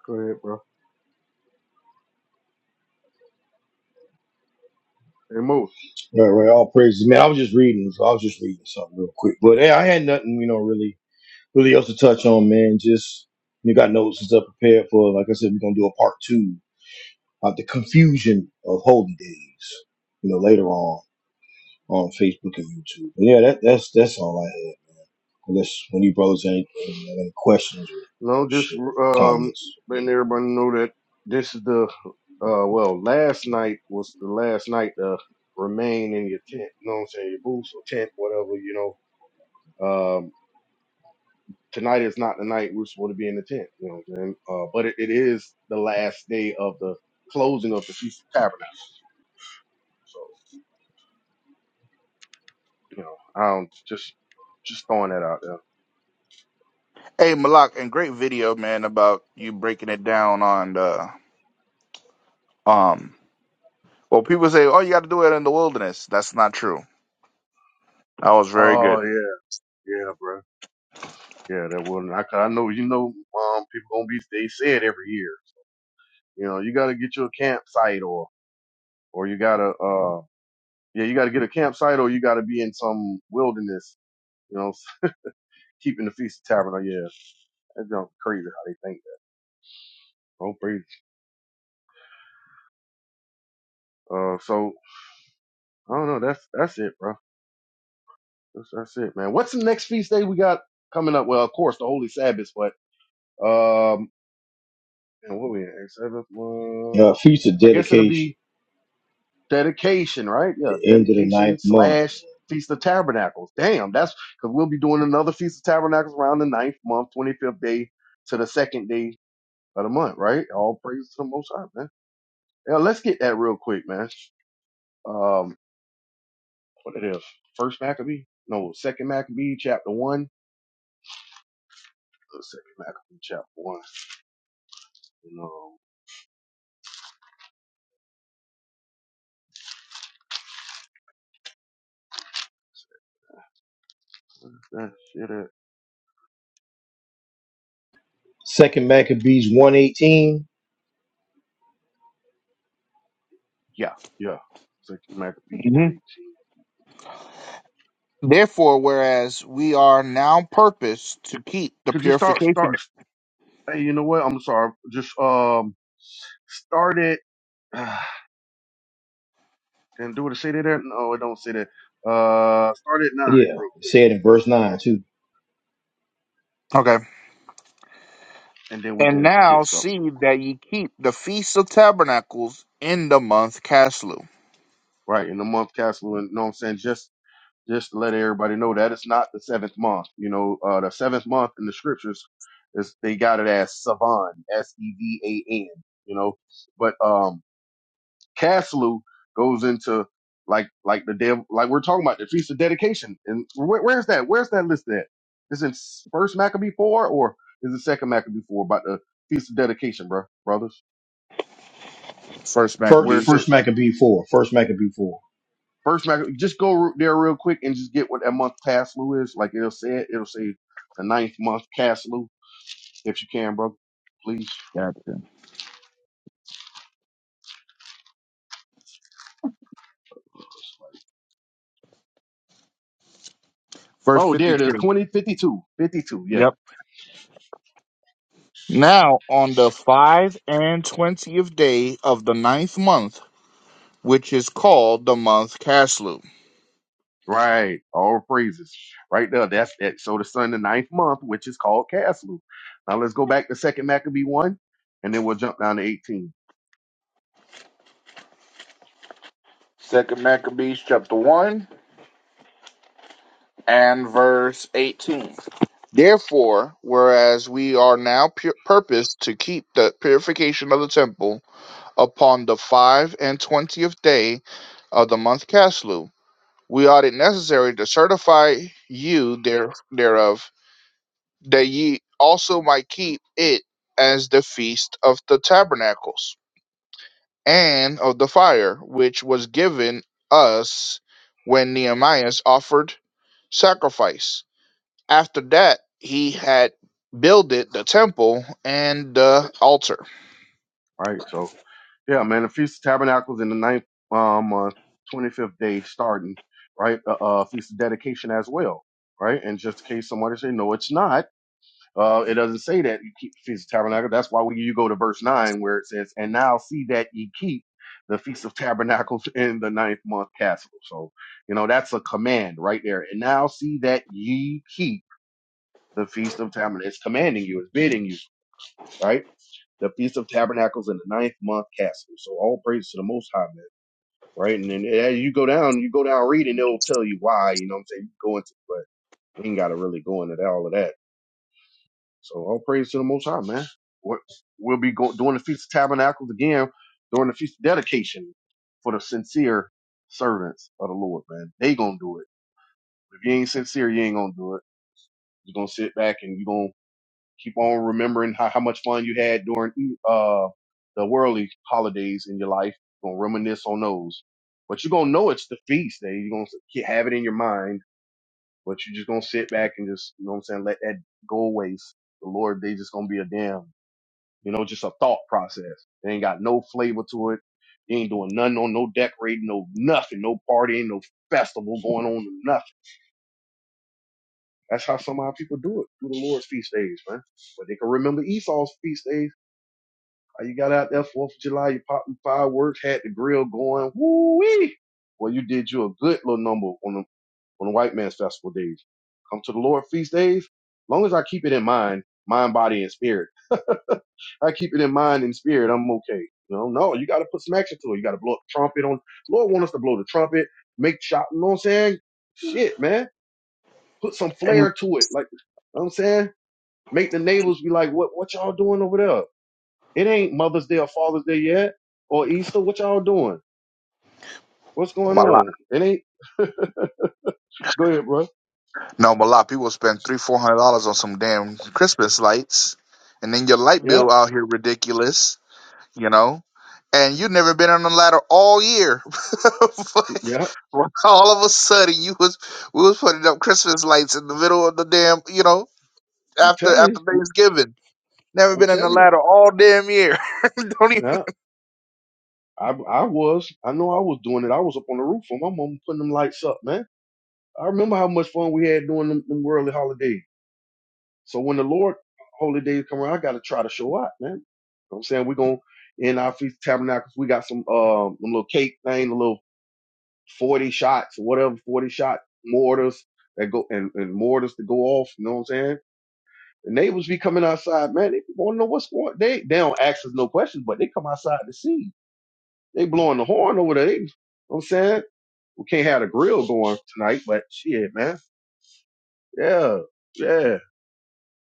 Speaker 3: Go ahead, bro. Hey, Mo.
Speaker 1: Right, right. All praises, man. I was just reading. so I was just reading something real quick, but hey, I had nothing, you know, really, really else to touch on, man. Just you got notes and stuff prepared for. Like I said, we're gonna do a part two of the confusion of holy days, you know, later on on Facebook and YouTube. But yeah, that, that's that's all I had, man. Unless when you brothers any, any, any questions or
Speaker 3: No, just
Speaker 1: shit or
Speaker 3: um,
Speaker 1: comments.
Speaker 3: letting everybody know that this is the uh, well, last night was the last night to remain in your tent. You know what I'm saying? Your booth or tent, whatever. You know, um, tonight is not the night we're supposed to be in the tent. You know what I'm saying? Uh, but it, it is the last day of the closing of the feast of tabernacle. So you know, I'm just just throwing that out there.
Speaker 2: Hey, Malak, and great video, man, about you breaking it down on the um. Well, people say, "Oh, you got to do it in the wilderness." That's not true. That was very good.
Speaker 3: Oh yeah, yeah, bro. Yeah, that will. I, I know you know, um, people gonna be. They say it every year. You know, you got to get you a campsite or, or you got to, uh, yeah, you got to get a campsite or you got to be in some wilderness, you know, keeping the feast of tabernacle. Yeah. That's junk crazy how they think that. Oh, crazy. Uh, so I don't know. That's, that's it, bro. That's, that's it, man. What's the next feast day we got coming up? Well, of course, the Holy Sabbath, but, um, and what we in? Sabbath? Uh,
Speaker 1: Yeah, feast of
Speaker 3: I guess it'll be,
Speaker 1: dedication,
Speaker 3: dedication, right? Yeah,
Speaker 1: the end of the
Speaker 3: dedication
Speaker 1: ninth month.
Speaker 3: slash Feast of Tabernacles. Damn, that's because we'll be doing another Feast of Tabernacles around the ninth month, 25th day to the second day of the month, right? All praise to the Most High, man. Yeah, let's get that real quick, man. Um, what it is? First Maccabee? No, Second Maccabee, chapter one. Uh, Second Maccabee, chapter one. And um, that shit at?
Speaker 1: Second Maccabees one eighteen.
Speaker 3: Yeah, yeah. Second Maccabee, one
Speaker 2: hmm
Speaker 3: eighteen.
Speaker 2: Therefore, whereas we are now purposed to keep the
Speaker 3: Could you start?
Speaker 2: purification.
Speaker 3: Start. Hey, you know what? I'm sorry. Just um started Uh, and do it say that there? No, it don't say that. Uh start at nine,
Speaker 1: Yeah,
Speaker 3: real
Speaker 1: it said in verse 9 too.
Speaker 2: Okay.
Speaker 3: and then we're
Speaker 2: And
Speaker 3: gonna
Speaker 2: now
Speaker 3: get something.
Speaker 2: see that ye keep the feast of tabernacles in the month Caslu.
Speaker 3: Right, in the month castle and you know what I'm saying? Just just to let everybody know that it's not the seventh month. You know, uh the seventh month in the scriptures is they got it as Savan, S E V A N, you know. But um Caslu goes into like like the dev like we're talking about the feast of dedication. And where, where's that? Where's that list at? Is it first Maccabee four or is it second Maccabee four about the feast of dedication, bro, brothers?
Speaker 2: First
Speaker 1: First,
Speaker 3: Where it's
Speaker 2: Maccabees
Speaker 3: at
Speaker 1: first Maccabee four. First Maccabee four.
Speaker 3: first Maccabee? Just go re- there real quick and just get what that month Caslu is. Like it'll say it. It'll say the ninth month Caslu if you can, brother. Please.
Speaker 2: chapter. Verse
Speaker 3: Oh, there
Speaker 2: fifty
Speaker 3: it is.
Speaker 2: two.
Speaker 3: 2052. 52. fifty-two. Yeah.
Speaker 2: Yep. Now on the five and twentieth day of the ninth month, which is called the month Caslu.
Speaker 3: Right. All praises. Right there. That's that. So the sun, the ninth month, which is called Caslu. Now let's go back to second Maccabee one, and then we'll jump down to 18.
Speaker 2: Second Maccabees chapter one and verse eighteen. Therefore, whereas we are now pur- purposed to keep the purification of the temple upon the five and twentieth day of the month Caslu. We ought it necessary to certify you there thereof, that ye also might keep it as the feast of the tabernacles, and of the fire, which was given us when Nehemiah offered sacrifice. After that he had builded the temple and the altar.
Speaker 3: Right. So yeah, man, the Feast of Tabernacles in the ninth um month, 25th day starting, right? Uh, uh Feast of Dedication as well. Right. And just in case somebody say, no, it's not. Uh, it doesn't say that you keep the feast of tabernacle. That's why when you go to verse nine, where it says, "And now see that ye keep the feast of tabernacles in the ninth month castle." So, you know, that's a command right there. And now see that ye keep the feast of tabernacles. It's commanding you. It's bidding you, right? The feast of tabernacles in the ninth month castle. So all praise to the Most High, man. Right, and then as you go down, you go down reading, it'll tell you why. You know what I'm saying? You go into, but we ain't got to really go into that, all of that. So all praise to the Most High, man. What- We'll be go- doing the Feast of Tabernacles again during the Feast of Dedication for the sincere servants of the Lord, man. They gonna do it. If you ain't sincere, you ain't gonna do it. You're gonna sit back and you're gonna keep on remembering how, how much fun you had during E, uh the worldly holidays in your life. You're gonna reminisce on those. But you're gonna know it's the feast day. You're gonna ke- have it in your mind, but you're just gonna sit back and just, you know what I'm saying, let that go away. The Lord, they just gonna be a damn. You know, just a thought process. It ain't got no flavor to it. You ain't doing nothing on no decorating, no nothing, no partying, no festival going on, no nothing. That's how some of our people do it through the Lord's feast days, man. But they can remember Esau's feast days. How you got out there Fourth of July, you popping fireworks, had the grill going, woo wee. Well, you did you a good little number on the on the white man's festival days. Come to the Lord's feast days. As Long as I keep it in mind, mind, body, and spirit. I keep it in mind and spirit. I'm okay. You know, no, you got to put some action to it. You got to blow up the trumpet on. Lord want us to blow the trumpet, make shot. You know what I'm saying? Shit, man, put some
Speaker 2: Hey,
Speaker 3: flair to it. Like, you know what I'm saying? Make the neighbors be like, what, what y'all doing over there? It ain't Mother's Day or Father's Day yet or Easter. What y'all doing? What's going on? It ain't. Go ahead, bro.
Speaker 2: No, but a lot of people spend three, four hundred dollars on some damn Christmas lights, and then your light
Speaker 3: Yeah,
Speaker 2: bill out here ridiculous, you know. And you never been on the ladder all year.
Speaker 3: yeah.
Speaker 2: Like, all of a sudden, you was we was putting up Christmas lights in the middle of the damn, you know,
Speaker 3: I'm
Speaker 2: after
Speaker 3: telling
Speaker 2: after
Speaker 3: you.
Speaker 2: Thanksgiving. Never
Speaker 3: I'm
Speaker 2: been on the
Speaker 3: telling you.
Speaker 2: ladder all damn year. Don't even.
Speaker 3: Yeah, I, I was. I know I was doing it. I was up on the roof for my mom putting them lights up, man. I remember how much fun we had doing them, them worldly holidays. So when the Lord holy days come around, I gotta try to show up, man. You know what I'm saying we're gonna in our feast of tabernacles, we got some um them little cake thing, a little forty shots, or whatever, forty shot mortars that go and, and mortars to go off, you know what I'm saying? The neighbors be coming outside, man, they wanna know what's going on. they they don't ask us no questions, but they come outside to see. They blowing the horn over there. They, you know what I'm saying? We can't have the grill going tonight, but shit, man. Yeah, yeah.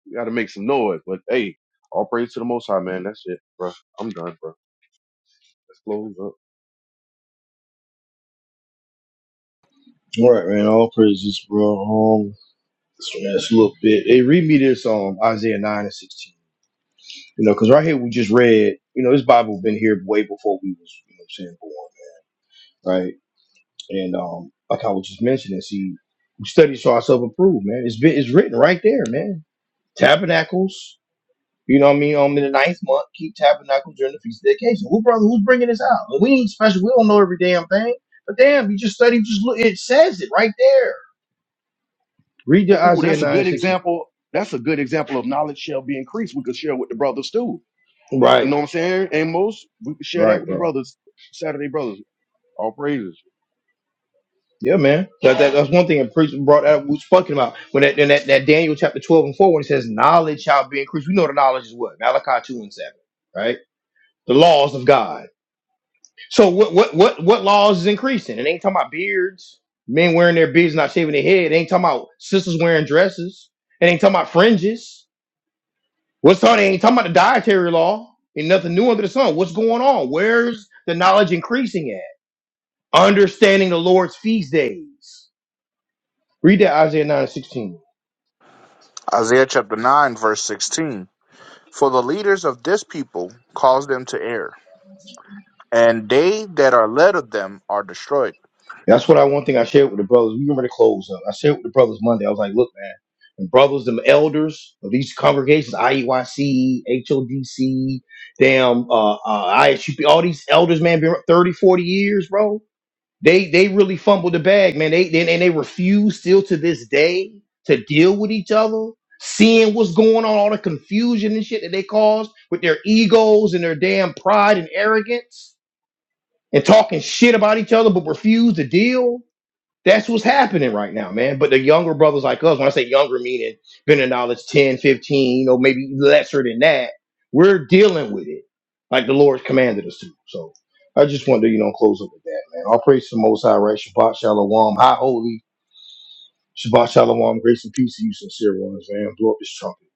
Speaker 3: We got to make some noise. But hey, all praise to the Most High, man. That's it, bro. I'm done, bro. Let's close up.
Speaker 1: All right, man. All praises, bro. Um, this last little bit. Hey, read me this um Isaiah nine and sixteen. You know, because right here we just read. You know, this Bible been here way before we was, you know, what I'm saying born, right? And um, like I was just mentioning, see, we study so ourselves approved, man. It's been it's written right there, man. Tabernacles. You know what I mean? Um, in the ninth month, keep tabernacles during the feast of dedication. Who brother? Who's bringing this out? Well, we ain't special. We don't know every damn thing. But damn, you just study. Just look. It says it right there. Read the
Speaker 3: Ooh,
Speaker 1: Isaiah
Speaker 3: that's a
Speaker 1: nine and
Speaker 3: good
Speaker 1: sixteen.
Speaker 3: example. That's a good example of knowledge shall be increased. We could share with the brothers too. Not, you
Speaker 1: Right,
Speaker 3: know what I'm saying? Amos, we could share that
Speaker 1: right,
Speaker 3: with the
Speaker 1: bro.
Speaker 3: brothers, Saturday brothers. All praises.
Speaker 1: Yeah, man. That, that that's one thing that preacher brought out. We was talking about when that, in that that Daniel chapter twelve and four when it says knowledge shall be increased. We know the knowledge is what Malachi two and seven, right? The laws of God. So what what what what laws is increasing? It ain't talking about beards, men wearing their beards, not shaving their head. It ain't talking about sisters wearing dresses. It ain't talking about fringes. What's on? It ain't talking about the dietary law. Ain't nothing new under the sun. What's going on? Where's the knowledge increasing at? Understanding the Lord's feast days. Read that Isaiah 9 and 16.
Speaker 2: Isaiah chapter nine verse sixteen. For the leaders of this people cause them to err, and they that are led of them are destroyed.
Speaker 1: That's what I one thing I shared with the brothers. We were going to close up. I shared with the brothers Monday. I was like, look, man, the brothers, them elders of these congregations, I E Y C H O D C, damn, uh, uh, ISUP, all these elders, man, been 30, 40 years, bro. They they really fumbled the bag, man. They, they and they refuse still to this day to deal with each other, seeing what's going on, all the confusion and shit that they caused with their egos and their damn pride and arrogance and talking shit about each other, but refuse to deal. That's what's happening right now, man. But the younger brothers like us, when I say younger, meaning been in knowledge ten, fifteen, 15, you know, maybe lesser than that, we're dealing with it like the Lord commanded us to. So I just wanted to, you know, close up with that, man. I'll praise to the Most High, right? Shabbat Shalom, High Holy, Shabbat Shalom, grace and peace to you, sincere ones, man. Blow up this trumpet,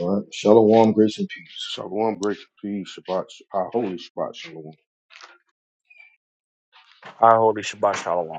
Speaker 1: all right? Shalom, grace and peace.
Speaker 3: Shalom, grace, peace, Shabbat, our holy Shabbat, Shalom.
Speaker 2: Our holy Shabbat Shalom.